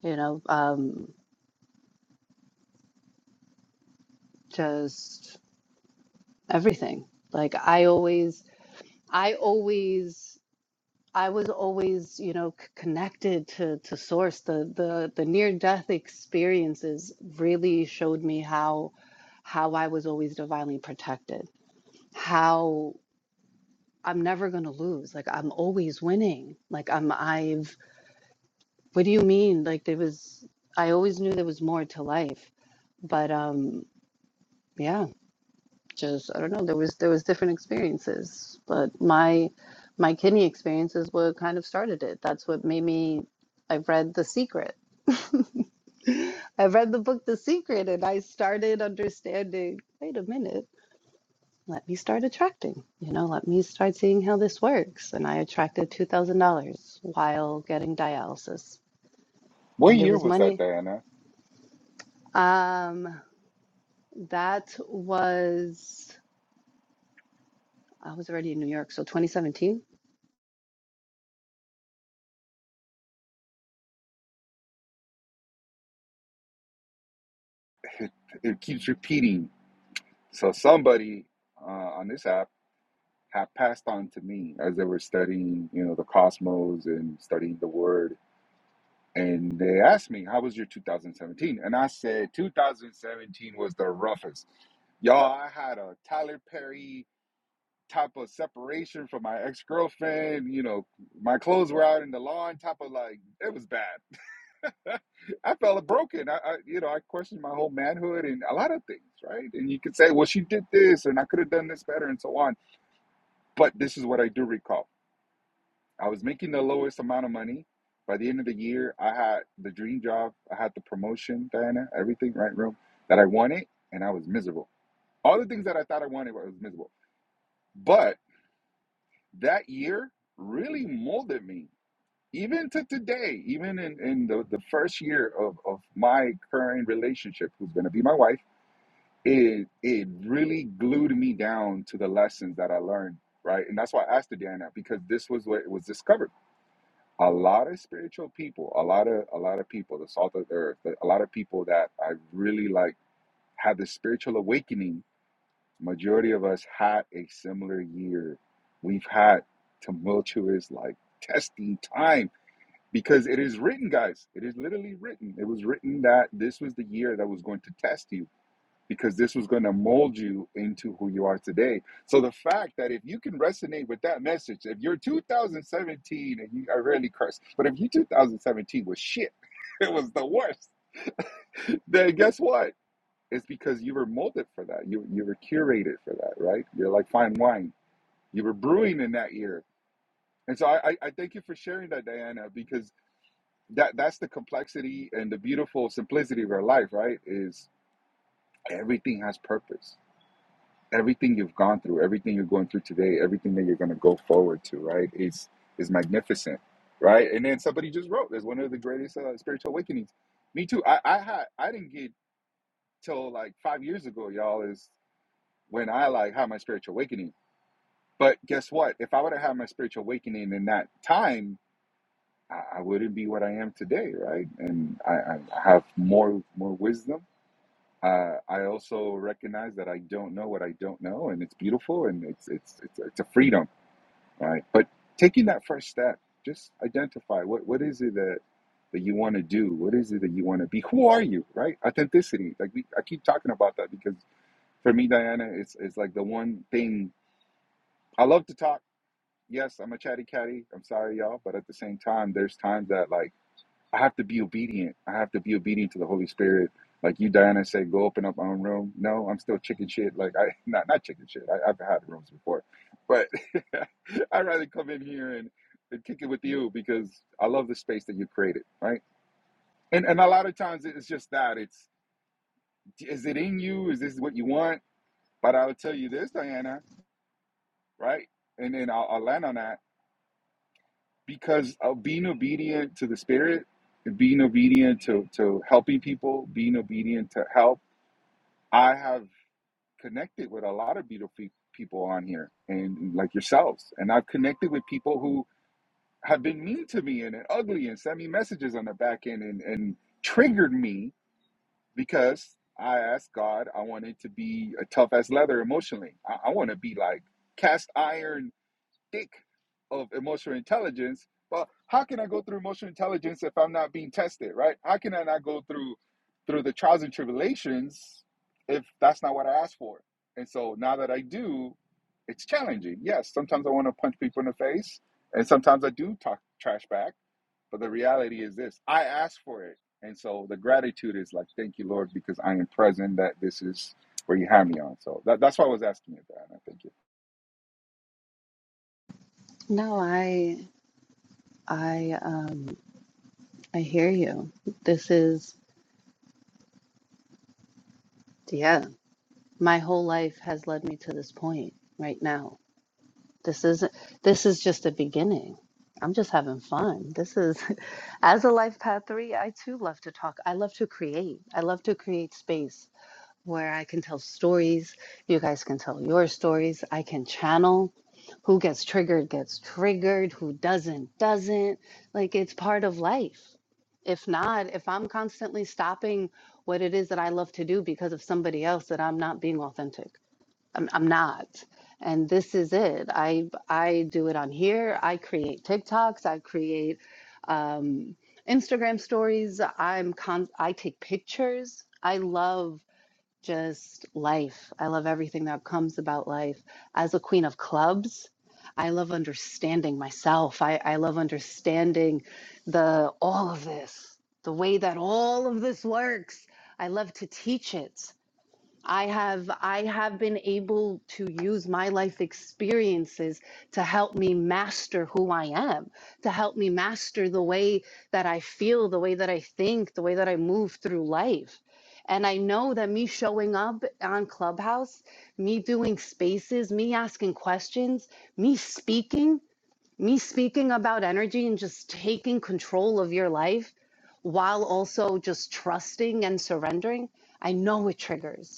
[SPEAKER 2] you know, um just everything. Like I always, I always, I was always, you know, c- connected to to source. The the the near death experiences really showed me how how I was always divinely protected. How I'm never gonna lose. Like I'm always winning. Like I'm I've. What do you mean? Like there was. I always knew there was more to life. But um, yeah. just I don't know. There was there was different experiences, but my my kidney experience is what kind of started it. That's what made me. I've read The Secret. (laughs) I've read the book The Secret, and I started understanding. Wait a minute. Let me start attracting. You know, let me start seeing how this works. And I attracted two thousand dollars while getting dialysis,
[SPEAKER 4] What
[SPEAKER 2] and it
[SPEAKER 4] year
[SPEAKER 2] was
[SPEAKER 4] was that,
[SPEAKER 2] money.
[SPEAKER 4] Diana?
[SPEAKER 2] Um, that was I was already in New York, so 2017.
[SPEAKER 4] It, it keeps repeating. So somebody uh, on this app had passed on to me as they were studying, you know, the cosmos and studying the word And they asked me, How was your 2017? And I said, 2017 was the roughest. Y'all, I had a Tyler Perry type of separation from my ex girlfriend. You know, my clothes were out in the lawn, type of like, it was bad. (laughs) I felt broken. I, I, you know, I questioned my whole manhood and a lot of things, right? And you could say, Well, she did this and I could have done this better and so on. But this is what I do recall. I was making the lowest amount of money. By the end of the year, I had the dream job, I had the promotion, Diana, everything, right, room that I wanted, and I was miserable. All the things that I thought I wanted, I was miserable. But that year really molded me, even to today, even in, in the, the first year of, of my current relationship, who's going to be my wife, it, it really glued me down to the lessons that I learned, right? And that's why I asked the Diana, because this was what was discovered a lot of spiritual people, a lot of a lot of people, the salt of the earth, but a lot of people that I really like had the spiritual awakening. Majority of us had a similar year. We've had tumultuous, like testing time because it is written, guys. It is literally written. It was written that this was the year that was going to test you because this was going to mold you into who you are today. So the fact that if you can resonate with that message, if you're 2017 and you, I rarely curse, but if you 2017 was shit, (laughs) it was the worst. Then guess what? It's because you were molded for that. You you were curated for that, right? You're like fine wine. You were brewing in that year, and so I I, I thank you for sharing that, Diana, because that that's the complexity and the beautiful simplicity of our life, right? Is everything has purpose everything you've gone through, everything you're going through today, everything that you're going to go forward to, right, is is magnificent, right? And then somebody just wrote, "There's one of the greatest uh, spiritual awakenings." Me too. I I had I didn't get till like five years ago, y'all, is when I like had my spiritual awakening. But guess what? If I would have had my spiritual awakening in that time, I, I wouldn't be what I am today, right? And I, I I have more more wisdom uh, I also recognize that I don't know what I don't know, and it's beautiful, and it's it's it's, it's a freedom, right? But taking that first step, just identify what what is it that that you want to do? What is it that you want to be? Who are you, right? Authenticity. Like we, I keep talking about that because for me, Diana, it's it's like the one thing I love to talk. Yes, I'm a chatty catty. I'm sorry, y'all, but at the same time, there's times that like I have to be obedient. I have to be obedient to the Holy Spirit. Like you, Diana said, go open up my own room. No, I'm still chicken shit. Like I (laughs) not not chicken shit. I, I've had rooms before, but (laughs) I'd rather come in here and, and kick it with you because I love the space that you created, right? And and a lot of times it's just that. It's is it in you? Is this what you want? But I'll tell you this, Diana, right? And then I'll, I'll land on that because of being obedient to the spirit and being obedient to, to helping people being obedient to help i have connected with a lot of beautiful pe- people on here and like yourselves and i've connected with people who have been mean to me and, and ugly and sent me messages on the back end and, and triggered me because i asked god i wanted to be a tough as leather emotionally i, I want to be like cast iron thick of emotional intelligence. But how can I go through emotional intelligence if I'm not being tested, right? How can I not go through through the trials and tribulations if that's not what I asked for? And so now that I do, it's challenging. Yes, sometimes I want to punch people in the face, and sometimes I do talk trash back. But the reality is this: I asked for it, and so the gratitude is like, "Thank you, Lord, because I am present. That this is where you have me on." So that, that's why I was asking you that. and I thank you.
[SPEAKER 2] No, I I um I hear you. This is yeah, my whole life has led me to this point right now. This isn't this is just the beginning. I'm just having fun. This is (laughs) as a life path 3, I too love to talk. I love to create. I love to create space. where I can tell stories. You guys can tell your stories. I can channel. Who gets triggered gets triggered. Who doesn't, doesn't. Like it's part of life. If not, if I'm constantly stopping what it is that I love to do because of somebody else, that I'm not being authentic. I'm, I'm not. And this is it. I I do it on here. I create TikToks. I create um, Instagram stories. I'm con- I take pictures. I love just life. I love everything that comes about life. As a queen of clubs, I love understanding myself. I, I love understanding the all of this, the way that all of this works. I love to teach it. I have I have been able to use my life experiences to help me master who I am, to help me master the way that I feel, the way that I think, the way that I move through life. And I know that me showing up on Clubhouse, me doing spaces, me asking questions, me speaking, me speaking about energy and just taking control of your life while also just trusting and surrendering, I know it triggers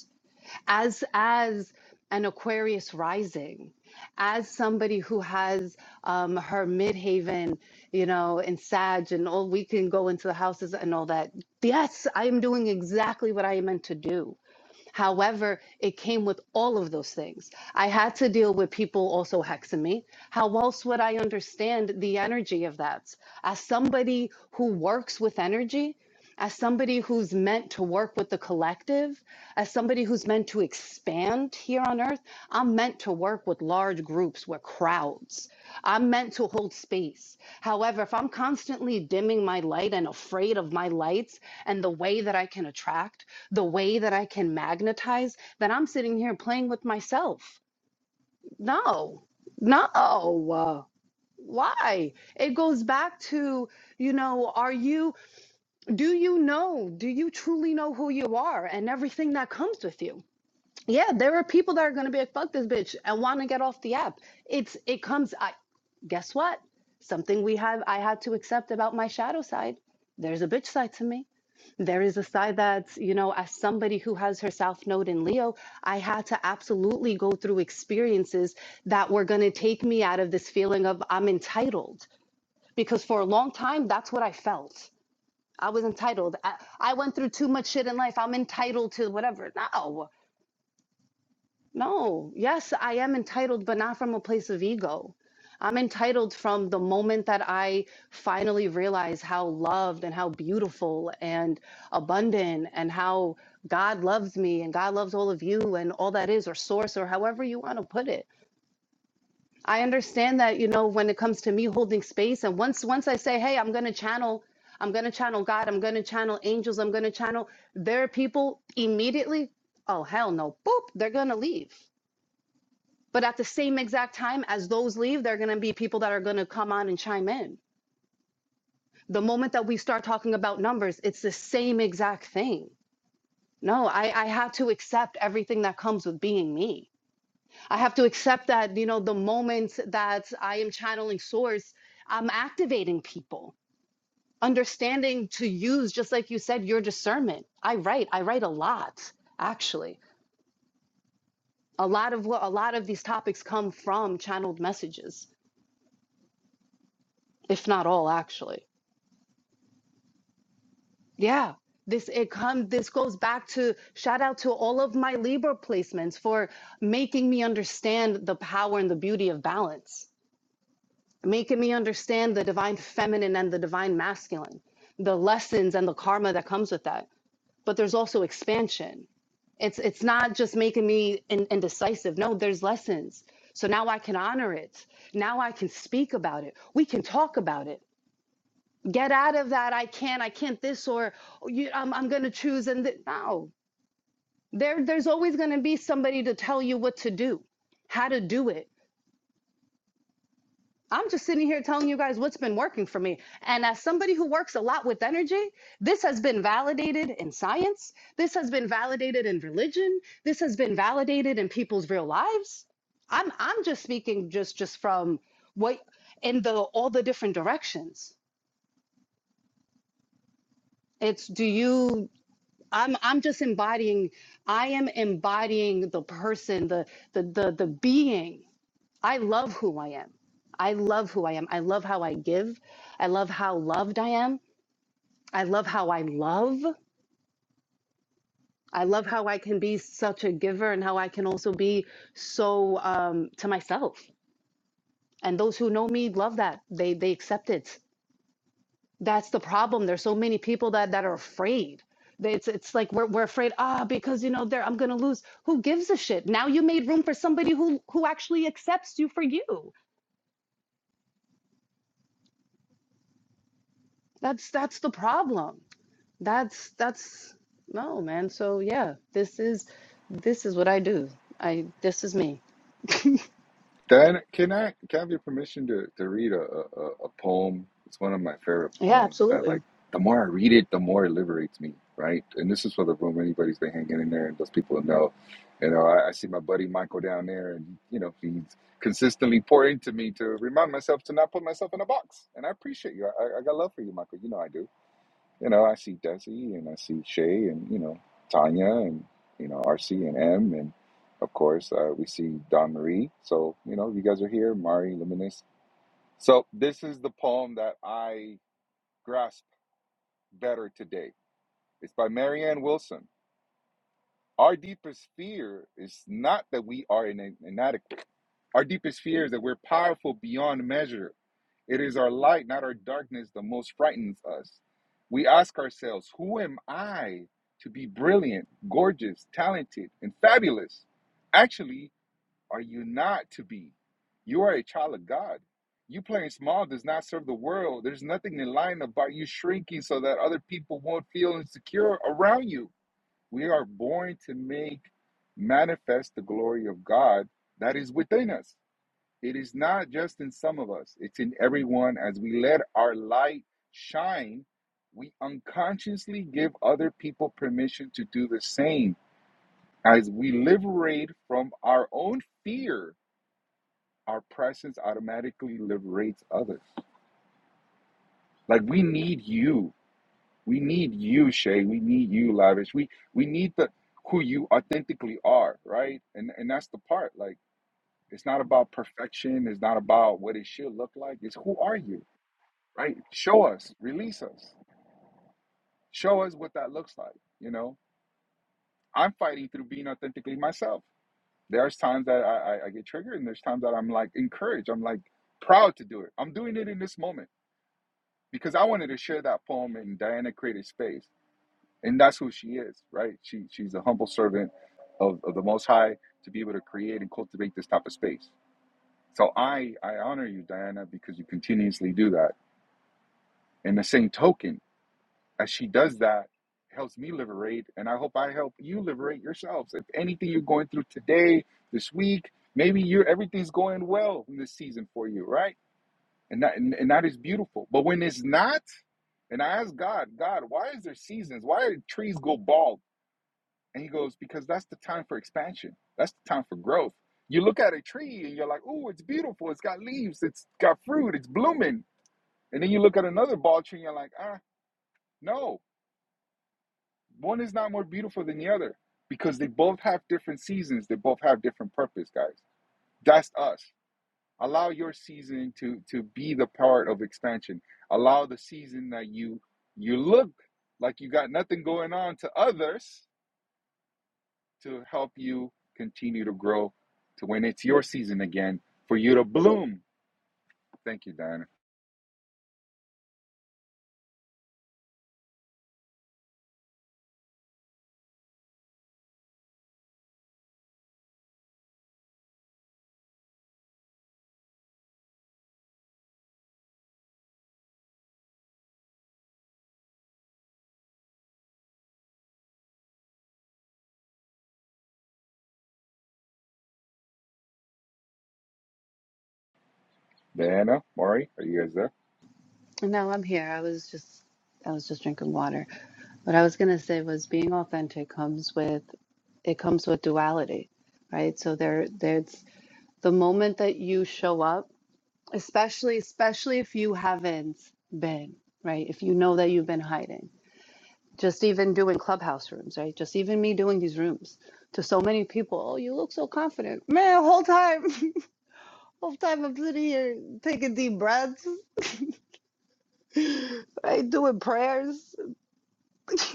[SPEAKER 2] as as an aquarius rising as somebody who has um, her midhaven you know in sag and all we can go into the houses and all that yes i am doing exactly what i am meant to do However, it came with all of those things. I had to deal with people also hexing me. How else would I understand the energy of that? As somebody who works with energy, as somebody who's meant to work with the collective, as somebody who's meant to expand here on earth, I'm meant to work with large groups, with crowds. I'm meant to hold space. However, if I'm constantly dimming my light and afraid of my lights and the way that I can attract, the way that I can magnetize that I'm sitting here playing with myself. No, no. Why? It goes back to, you know, are you, do you know, do you truly know who you are and everything that comes with you? Yeah, there are people that are going to be like, fuck this bitch and want to get off the app. It's, it comes, I, guess what? Something we have, I had to accept about my shadow side. There's a bitch side to me there is a side that, you know, as somebody who has her South Node in Leo, I had to absolutely go through experiences that were going to take me out of this feeling of I'm entitled. Because for a long time, that's what I felt. I was entitled. I, I went through too much shit in life. I'm entitled to whatever. No. No, yes, I am entitled, but not from a place of ego. I'm entitled from the moment that I finally realize how loved and how beautiful and abundant and how God loves me and God loves all of you and all that is, or source, or however you want to put it. I understand that, you know, when it comes to me holding space, and once once I say, hey, I'm gonna channel, I'm gonna channel God, I'm gonna channel angels, I'm gonna channel, there are people immediately, oh hell no, boop, they're gonna leave but at the same exact time as those leave, there are going to be people that are going to come on and chime in. The moment that we start talking about numbers, it's the same exact thing. No, I, I had to accept everything that comes with being me. I have to accept that, you know, the moment that I am channeling source, I'm activating people, understanding to use, just like you said, your discernment. I write, I write a lot, actually. A lot of what a lot of these topics come from channeled messages, if not all, actually. Yeah. This it come this goes back to shout out to all of my Libra placements for making me understand the power and the beauty of balance, making me understand the divine feminine and the divine masculine, the lessons and the karma that comes with that. But there's also expansion. It's it's not just making me in, indecisive. No, there's lessons. So now I can honor it. Now I can speak about it. We can talk about it get out of that i can't i can't this or "Oh, you, i'm, I'm going to choose and th-. no there, there's always going to be somebody to tell you what to do how to do it i'm just sitting here telling you guys what's been working for me and as somebody who works a lot with energy this has been validated in science this has been validated in religion this has been validated in people's real lives i'm i'm just speaking just just from what in the all the different directions it's do you I'm I'm just embodying I am embodying the person the the the the being. I love who I am. I love who I am. I love how I give. I love how loved I am. I love how I love. I love how I can be such a giver and how I can also be so um, to myself. And those who know me love that. They they accept it. That's the problem. There's so many people that that are afraid. It's it's like we're we're afraid, ah, because you know, there I'm gonna lose. Who gives a shit? Now you made room for somebody who who actually accepts you for you. That's that's the problem. That's that's no, man. So yeah, this is this is what I do. I this is me.
[SPEAKER 4] Can, can I can I have your permission to, to read a, a, a poem? It's one of my favorite
[SPEAKER 2] Yeah,
[SPEAKER 4] poems that like
[SPEAKER 2] absolutely.
[SPEAKER 4] the more I read it, the more it liberates me, right? And this is for the room. Anybody's been hanging in there and those people who know. You know, I, I see my buddy Michael down there and you know, he's consistently pouring to me to remind myself to not put myself in a box. And I appreciate you. I I got love for you, Michael. You know I do you know, I see Desi and I see Shay and, you know, Tanya and, you know, RC and M. And of course, uh, we see Don Marie. So, you know, you guys are here, Mari, Luminous. So, this is the poem that I grasp better today. It's by Marianne Wilson. Our deepest fear is not that we are ina- inadequate. Our deepest fear is that we're powerful beyond measure It is our light, not our darkness, that most frightens us. We ask ourselves, who am I to be brilliant, gorgeous, talented, and fabulous? Actually, are you not to be? You are a child of God. You playing small does not serve the world. There's nothing in line about you shrinking so that other people won't feel insecure around you. We are born to make manifest the glory of God that is within us. It is not just in some of us, it's in everyone. As we let our light shine, we unconsciously give other people permission to do the same. As we liberate from our own fear, our presence automatically liberates others. Like we need you. We need you, Shay. We need you, Lavish. We we need the who you authentically are, right? And and that's the part. Like it's not about perfection. It's not about what it should look like. It's who are you? right? Show us, release us, show us what that looks like. You know, I'm fighting through being authentically myself. There's times that I, I, I get triggered, and there's times that I'm like encouraged. I'm like proud to do it. I'm doing it in this moment because I wanted to share that poem and Diana created space, and that's who she is, right? She she's a humble servant of, of the Most High to be able to create and cultivate this type of space. So I I honor you, Diana, because you continuously do that. In the same token, as she does that, it helps me liberate, and I hope I help you liberate yourselves. If anything you're going through today, this week, maybe you're everything's going well in this season for you, right? And that and, and that is beautiful. But when it's not, and I ask God, God, why is there seasons? Why do trees go bald? And He goes, because that's the time for expansion. That's the time for growth. You look at a tree and you're like, oh, it's beautiful. It's got leaves. It's got fruit. It's blooming. And then you look at another bald tree and you're like, ah, no. One is not more beautiful than the other because they both have different seasons. They both have different purpose, guys. That's us. Allow your season to to be the part of expansion. Allow the season that you you look like you got nothing going on to others to help you continue to grow to when it's your season again for you to bloom. Thank you, Diana. Diana, Maury, are you guys there?
[SPEAKER 2] And now I'm here. I was just I was just drinking water. What I was gonna say was being authentic comes with it comes with duality, right? So there there's The moment that you show up, especially especially if you haven't been, right? If you know that you've been hiding. Just even doing clubhouse rooms, right? Just even me doing these rooms to so many people. Oh, you look so confident. Man, whole time, (laughs) whole time I'm sitting here taking deep breaths, (laughs) right? Doing prayers. (laughs)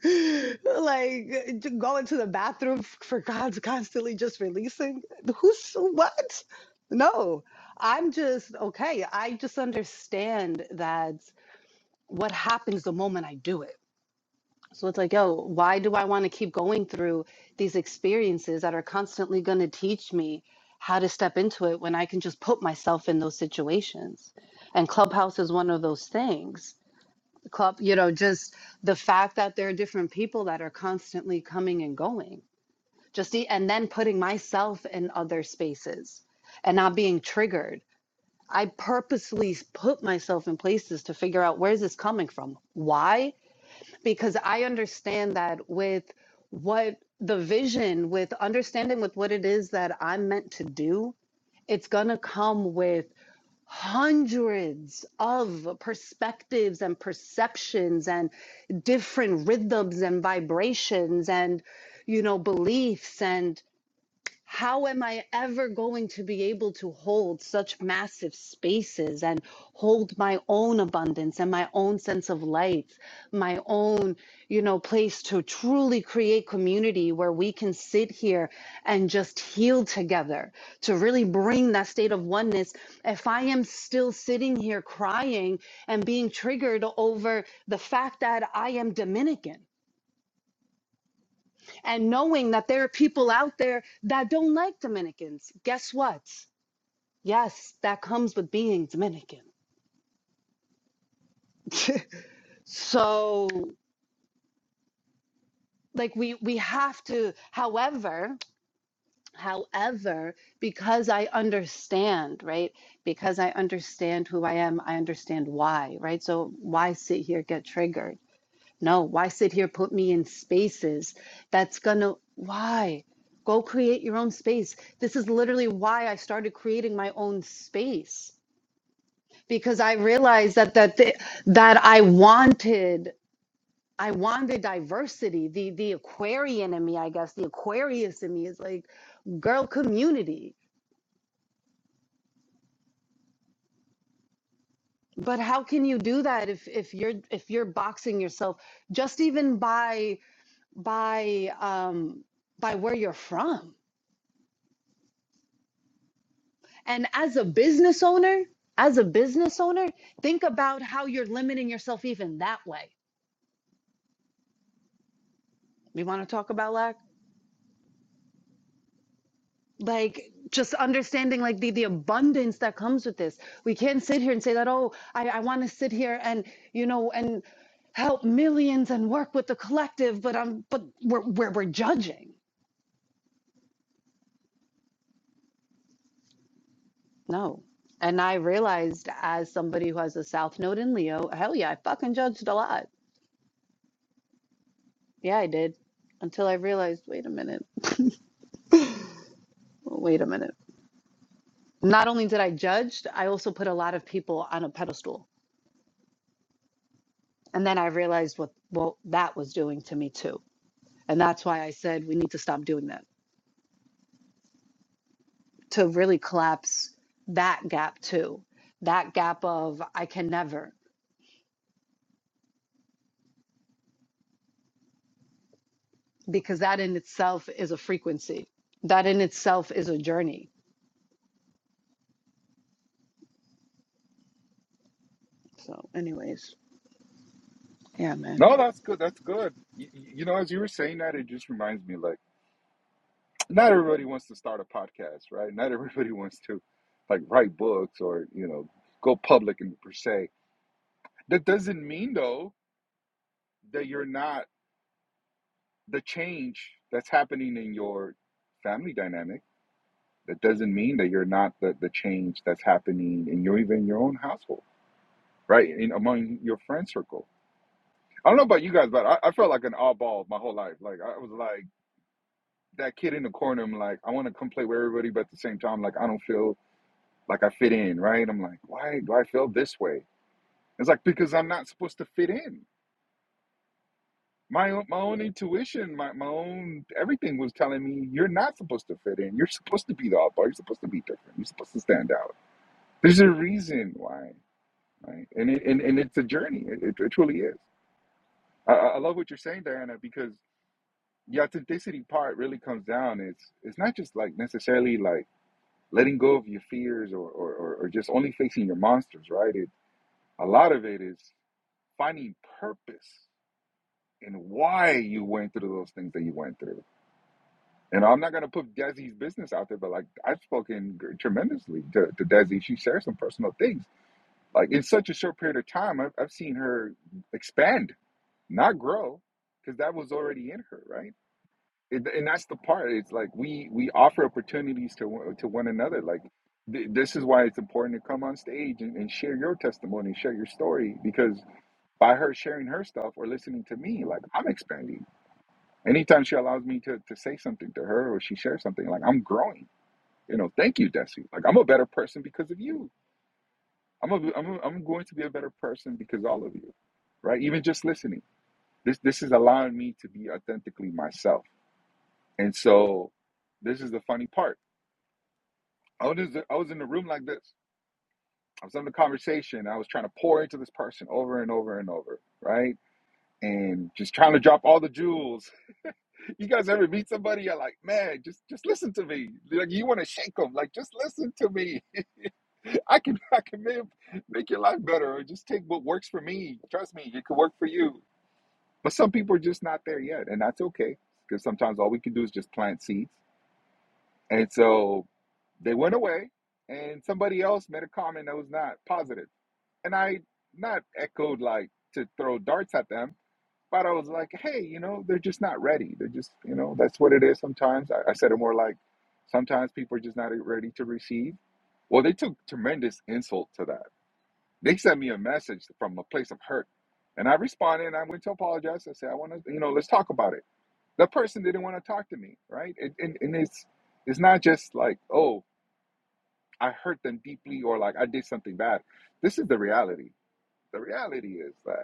[SPEAKER 2] (laughs) like to go into the bathroom f- for God's constantly just releasing. Who's what? No, I'm just okay. I just understand that what happens the moment I do it. So it's like, yo, why do I want to keep going through these experiences that are constantly going to teach me how to step into it when I can just put myself in those situations? And Clubhouse is one of those things club you know just the fact that there are different people that are constantly coming and going just the, and then putting myself in other spaces and not being triggered i purposely put myself in places to figure out where is this coming from why because i understand that with what the vision with understanding with what it is that i'm meant to do it's going to come with hundreds of perspectives and perceptions and different rhythms and vibrations and you know beliefs and. How am I ever going to be able to hold such massive spaces and hold my own abundance and my own sense of light, my own, you know, place to truly create community where we can sit here and just heal together, to really bring that state of oneness? If I am still sitting here crying and being triggered over the fact that I am Dominican, and knowing that there are people out there that don't like Dominicans, guess what? Yes, that comes with being Dominican. (laughs) so, like we we have to, however, however, because I understand, right? Because I understand who I am, I understand why, right? So why sit here get triggered? No, why sit here, put me in spaces? That's gonna, why? Go create your own space. This is literally why I started creating my own space because I realized that that th- that I wanted I wanted diversity. The the Aquarian in me, I guess, the Aquarius in me is like girl community. But how can you do that if if you're if you're boxing yourself just even by by um by where you're from? And as a business owner, as a business owner, think about how you're limiting yourself even that way. We want to talk about lack, like just understanding like the, the abundance that comes with this. We can't sit here and say that, oh, I, I want to sit here and, you know, and help millions and work with the collective, but I'm but we're we're, we're judging. No. And I realized as somebody who has a South Node in Leo, hell yeah, I fucking judged a lot. Yeah, I did. Until I realized, wait a minute, wait a minute. not only did I judge, I also put a lot of people on a pedestal. And then I realized what what that was doing to me too. And that's why I said we need to stop doing that to really collapse that gap too. That gap of I can never because that in itself is a frequency. That in itself is a journey. So anyways, yeah man.
[SPEAKER 4] No, that's good. That's good. You, you know, as you were saying that, it just reminds me like not everybody wants to start a podcast, right? Not everybody (laughs) wants to like write books or, you know, go public and per se. That doesn't mean though that you're not the change that's happening in your family dynamic. That doesn't mean that you're not the, the change that's happening in your even your own household, right? In among your friend circle. I don't know about you guys, but I, I felt like an oddball my whole life. Like I was like that kid in the corner. I'm like, I want to come play with everybody, but at the same time, like I don't feel Like I fit in, right? I'm like, why do I feel this way? It's like because I'm not supposed to fit in. My own, my own intuition, my, my own everything was telling me you're not supposed to fit in. You're supposed to be the oddball. You're supposed to be different. You're supposed to stand out. There's a reason why, right? And it, and, and it's a journey. It, it, it truly is. I, I love what you're saying, Diana, because the authenticity part really comes down. It's it's not just like necessarily like letting go of your fears or or, or, or just only facing your monsters, right? It, a lot of it is finding purpose in why you went through those things that you went through. And I'm not gonna put Desi's business out there, but like I've spoken tremendously to, to Desi. She shares some personal things. Like in such a short period of time, I've, I've seen her expand, not grow, because that was already in her, right? It, and that's the part. It's like we we offer opportunities to to one another. Like th- this is why it's important to come on stage and, and share your testimony, share your story, because by her sharing her stuff or listening to me, like I'm expanding. Anytime she allows me to, to say something to her or she shares something, like I'm growing. You know, thank you, Desi. Like I'm a better person because of you. I'm a, I'm, a, I'm going to be a better person because all of you, right? Even just listening. This this is allowing me to be authentically myself. And so, this is the funny part. I was I was in the room like this. I was in the conversation. I was trying to pour into this person over and over and over, right? And just trying to drop all the jewels You guys ever meet somebody? You're like, man, just just listen to me. Like you want to shake them. Like just listen to me. (laughs) I can I can live, make your life better, or just take what works for me. Trust me, it could work for you. But some people are just not there yet, and that's okay. Because sometimes all we can do is just plant seeds. And so they went away, and somebody else made a comment that was not positive, and I not echoed like to throw darts at them. But I was like, hey, you know, they're just not ready. They're just, you know, that's what it is sometimes. I, I said it more like sometimes people are just not ready to receive. Well, they took tremendous insult to that. They sent me a message from a place of hurt. And I responded and I went to apologize. I said, I want to, you know, let's talk about it. The person didn't want to talk to me, right? It, and, and it's it's not just like, oh, I hurt them deeply or like I did something bad. This is the reality. The reality is that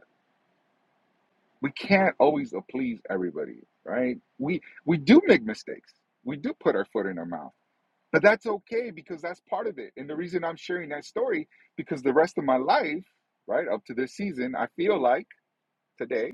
[SPEAKER 4] we can't always please everybody, right? We we do make mistakes. We do put our foot in our mouth. But that's okay because that's part of it. And the reason I'm sharing that story because the rest of my life, right, up to this season, I feel like today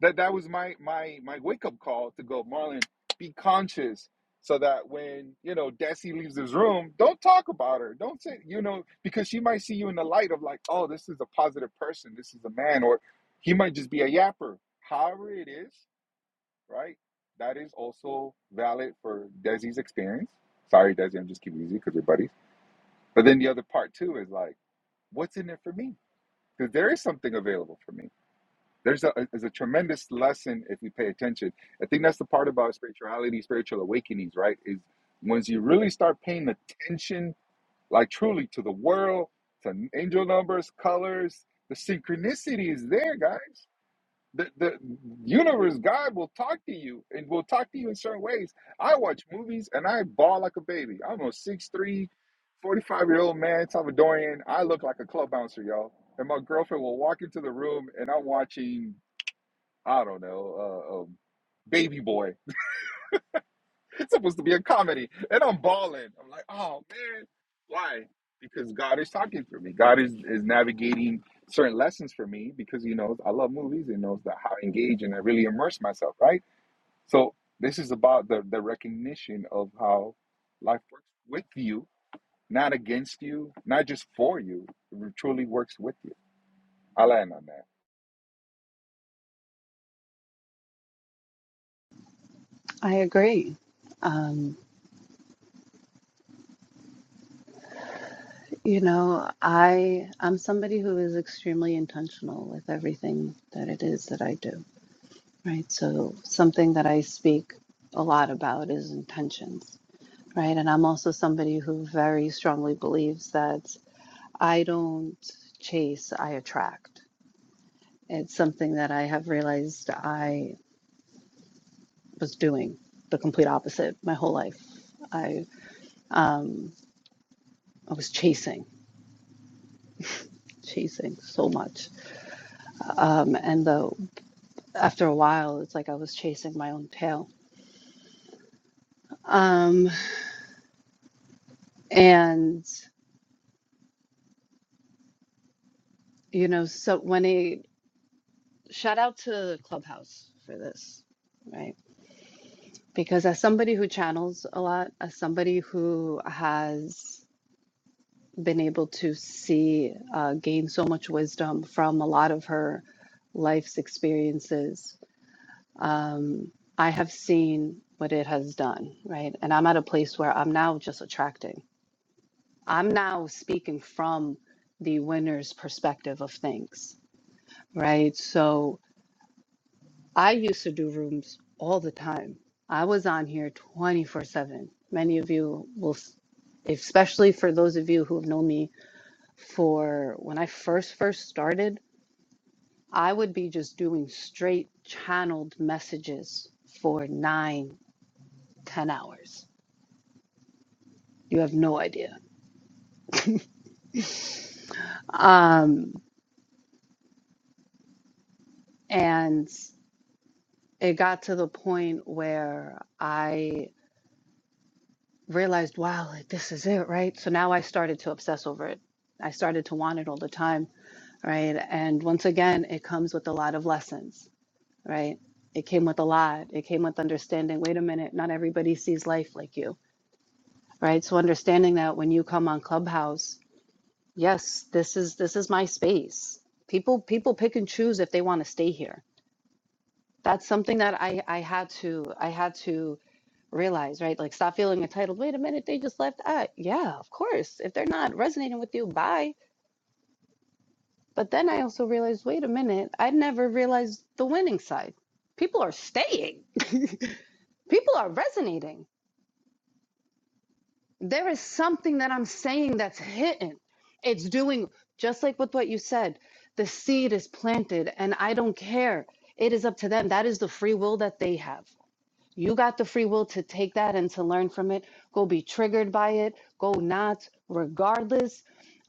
[SPEAKER 4] that that was my my my wake up call to go Marlon be conscious so that when you know Desi leaves this room don't talk about her don't say you know because she might see you in the light of like oh this is a positive person this is a man or he might just be a yapper however it is right that is also valid for Desi's experience sorry Desi I'm just keeping it easy because we're buddies but then the other part too is like what's in it for me because there is something available for me there's a, there's a tremendous lesson if you pay attention. I think that's the part about spirituality, spiritual awakenings, right? Is once you really start paying attention, like truly to the world, to angel numbers, colors, the synchronicity is there, guys. The, the universe, God will talk to you and will talk to you in certain ways. I watch movies and I ball like a baby. I'm a six three, forty five year old man, Salvadorian. I look like a club bouncer, y'all. And my girlfriend will walk into the room and I'm watching I don't know, uh, um, Baby Boy. It's supposed to be a comedy, and I'm bawling. I'm like, oh man, why? Because God is talking for me. God is is navigating certain lessons for me because He knows I love movies. He knows that how engage and I really immerse myself, right? So this is about the the recognition of how life works with you, not against you, not just for you. It truly works with you. I land on that.
[SPEAKER 2] I agree. Um you know, I I'm somebody who is extremely intentional with everything that it is that I do right? So, something that I speak a lot about is intentions, right? And I'm also somebody who very strongly believes that I don't chase, I attract. It's something that I have realized I was doing the complete opposite my whole life. I, um, I was chasing, chasing so much. Um, and though after a while, it's like I was chasing my own tail. Um, and you know so when I shout out to Clubhouse for this, right? Because as somebody who channels a lot, as somebody who has been able to see, uh, gain so much wisdom from a lot of her life's experiences, um, I have seen what it has done, right? And I'm at a place where I'm now just attracting. I'm now speaking from the winner's perspective of things, right? So, I used to do rooms all the time. I was on here 24 7. Many of you will, s- especially for those of you who have known me for when I first, first started, I would be just doing straight channeled messages for nine, ten hours. You have no idea. Um, and it got to the point where I realized, wow, like this is it, right? So now I started to obsess over it. I started to want it all the time, right? And once again, it comes with a lot of lessons, right? It came with a lot. It came with understanding, wait a minute, not everybody sees life like you, right? So understanding that when you come on Clubhouse, yes, this is this is my space. People people pick and choose if they want to stay here that's something that I I had to I had to realize, right? Like stop feeling entitled. Wait a minute, they just left. Uh, yeah, of course. If they're not resonating with you, bye. But then I also realized, wait a minute, I never realized the winning side. People are staying. (laughs) People are resonating. There is something that I'm saying that's hidden. It's doing just like with what you said. The seed is planted and I don't care. It is up to them. That is the free will that they have You got the free will to take that and to learn from it. Go be triggered by it. Go not. Regardless,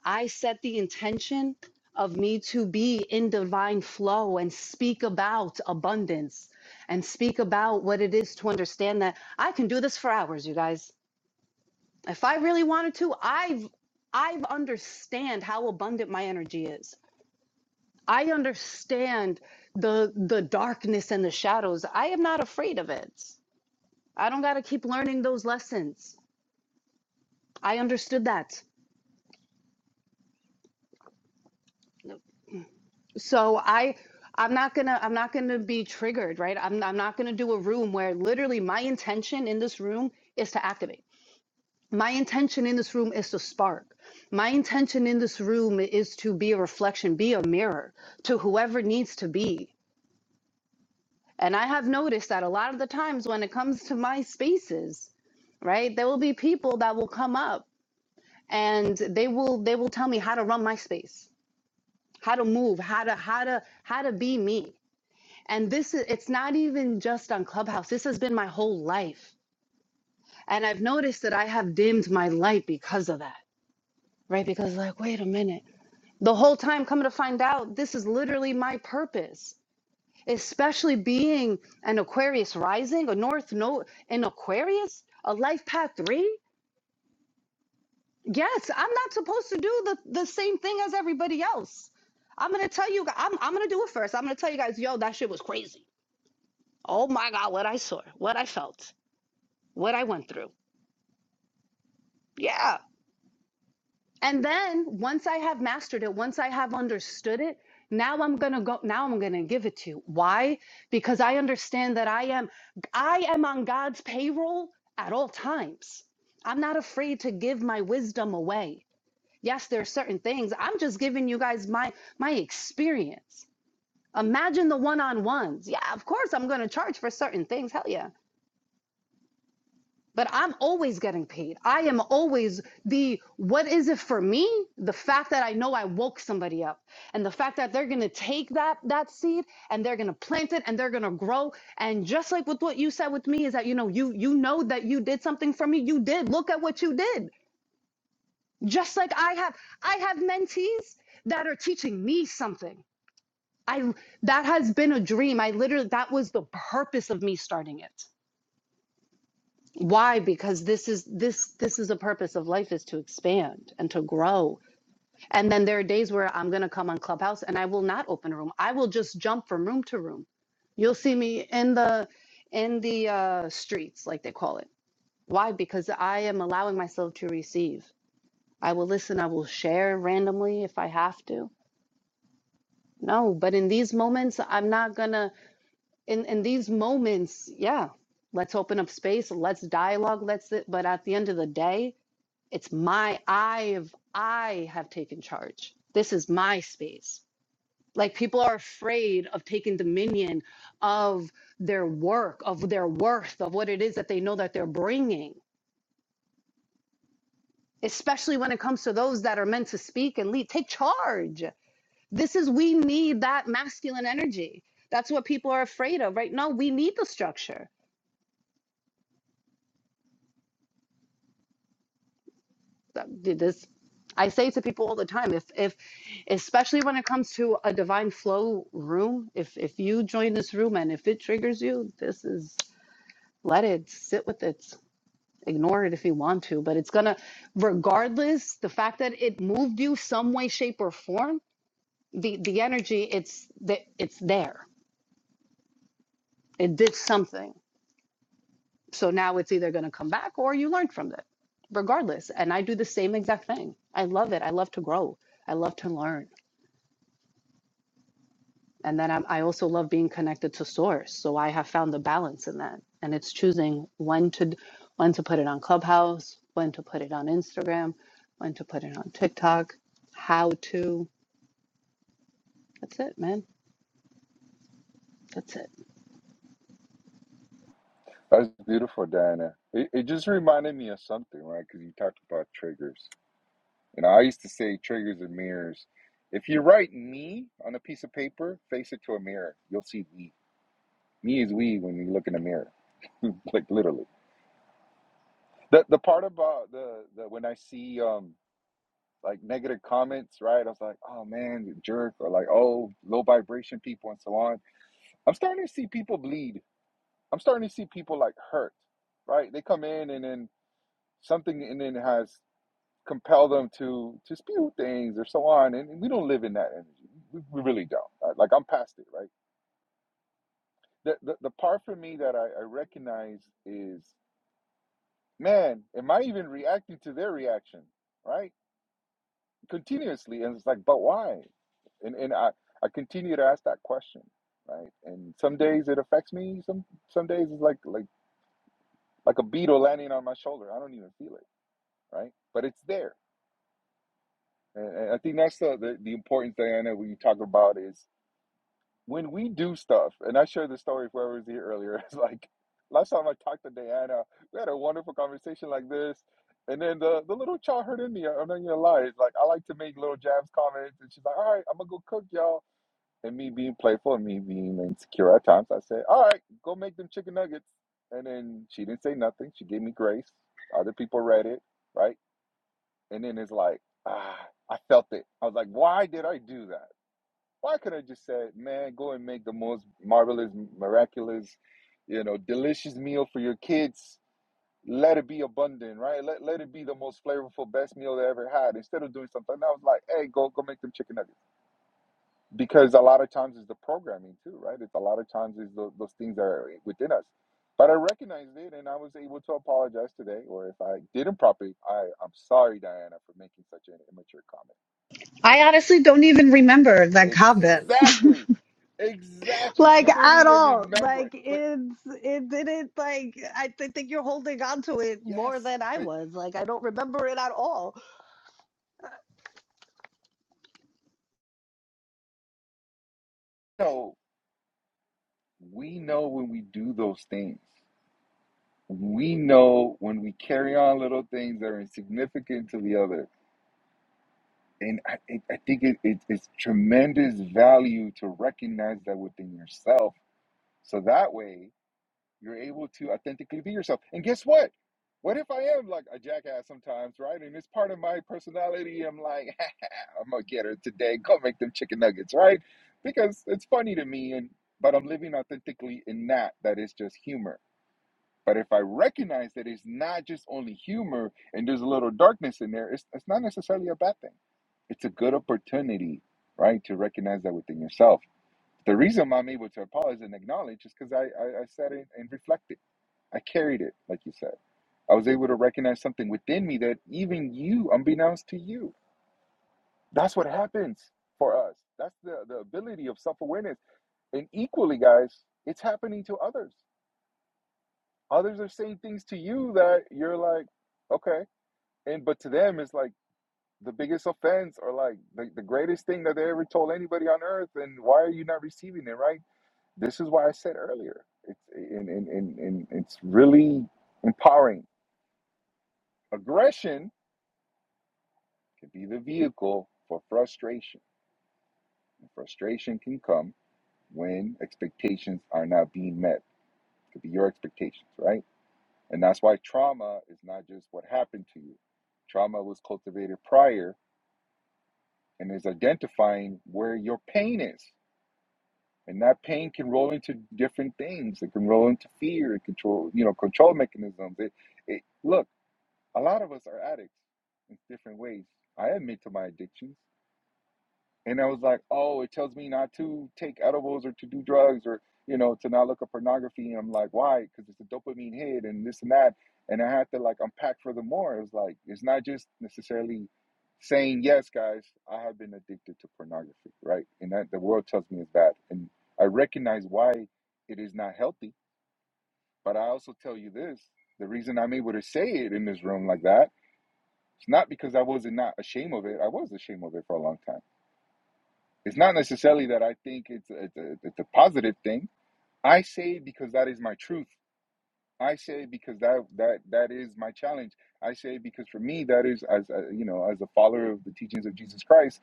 [SPEAKER 2] I set the intention of me to be in divine flow and speak about abundance and speak about what it is to understand that I can do this for hours, you guys. If I really wanted to, I've I've understand how abundant my energy is. I understand the the darkness and the shadows. I am not afraid of it. I don't got to keep learning those lessons. I understood that. So I I'm not going to I'm not going to be triggered, right? I'm I'm not going to do a room where literally my intention in this room is to activate. My intention in this room is to spark. My intention in this room is to be a reflection, be a mirror to whoever needs to be. And I have noticed that a lot of the times when it comes to my spaces, right? There will be people that will come up and they will they will tell me how to run my space how to move, how to how to how to be me. And this is it's not even just on Clubhouse. This has been my whole life. And I've noticed that I have dimmed my light because of that. Right? Because like, wait a minute. The whole time coming to find out this is literally my purpose. Especially being an Aquarius rising, a North Node in Aquarius, a life path 3? Yes, I'm not supposed to do the the same thing as everybody else. I'm gonna tell you. gu- I'm I'm gonna do it first. I'm gonna tell you guys, yo, that shit was crazy. Oh my God, what I saw, what I felt, what I went through. Yeah. And then once I have mastered it, once I have understood it, now I'm going to go, now I'm going to give it to you. Why? Because I understand that I am, I am on God's payroll at all times. I'm not afraid to give my wisdom away. Yes, there are certain things. I'm just giving you guys my my experience. Imagine the one-on-ones. Yeah, of course I'm going to charge for certain things. Hell yeah but I'm always getting paid. I am always the what is it for me? The fact that I know I woke somebody up and the fact that they're going to take that that seed and they're going to plant it and they're going to grow and just like with what you said with me is that you know you you know that you did something for me. You did. Look at what you did. Just like I have I have mentees that are teaching me something. I that has been a dream. I literally that was the purpose of me starting it. why because this is this this is the purpose of life is to expand and to grow and then there are days where i'm going to come on clubhouse and i will not open a room i will just jump from room to room you'll see me in the in the uh, streets like they call it why because i am allowing myself to receive i will listen i will share randomly if i have to no but in these moments i'm not going to in in these moments yeah let's open up space let's dialogue let's but at the end of the day It's my I've I have taken charge. This is my space. Like people are afraid of taking dominion of their work, of their worth, of what it is that they know that they're bringing. Especially when it comes to those that are meant to speak and lead, take charge. This is we need that masculine energy. That's what people are afraid of right now. We need the structure that- this i say to people all the time if if especially when it comes to a divine flow room if if you join this room and if it triggers you this is let it sit with it ignore it if you want to but it's gonna regardless the fact that it moved you some way shape or form the the energy it's that it's there it did something so now it's either gonna come back or you learn from it regardless and i do the same exact thing i love it i love to grow i love to learn and then I'm, i also love being connected to source so i have found the balance in that and it's choosing when to when to put it on clubhouse when to put it on instagram when to put it on tiktok how to that's it man that's it
[SPEAKER 4] That's beautiful, Diana. It, it just reminded me of something, right? Because you talked about triggers. You know, I used to say triggers are mirrors. If you write me on a piece of paper, face it to a mirror. You'll see me. Me is we when you look in the mirror. (laughs) like literally. The the part about the, the when I see um like negative comments, right? I was like, oh man, you jerk, or like, oh, low vibration people and so on. I'm starting to see people bleed. I'm starting to see people like hurt, right? They come in and then something in it has compel them to to spew things or so on. And we don't live in that energy. We, we really don't. Uh, Like I'm past it, right? The, the the part for me that I, I recognize is, man, am I even reacting to their reaction, right? Continuously, and it's like, but why? And and I I continue to ask that question, right? And some days it affects me. Some some days it's like like like a beetle landing on my shoulder. I don't even feel it, right? But it's there. And, and I think that's the, the the importance, Diana, when you talk about is when we do stuff, and I shared the story with whoever was here earlier, (laughs) it's like last time I talked to Diana, we had a wonderful conversation like this. And then the, the little child hurt in me. I'm not gonna lie. It's like I like to make little jabs comments, and she's like, "All right, I'm gonna go cook, y'all." And me being playful and me being insecure at times, I said, "All right, go make them chicken nuggets." And then she didn't say nothing. She gave me grace. Other people read it, right? And then it's like, ah, I felt it. I was like, "Why did I do that?" Why could I just say, man, go and make the most marvelous, miraculous, you know, delicious meal for your kids. Let it be abundant, right? Let, let it be the most flavorful, best meal they ever had. Instead of doing something, I was like, hey, go go make them chicken nuggets. Because a lot of times it's the programming too, right? It's a lot of times it's those, those things that are within us. But I recognized it and I was able to apologize today. Or if I didn't properly, I, I'm sorry, Diana, for making such an immature comment
[SPEAKER 2] I That
[SPEAKER 4] Exactly. Exactly.
[SPEAKER 2] like
[SPEAKER 4] You don't
[SPEAKER 2] at
[SPEAKER 4] even
[SPEAKER 2] all.
[SPEAKER 4] remember
[SPEAKER 2] Like
[SPEAKER 4] it. But
[SPEAKER 2] it's it didn't like I th- think you're holding on to it more
[SPEAKER 4] yes,
[SPEAKER 2] than I
[SPEAKER 4] but
[SPEAKER 2] was. Like I don't remember it at all.
[SPEAKER 4] no, we know when we do those things. We know when we carry on little things that are insignificant to the other. And I, I I think it, it, it's tremendous value to recognize that within yourself. So that way, You're able to authentically be yourself. And guess what? What if I am like a jackass sometimes, right? And it's part of my personality. I'm like, (laughs) I'm gonna get her today. Go make them chicken nuggets, right? Because it's funny to me, and but I'm living authentically in that. That is just humor. But if I recognize that it's not just only humor and there's a little darkness in there, it's, it's not necessarily a bad thing it's a good opportunity, right, to recognize that within yourself. The reason I'm able to apologize and acknowledge is because I, I, I said it and reflected. I carried it, like you said. I was able to recognize something within me that even you, unbeknownst to you, that's what happens for us. That's the, the ability of self awareness. And equally, guys, it's happening to others. Others are saying things to you that you're like, okay. And but to them, it's like the biggest offense or like the, the greatest thing that they ever told anybody on earth. And why are you not receiving it, right? This is why I said earlier. It's, and, and, and, and it's really empowering. Aggression can be the vehicle for frustration. And frustration can come when expectations are not being met. It could be your expectations, right? And that's why trauma is not just what happened to you. Trauma was cultivated prior and is identifying where your pain is. And that pain can roll into different things. It can roll into fear, it control, you know, control mechanisms. It, it look, a lot of us are addicts in different ways. I admit to my addictions. And I was like, oh, it tells me not to take edibles or to do drugs or, you know, to not look at pornography. And I'm like, why? Because it's a dopamine hit and this and that. And I had to like unpack for more. It was like, it's not just necessarily saying, yes, guys, I have been addicted to pornography, right? And that the world tells me is bad. And I recognize why it is not healthy. But I also tell you this the reason I'm able to say it in this room like that, it's not because I wasn't not ashamed of it. I was ashamed of it for a long time it's not necessarily that I think it's a, it's a, it's a positive thing. I say it because that is my truth. I say it because that that that is my challenge. I say it because for me that is as a, you know as a follower of the teachings of Jesus Christ,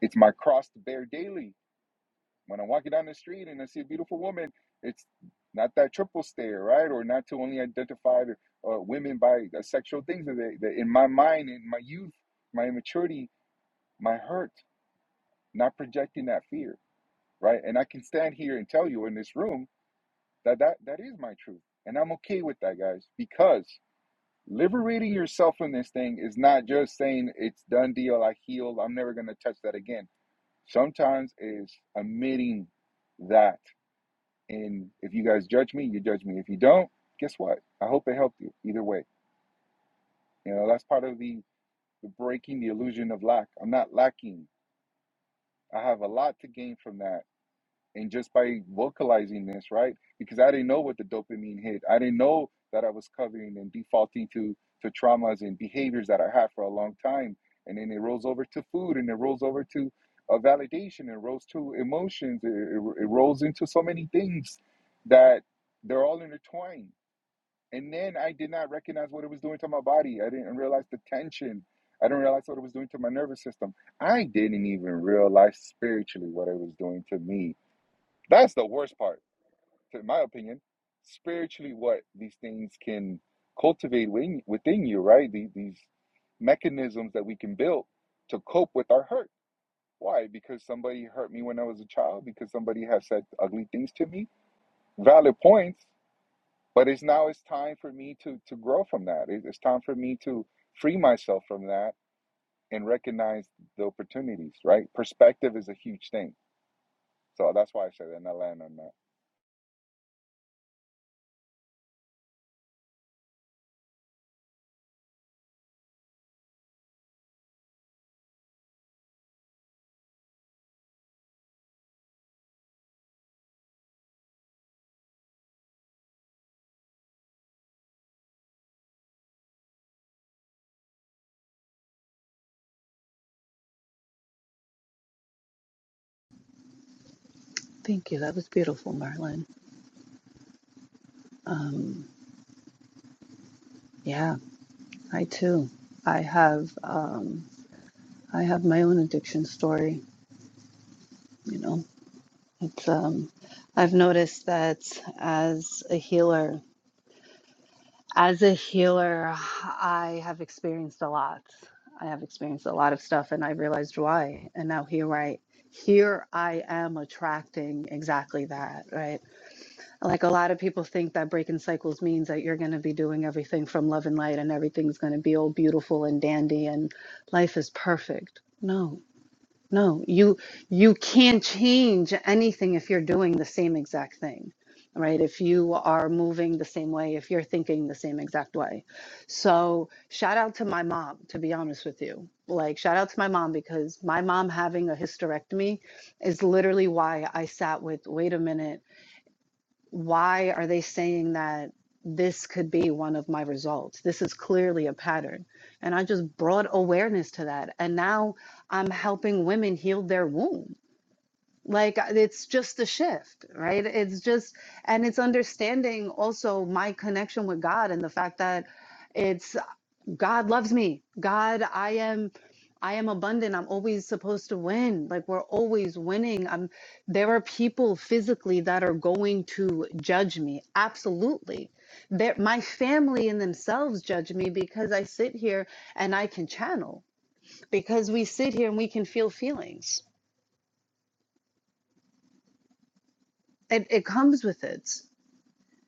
[SPEAKER 4] it's my cross to bear daily. When I'm walking down the street and I see a beautiful woman, it's not that triple stare, right? Or not to only identify uh, women by uh, sexual things. That they, in my mind, in my youth, my immaturity, my hurt, not projecting that fear right? And I can stand here and tell you in this room that that, that is my truth. And I'm okay with that, guys, because liberating yourself from this thing is not just saying it's done deal, I healed, I'm never going to touch that again. Sometimes is admitting that. And if you guys judge me, you judge me. If you don't, guess what? I hope it helped you either way. You know, that's part of the, the breaking the illusion of lack. I'm not lacking. I have a lot to gain from that and just by vocalizing this right because i didn't know what the dopamine hit i didn't know that i was covering and defaulting to to traumas and behaviors that i had for a long time and then it rolls over to food and it rolls over to uh, validation it rolls to emotions it, it, it rolls into so many things that they're all intertwined and then i did not recognize what it was doing to my body i didn't realize the tension i didn't realize what it was doing to my nervous system i didn't even realize spiritually what it was doing to me that's the worst part, in my opinion. Spiritually, what these things can cultivate within, within you, right? These, these mechanisms that we can build to cope with our hurt. Why? Because somebody hurt me when I was a child, because somebody has said ugly things to me. Valid points, but it's now it's time for me to, to grow from that. It's time for me to free myself from that and recognize the opportunities, right? Perspective is a huge thing. So that's why I said, that, and I land on that.
[SPEAKER 2] thank you that was beautiful merlin um, yeah i too i have Um, I have my own addiction story. You know, it's um, I've noticed that as a healer, as a healer, I have experienced a lot. I have experienced a lot of stuff, and I realized why. And now here I, here I am attracting exactly that. Right? Like a lot of people think that breaking cycles means that you're going to be doing everything from love and light, and everything's going to be all beautiful and dandy, and life is perfect. No, No, you you can't change anything if you're doing the same exact thing, right? If you are moving the same way, if you're thinking the same exact way. So, shout out to my mom, to be honest with you. Like, shout out to my mom because my mom having a hysterectomy is literally why I sat with, wait a minute why are they saying that this could be one of my results? This is clearly a pattern. And I just brought awareness to that. And now I'm helping women heal their womb. Like uh, it's just a shift, right? It's just, and it's understanding also my connection with God and the fact that. it's. God loves me. God, I am I am abundant. I'm always supposed to win. Like we're always winning. I'm there are people physically that are going to judge me. Absolutely. That my family and themselves judge me because I sit here and I can channel. Because we sit here and we can feel feelings. It it comes with it.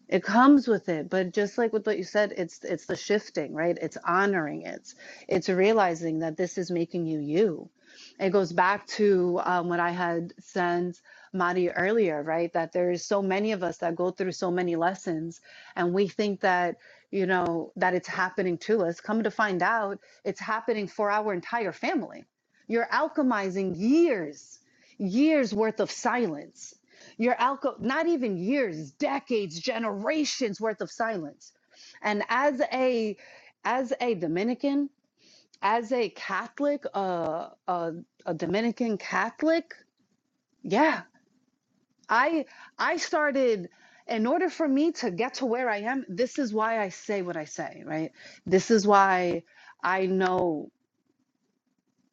[SPEAKER 2] It comes with it, but just like with what you said, it's it's the shifting, right? It's honoring it. It's it's realizing that this is making you you. It goes back to um, what I had sent Madi earlier, right? That there's so many of us that go through so many lessons, and we think that you know that it's happening to us. Come to find out, it's happening for our entire family. You're alchemizing years, years worth of silence your alcohol, not even years, decades, generations worth of silence. And as a as a Dominican, as a Catholic, uh, uh, a Dominican Catholic, yeah, I I started. In order for me to get to where I am, this is why I say what I say, right? This is why I know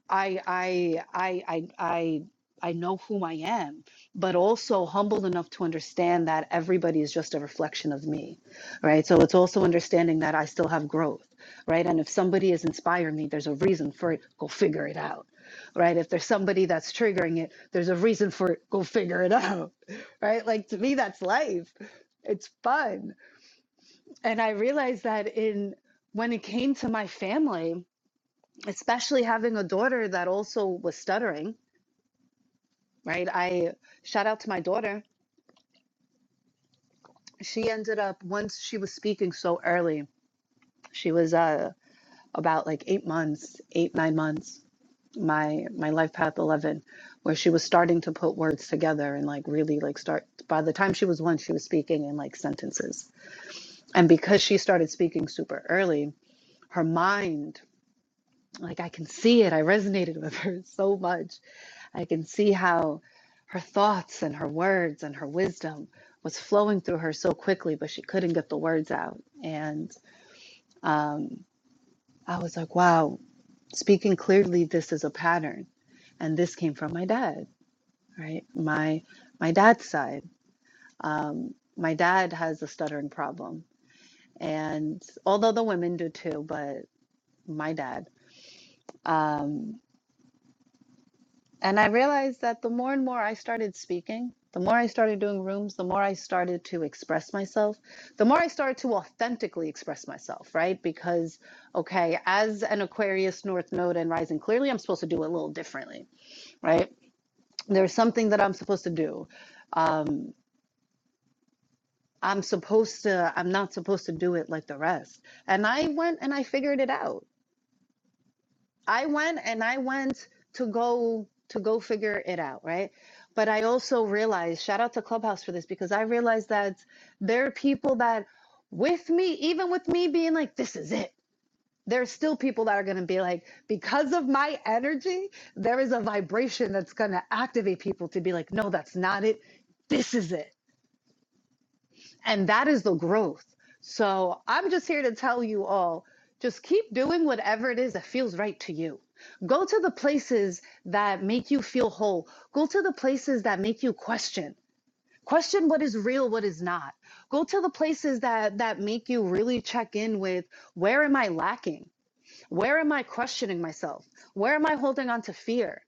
[SPEAKER 2] I I I I I I know whom I am, but also humbled enough to understand that everybody is just a reflection of me, right? So it's also understanding that I still have growth, right? And if somebody has inspired me, there's a reason for it. Go figure it out, right? If there's somebody that's triggering it, there's a reason for it. Go figure it out, (laughs) right? Like to me, that's life. It's fun, and I realized that in when it came to my family especially having a daughter that also was stuttering, right? I shout out to my daughter. She ended up once she was speaking so early. She was uh about like 8 months, 8 9 months. My my life path 11 where she was starting to put words together and like really like start by the time she was 1 she was speaking in like sentences. And because she started speaking super early, her mind like I can see it. I resonated (laughs) with her so much I can see how her thoughts and her words and her wisdom was flowing through her so quickly, but she couldn't get the words out. And um, I was like, wow, speaking clearly, this is a pattern. And this came from my dad, right? My my dad's side. Um, my dad has a stuttering problem, and although the women do too, but my dad. Um, And I realized that the more and more I started speaking, the more I started doing rooms, the more I started to express myself, the more I started to authentically express myself, right? Because, okay, as an Aquarius, North Node, and Rising, clearly I'm supposed to do it a little differently, right? There's something that I'm supposed to do. Um, I'm supposed to, I'm not supposed to do it like the rest. And I went and I figured it out I went and I went to go to go figure it out, right? But I also realized, shout out to Clubhouse for this because I realized that there are people that with me, even with me being like, this is it. There's still people that are going to be like, because of my energy, there is a vibration that's going to activate people to be like, no, that's not it. This is it and that is the growth. So I'm just here to tell you all just keep doing whatever it is that feels right to you. Go to the places that make you feel whole. Go to the places that make you question. Question what is real, what is not. Go to the places that that make you really check in with where am I lacking? Where am I questioning myself? Where am I holding on to fear?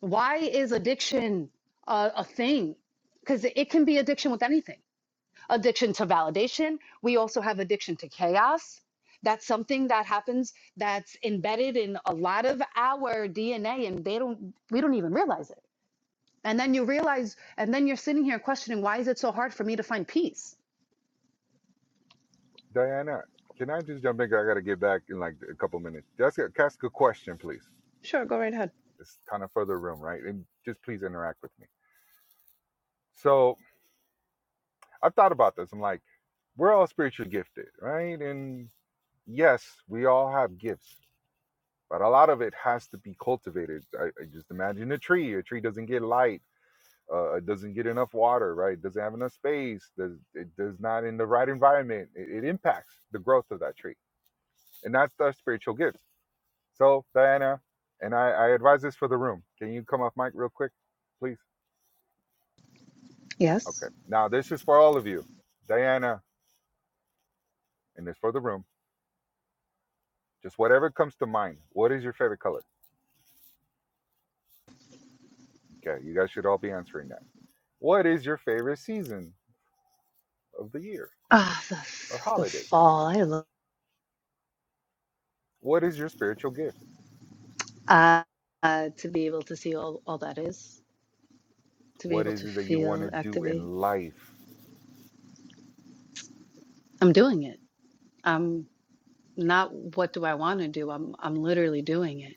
[SPEAKER 2] Why is addiction a, a thing? Because it can be addiction with anything addiction to validation. We also have addiction to chaos. That's something that happens that's embedded in a lot of our DNA and they don't we don't even realize it. And then you realize and then you're sitting here questioning why is it so hard for me to find peace?
[SPEAKER 4] Diana, can I just jump in? 'Cause I got to get back in like a couple minutes. Just ask ask a question, please. It's kind of further room, right? And just please interact with me. So I've thought about this. I'm like, we're all spiritually gifted, right? And yes, we all have gifts, but a lot of it has to be cultivated. I, I just imagine a tree. A tree doesn't get light. Uh, uh, it doesn't get enough water, right? It doesn't have enough space. Does it does not in the right environment. It, it impacts the growth of that tree, and that's our spiritual gifts So, Diana, and I, I advise this for the room. Can you come off mic real quick, please? Okay.
[SPEAKER 2] Yes.
[SPEAKER 4] Now, this is for all of you, Diana, and this for the room. Just whatever comes to mind. What is your favorite color? Okay, you guys should all be answering that. What is your favorite season of the year
[SPEAKER 2] Ah, oh, the
[SPEAKER 4] or
[SPEAKER 2] the
[SPEAKER 4] holiday?
[SPEAKER 2] fall. I love
[SPEAKER 4] What is your spiritual gift?
[SPEAKER 2] uh, uh, to be able to see all, all that is, to be
[SPEAKER 4] What
[SPEAKER 2] able
[SPEAKER 4] is
[SPEAKER 2] to
[SPEAKER 4] it that you want
[SPEAKER 2] feel,
[SPEAKER 4] to do
[SPEAKER 2] activate.
[SPEAKER 4] in life?
[SPEAKER 2] I'm doing it. I'm not what do I want to do? I'm I'm literally doing it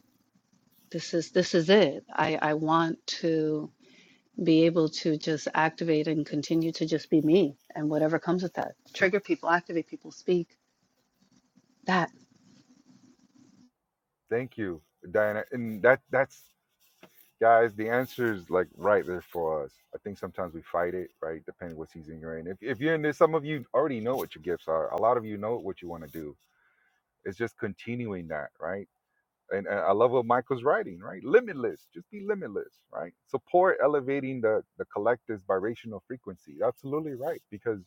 [SPEAKER 2] this is this is it i i want to be able to just activate and continue to just be me and whatever comes with that trigger people activate people speak that
[SPEAKER 4] Thank you, Diana. And that that's guys, the answer is like right there for us. I think sometimes we fight it, right? Depending what season you're in. If, if you're in this, some of you already know what your gifts are. A lot of you know what you want to do. It's just continuing that, right? And, and I love what Michael's writing, right? Limitless, just be limitless, right? Support elevating the the collective's vibrational frequency. Absolutely right, because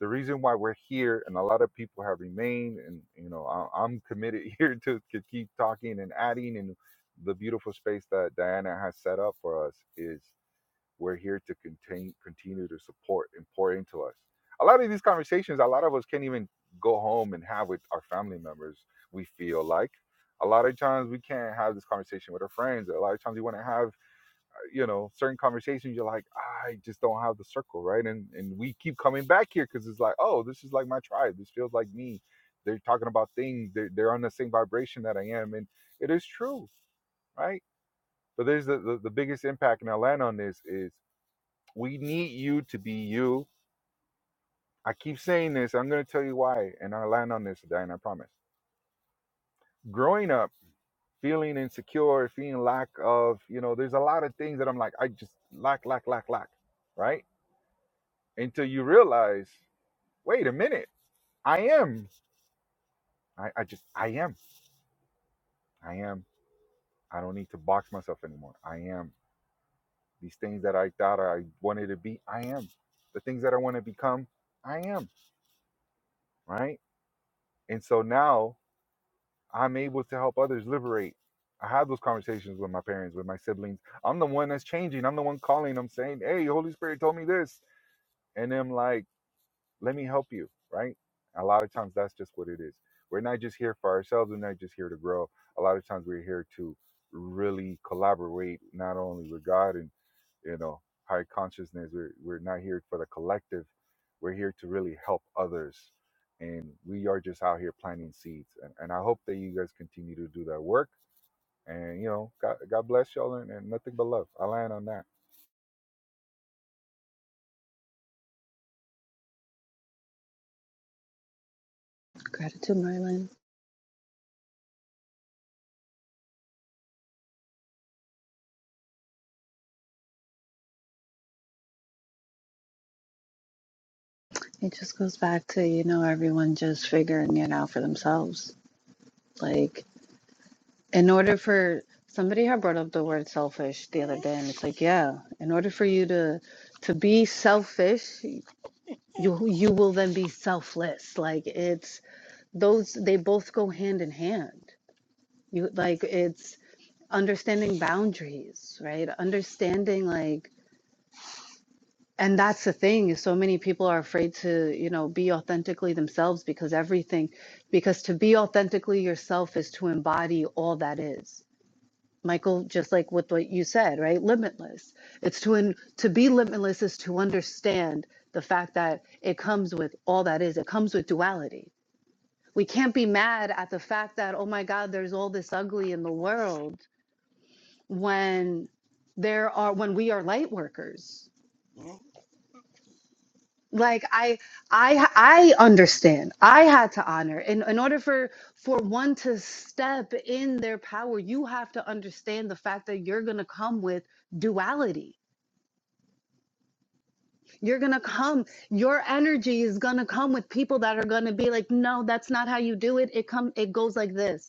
[SPEAKER 4] the reason why we're here and a lot of people have remained and you know I, i'm committed (laughs) here to, to keep talking and adding and the beautiful space that diana has set up for us is we're here to contain, continue to support and pour into us a lot of these conversations a lot of us can't even go home and have with our family members we feel like a lot of times we can't have this conversation with our friends a lot of times we want to have you know certain conversations you're like i just don't have the circle right and and we keep coming back here because it's like oh this is like my tribe this feels like me they're talking about things they're, they're on the same vibration that i am and it is true right but there's the, the, the biggest impact and i land on this is we need you to be you i keep saying this i'm going to tell you why and i will land on this Diane, i promise growing up feeling insecure feeling lack of you know there's a lot of things that i'm like i just lack lack lack lack right until you realize, wait a minute, I am. I, I just, I am. I am. I don't need to box myself anymore. I am. These things that I thought I wanted to be, I am. The things that I want to become, I am. Right. And so now I'm able to help others liberate. I have those conversations with my parents, with my siblings. I'm the one that's changing. I'm the one calling. I'm saying, hey, Holy Spirit told me this. And I'm like, let me help you right a lot of times that's just what it is we're not just here for ourselves we're not just here to grow a lot of times we're here to really collaborate not only with god and you know high consciousness we're, we're not here for the collective we're here to really help others and we are just out here planting seeds and, and i hope that you guys continue to do that work and you know god, god bless y'all and, and nothing but love i land on that
[SPEAKER 2] gratitude merlin it just goes back to you know everyone just figuring it out for themselves like in order for somebody had brought up the word selfish the other day and it's like yeah in order for you to to be selfish you you will then be selfless like it's those they both go hand in hand you like it's understanding boundaries right understanding like and that's the thing is so many people are afraid to you know be authentically themselves because everything because to be authentically yourself is to embody all that is michael just like with what you said right limitless it's to in, to be limitless is to understand the fact that it comes with all that is it comes with duality we can't be mad at the fact that oh my god there's all this ugly in the world when there are when we are light workers like i i i understand i had to honor in in order for for one to step in their power you have to understand the fact that you're going to come with duality you're going to come your energy is going to come with people that are going to be like no that's not how you do it it come it goes like this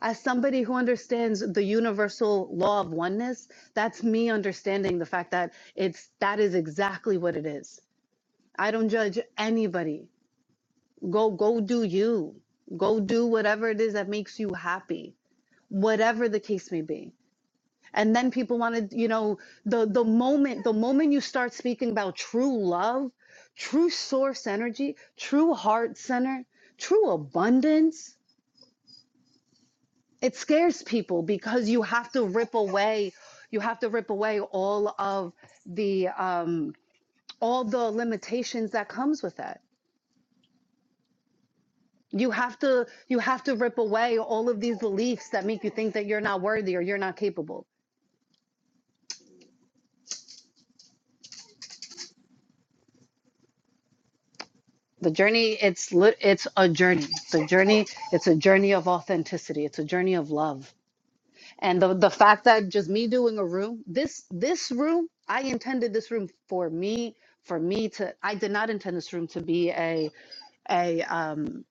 [SPEAKER 2] as somebody who understands the universal law of oneness, that's me understanding the fact that it's that is exactly what it is. I don't judge anybody. Go go do you. Go do whatever it is that makes you happy, whatever the case may be. And then people want to, you know, the the moment the moment you start speaking about true love, true source energy, true heart center, true abundance, it scares people because you have to rip away you have to rip away all of the um all the limitations that comes with that you have to you have to rip away all of these beliefs that make you think that you're not worthy or you're not capable the journey it's it's a journey the journey it's a journey of authenticity it's a journey of love and the the fact that just me doing a room this this room i intended this room for me for me to i did not intend this room to be a a um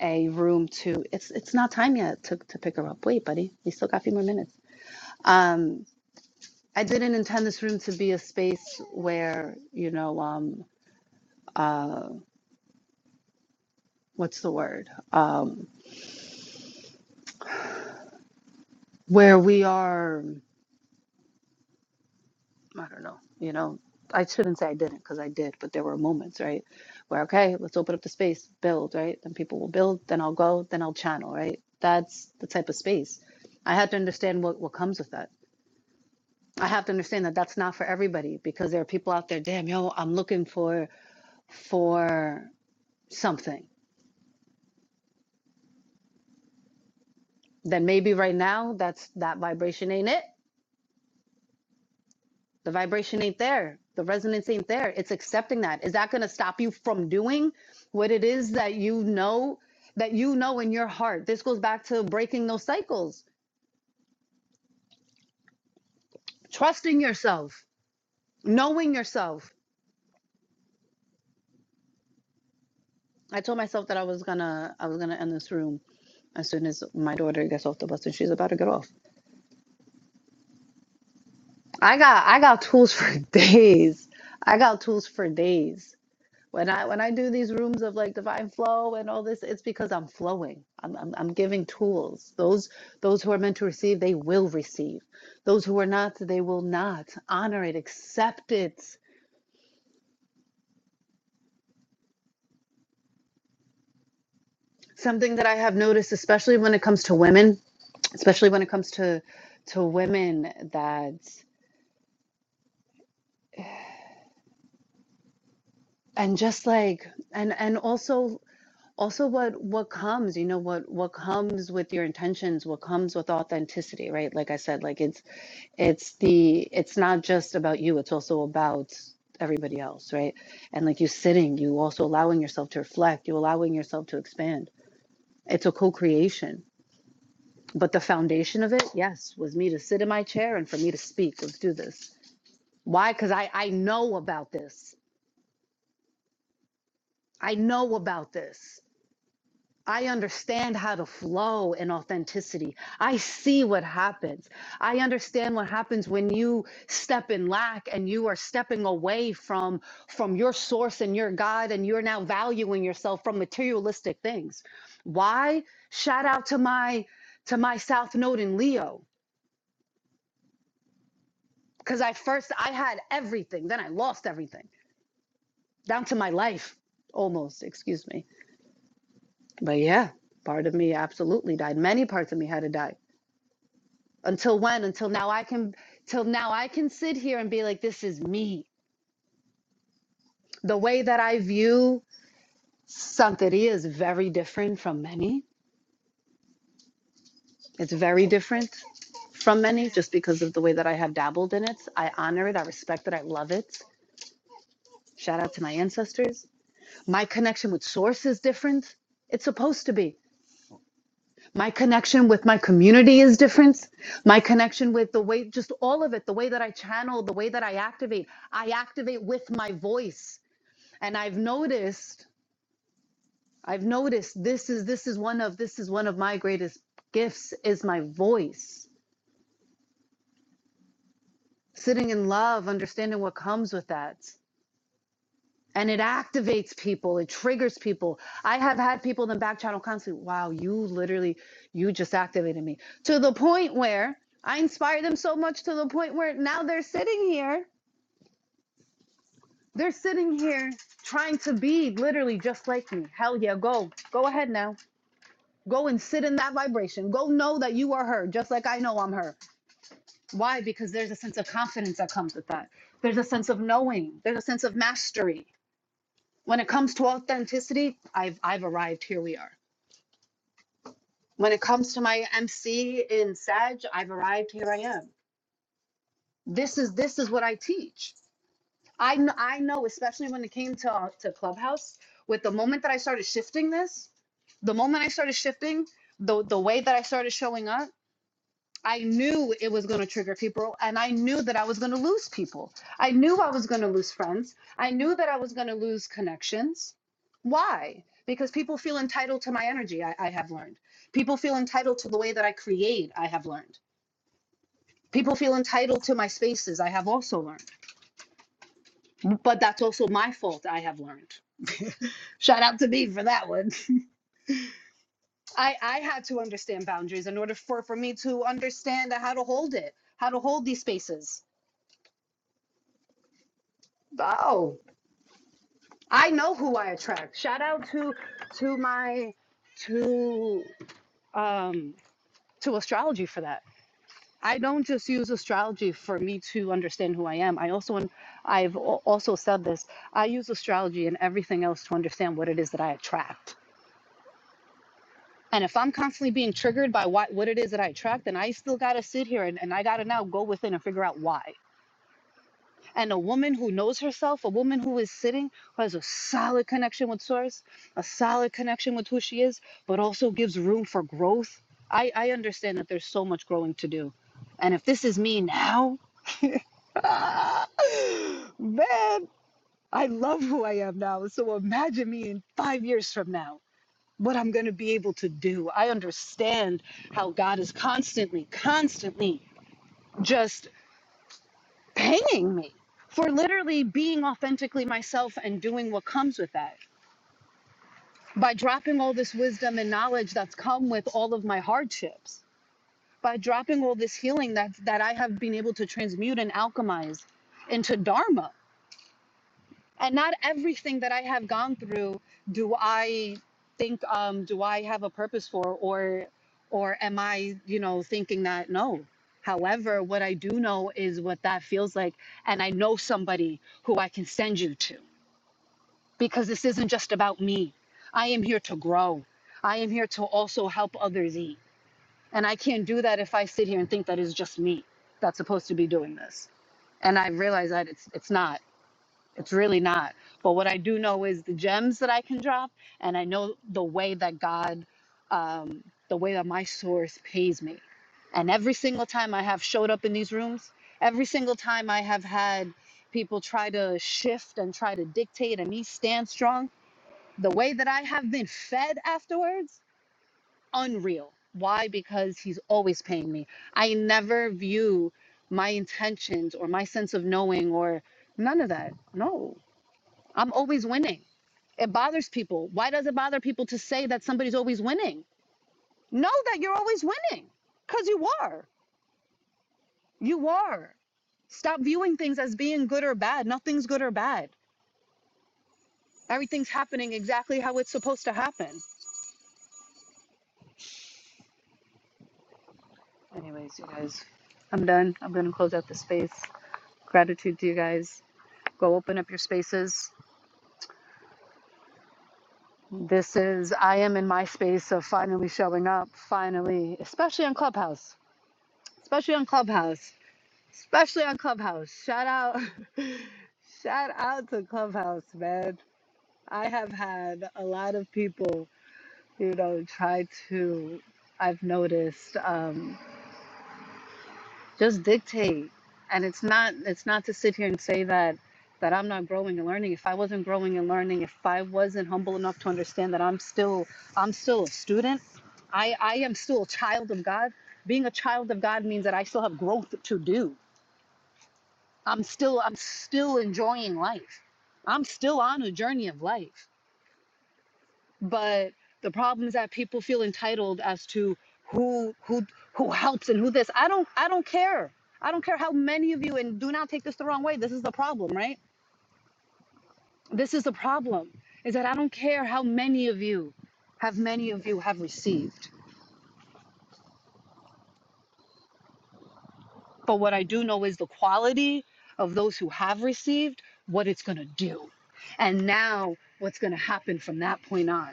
[SPEAKER 2] a room to it's it's not time yet to to pick her up. Wait, buddy, we still got a few more minutes. Um I didn't intend this room to be a space where, you know, um uh what's the word? Um where we are I don't know, you know, I shouldn't say I didn't because I did, but there were moments, right? Where okay, let's open up the space, build, right? Then people will build, then I'll go, then I'll channel, right? That's the type of space. I had to understand what, what comes with that I have to understand that that's not for everybody because there are people out there, damn, yo, I'm looking for for something. Then maybe right now that's that vibration ain't it. The vibration ain't there. The resonance ain't there. It's accepting that. Is that going to stop you from doing what it is that you know that you know in your heart? This goes back to breaking those cycles, trusting yourself, knowing yourself. I told myself that I was going to I was going to end this room as soon as my daughter gets off the bus and she's about to get off. I got I got tools for (laughs) days. I got tools for days. When I when I do these rooms of like divine flow and all this, it's because I'm flowing. I'm I'm, I'm giving tools. Those those who are meant to receive, they will receive. Those who are not, they will not. Honor it, accept it. Something that I have noticed, especially when it comes to women, especially when it comes to to women that and just like and and also also what what comes you know what what comes with your intentions what comes with authenticity right like i said like it's it's the it's not just about you it's also about everybody else right and like you sitting you also allowing yourself to reflect you allowing yourself to expand it's a co-creation but the foundation of it yes was me to sit in my chair and for me to speak let's do this why because i i know about this i know about this I understand how to flow in authenticity. I see what happens. I understand what happens when you step in lack and you are stepping away from from your source and your God and you're now valuing yourself from materialistic things. Why? Shout out to my to my South Node in Leo cuz I first I had everything, then I lost everything down to my life almost, excuse me. But yeah, part of me absolutely died. Many parts of me had to die until when until now i can till now i can sit here and be like this is me the way that i view santeria is very different from many it's very different from many just because of the way that i have dabbled in it i honor it i respect it i love it shout out to my ancestors my connection with source is different it's supposed to be my connection with my community is different my connection with the way just all of it the way that i channel the way that i activate i activate with my voice and i've noticed i've noticed this is this is one of this is one of my greatest gifts is my voice sitting in love understanding what comes with that and it activates people it triggers people i have had people in the back channel constantly wow you literally you just activated me to the point where i inspired them so much to the point where now they're sitting here they're sitting here trying to be literally just like me hell yeah go go ahead now Go and sit in that vibration. Go know that you are her, just like I know I'm her. Why? Because there's a sense of confidence that comes with that. There's a sense of knowing. There's a sense of mastery. When it comes to authenticity, I've I've arrived. Here we are. When it comes to my MC in Sag, I've arrived. Here I am. This is this is what I teach. I kn- I know, especially when it came to to Clubhouse. With the moment that I started shifting this, the moment I started shifting, the the way that I started showing up I knew it was going to trigger people, and I knew that I was going to lose people. I knew I was going to lose friends. I knew that I was going to lose connections. Why? Because people feel entitled to my energy, I, I have learned. People feel entitled to the way that I create, I have learned. People feel entitled to my spaces, I have also learned. But that's also my fault, I have learned. Shout out to me for that one. I, I had to understand boundaries in order for, for me to understand how to hold it, how to hold these spaces. Oh. I know who I attract. Shout out to to my to um to astrology for that. I don't just use astrology for me to understand who I am. I also I've al- also said this. I use astrology and everything else to understand what it is that I attract. And if I'm constantly being triggered by what, what it is that I attract, then I still gotta sit here and, and I gotta now go within and figure out why. And a woman who knows herself, a woman who is sitting, who has a solid connection with Source, a solid connection with who she is, but also gives room for growth. I, I understand that there's so much growing to do. And if this is me now, (gasps) ah, man, I love who I am now. So imagine me in five years from now, what I'm going to be able to do. I understand how God is constantly, constantly just hanging me for literally being authentically myself and doing what comes with that. By dropping all this wisdom and knowledge that's come with all of my hardships, by dropping all this healing that, that I have been able to transmute and alchemize into Dharma. and not everything that I have gone through do I think um do I have a purpose for or or am I, you know, thinking that no. However, what I do know is what that feels like and I know somebody who I can send you to because this isn't just about me. I am here to grow. I am here to also help others eat. And I can't do that if I sit here and think that it's just me that's supposed to be doing this. And I realize that it's it's not. It's really not. But what I do know is the gems that I can drop, and I know the way that God, um, the way that my source pays me. And every single time I have showed up in these rooms, every single time I have had people try to shift and try to dictate and me stand strong, the way that I have been fed afterwards, unreal. Why? Because He's always paying me. I never view my intentions or my sense of knowing or none of that. No, I'm always winning. It bothers people. Why does it bother people to say that somebody's always winning? Know that you're always winning because you are. You are. Stop viewing things as being good or bad. Nothing's good or bad. Everything's happening exactly how it's supposed to happen. Anyways, you guys, I'm done. I'm going to close out the space. Gratitude to you guys. Go open up your spaces. This is, I am in my space of finally showing up, finally, especially on Clubhouse. Especially on Clubhouse. especially on Clubhouse. Shout out, (laughs) shout out to Clubhouse, man. I have had a lot of people, you know, try to. I've noticed um, just dictate, and it's not. It's not to sit here and say that that I'm not growing and learning. If I wasn't growing and learning, if I wasn't humble enough to understand that I'm still, I'm still a student. I, I am still a child of God. Being a child of God means that I still have growth to do I'm still I'm still enjoying life. I'm still on a journey of life. But the problem is that people feel entitled as to who who who helps and who this. I don't I don't care. I don't care how many of you and do not take this the wrong way. This is the problem, right? This is the problem. Is that I don't care how many of you have many of you have received. But what I do know is the quality of those who have received, what it's going to do. And now what's going to happen from that point on.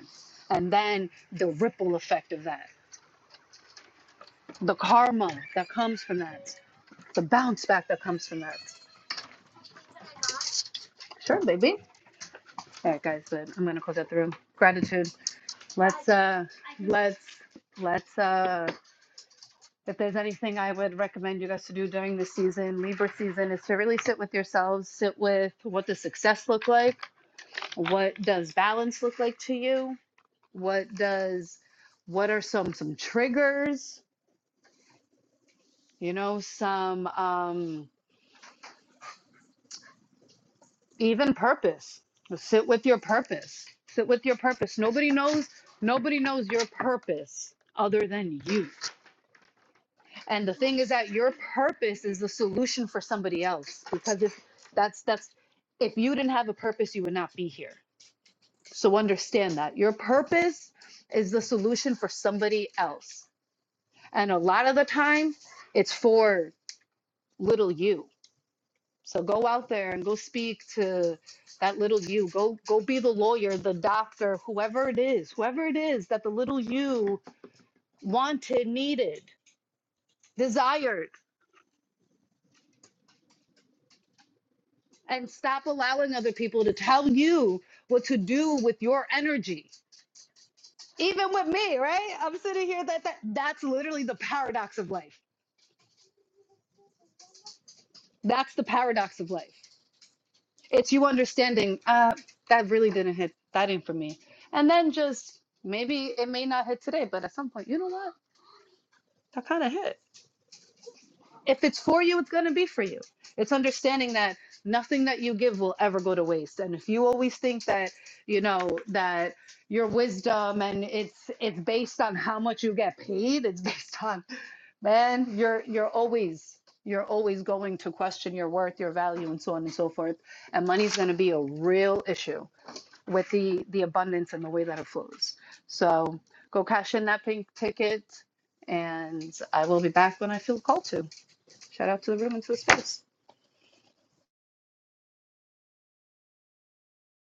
[SPEAKER 2] And then the ripple effect of that, the karma that comes from that, the bounce back that comes from that. Sure, baby. All right, guys, good. I'm going to close out the room. Gratitude. Let's, uh, let's, let's, uh, if there's anything I would recommend you guys to do during this season, Libra season, is to really sit with yourselves, sit with what does success look like what does balance look like to you what does what are some some triggers you know some um even purpose sit with your purpose sit with your purpose nobody knows nobody knows your purpose other than you and the thing is that your purpose is the solution for somebody else because if that's that's if you didn't have a purpose you would not be here so understand that your purpose is the solution for somebody else And a lot of the time, it's for little you. So go out there and go speak to that little you. Go go be the lawyer, the doctor, whoever it is, whoever it is that the little you wanted, needed, desired. And stop allowing other people to tell you what to do with your energy. Even with me, right? I'm sitting here that, that that's literally the paradox of life. That's the paradox of life. it's you understanding uh that really didn't hit that didn't for me and then just maybe it may not hit today but at some point you know what that kind of hit if it's for you it's going to be for you it's understanding that nothing that you give will ever go to waste and if you always think that you know that your wisdom and it's it's based on how much you get paid it's (laughs) based on man you're you're always you're always going to question your worth your value and so on and so forth and money's going to be a real issue with the the abundance and the way that it flows. So go cash in that pink ticket, and I will be back when I feel called to. Shout out to the room and to the space.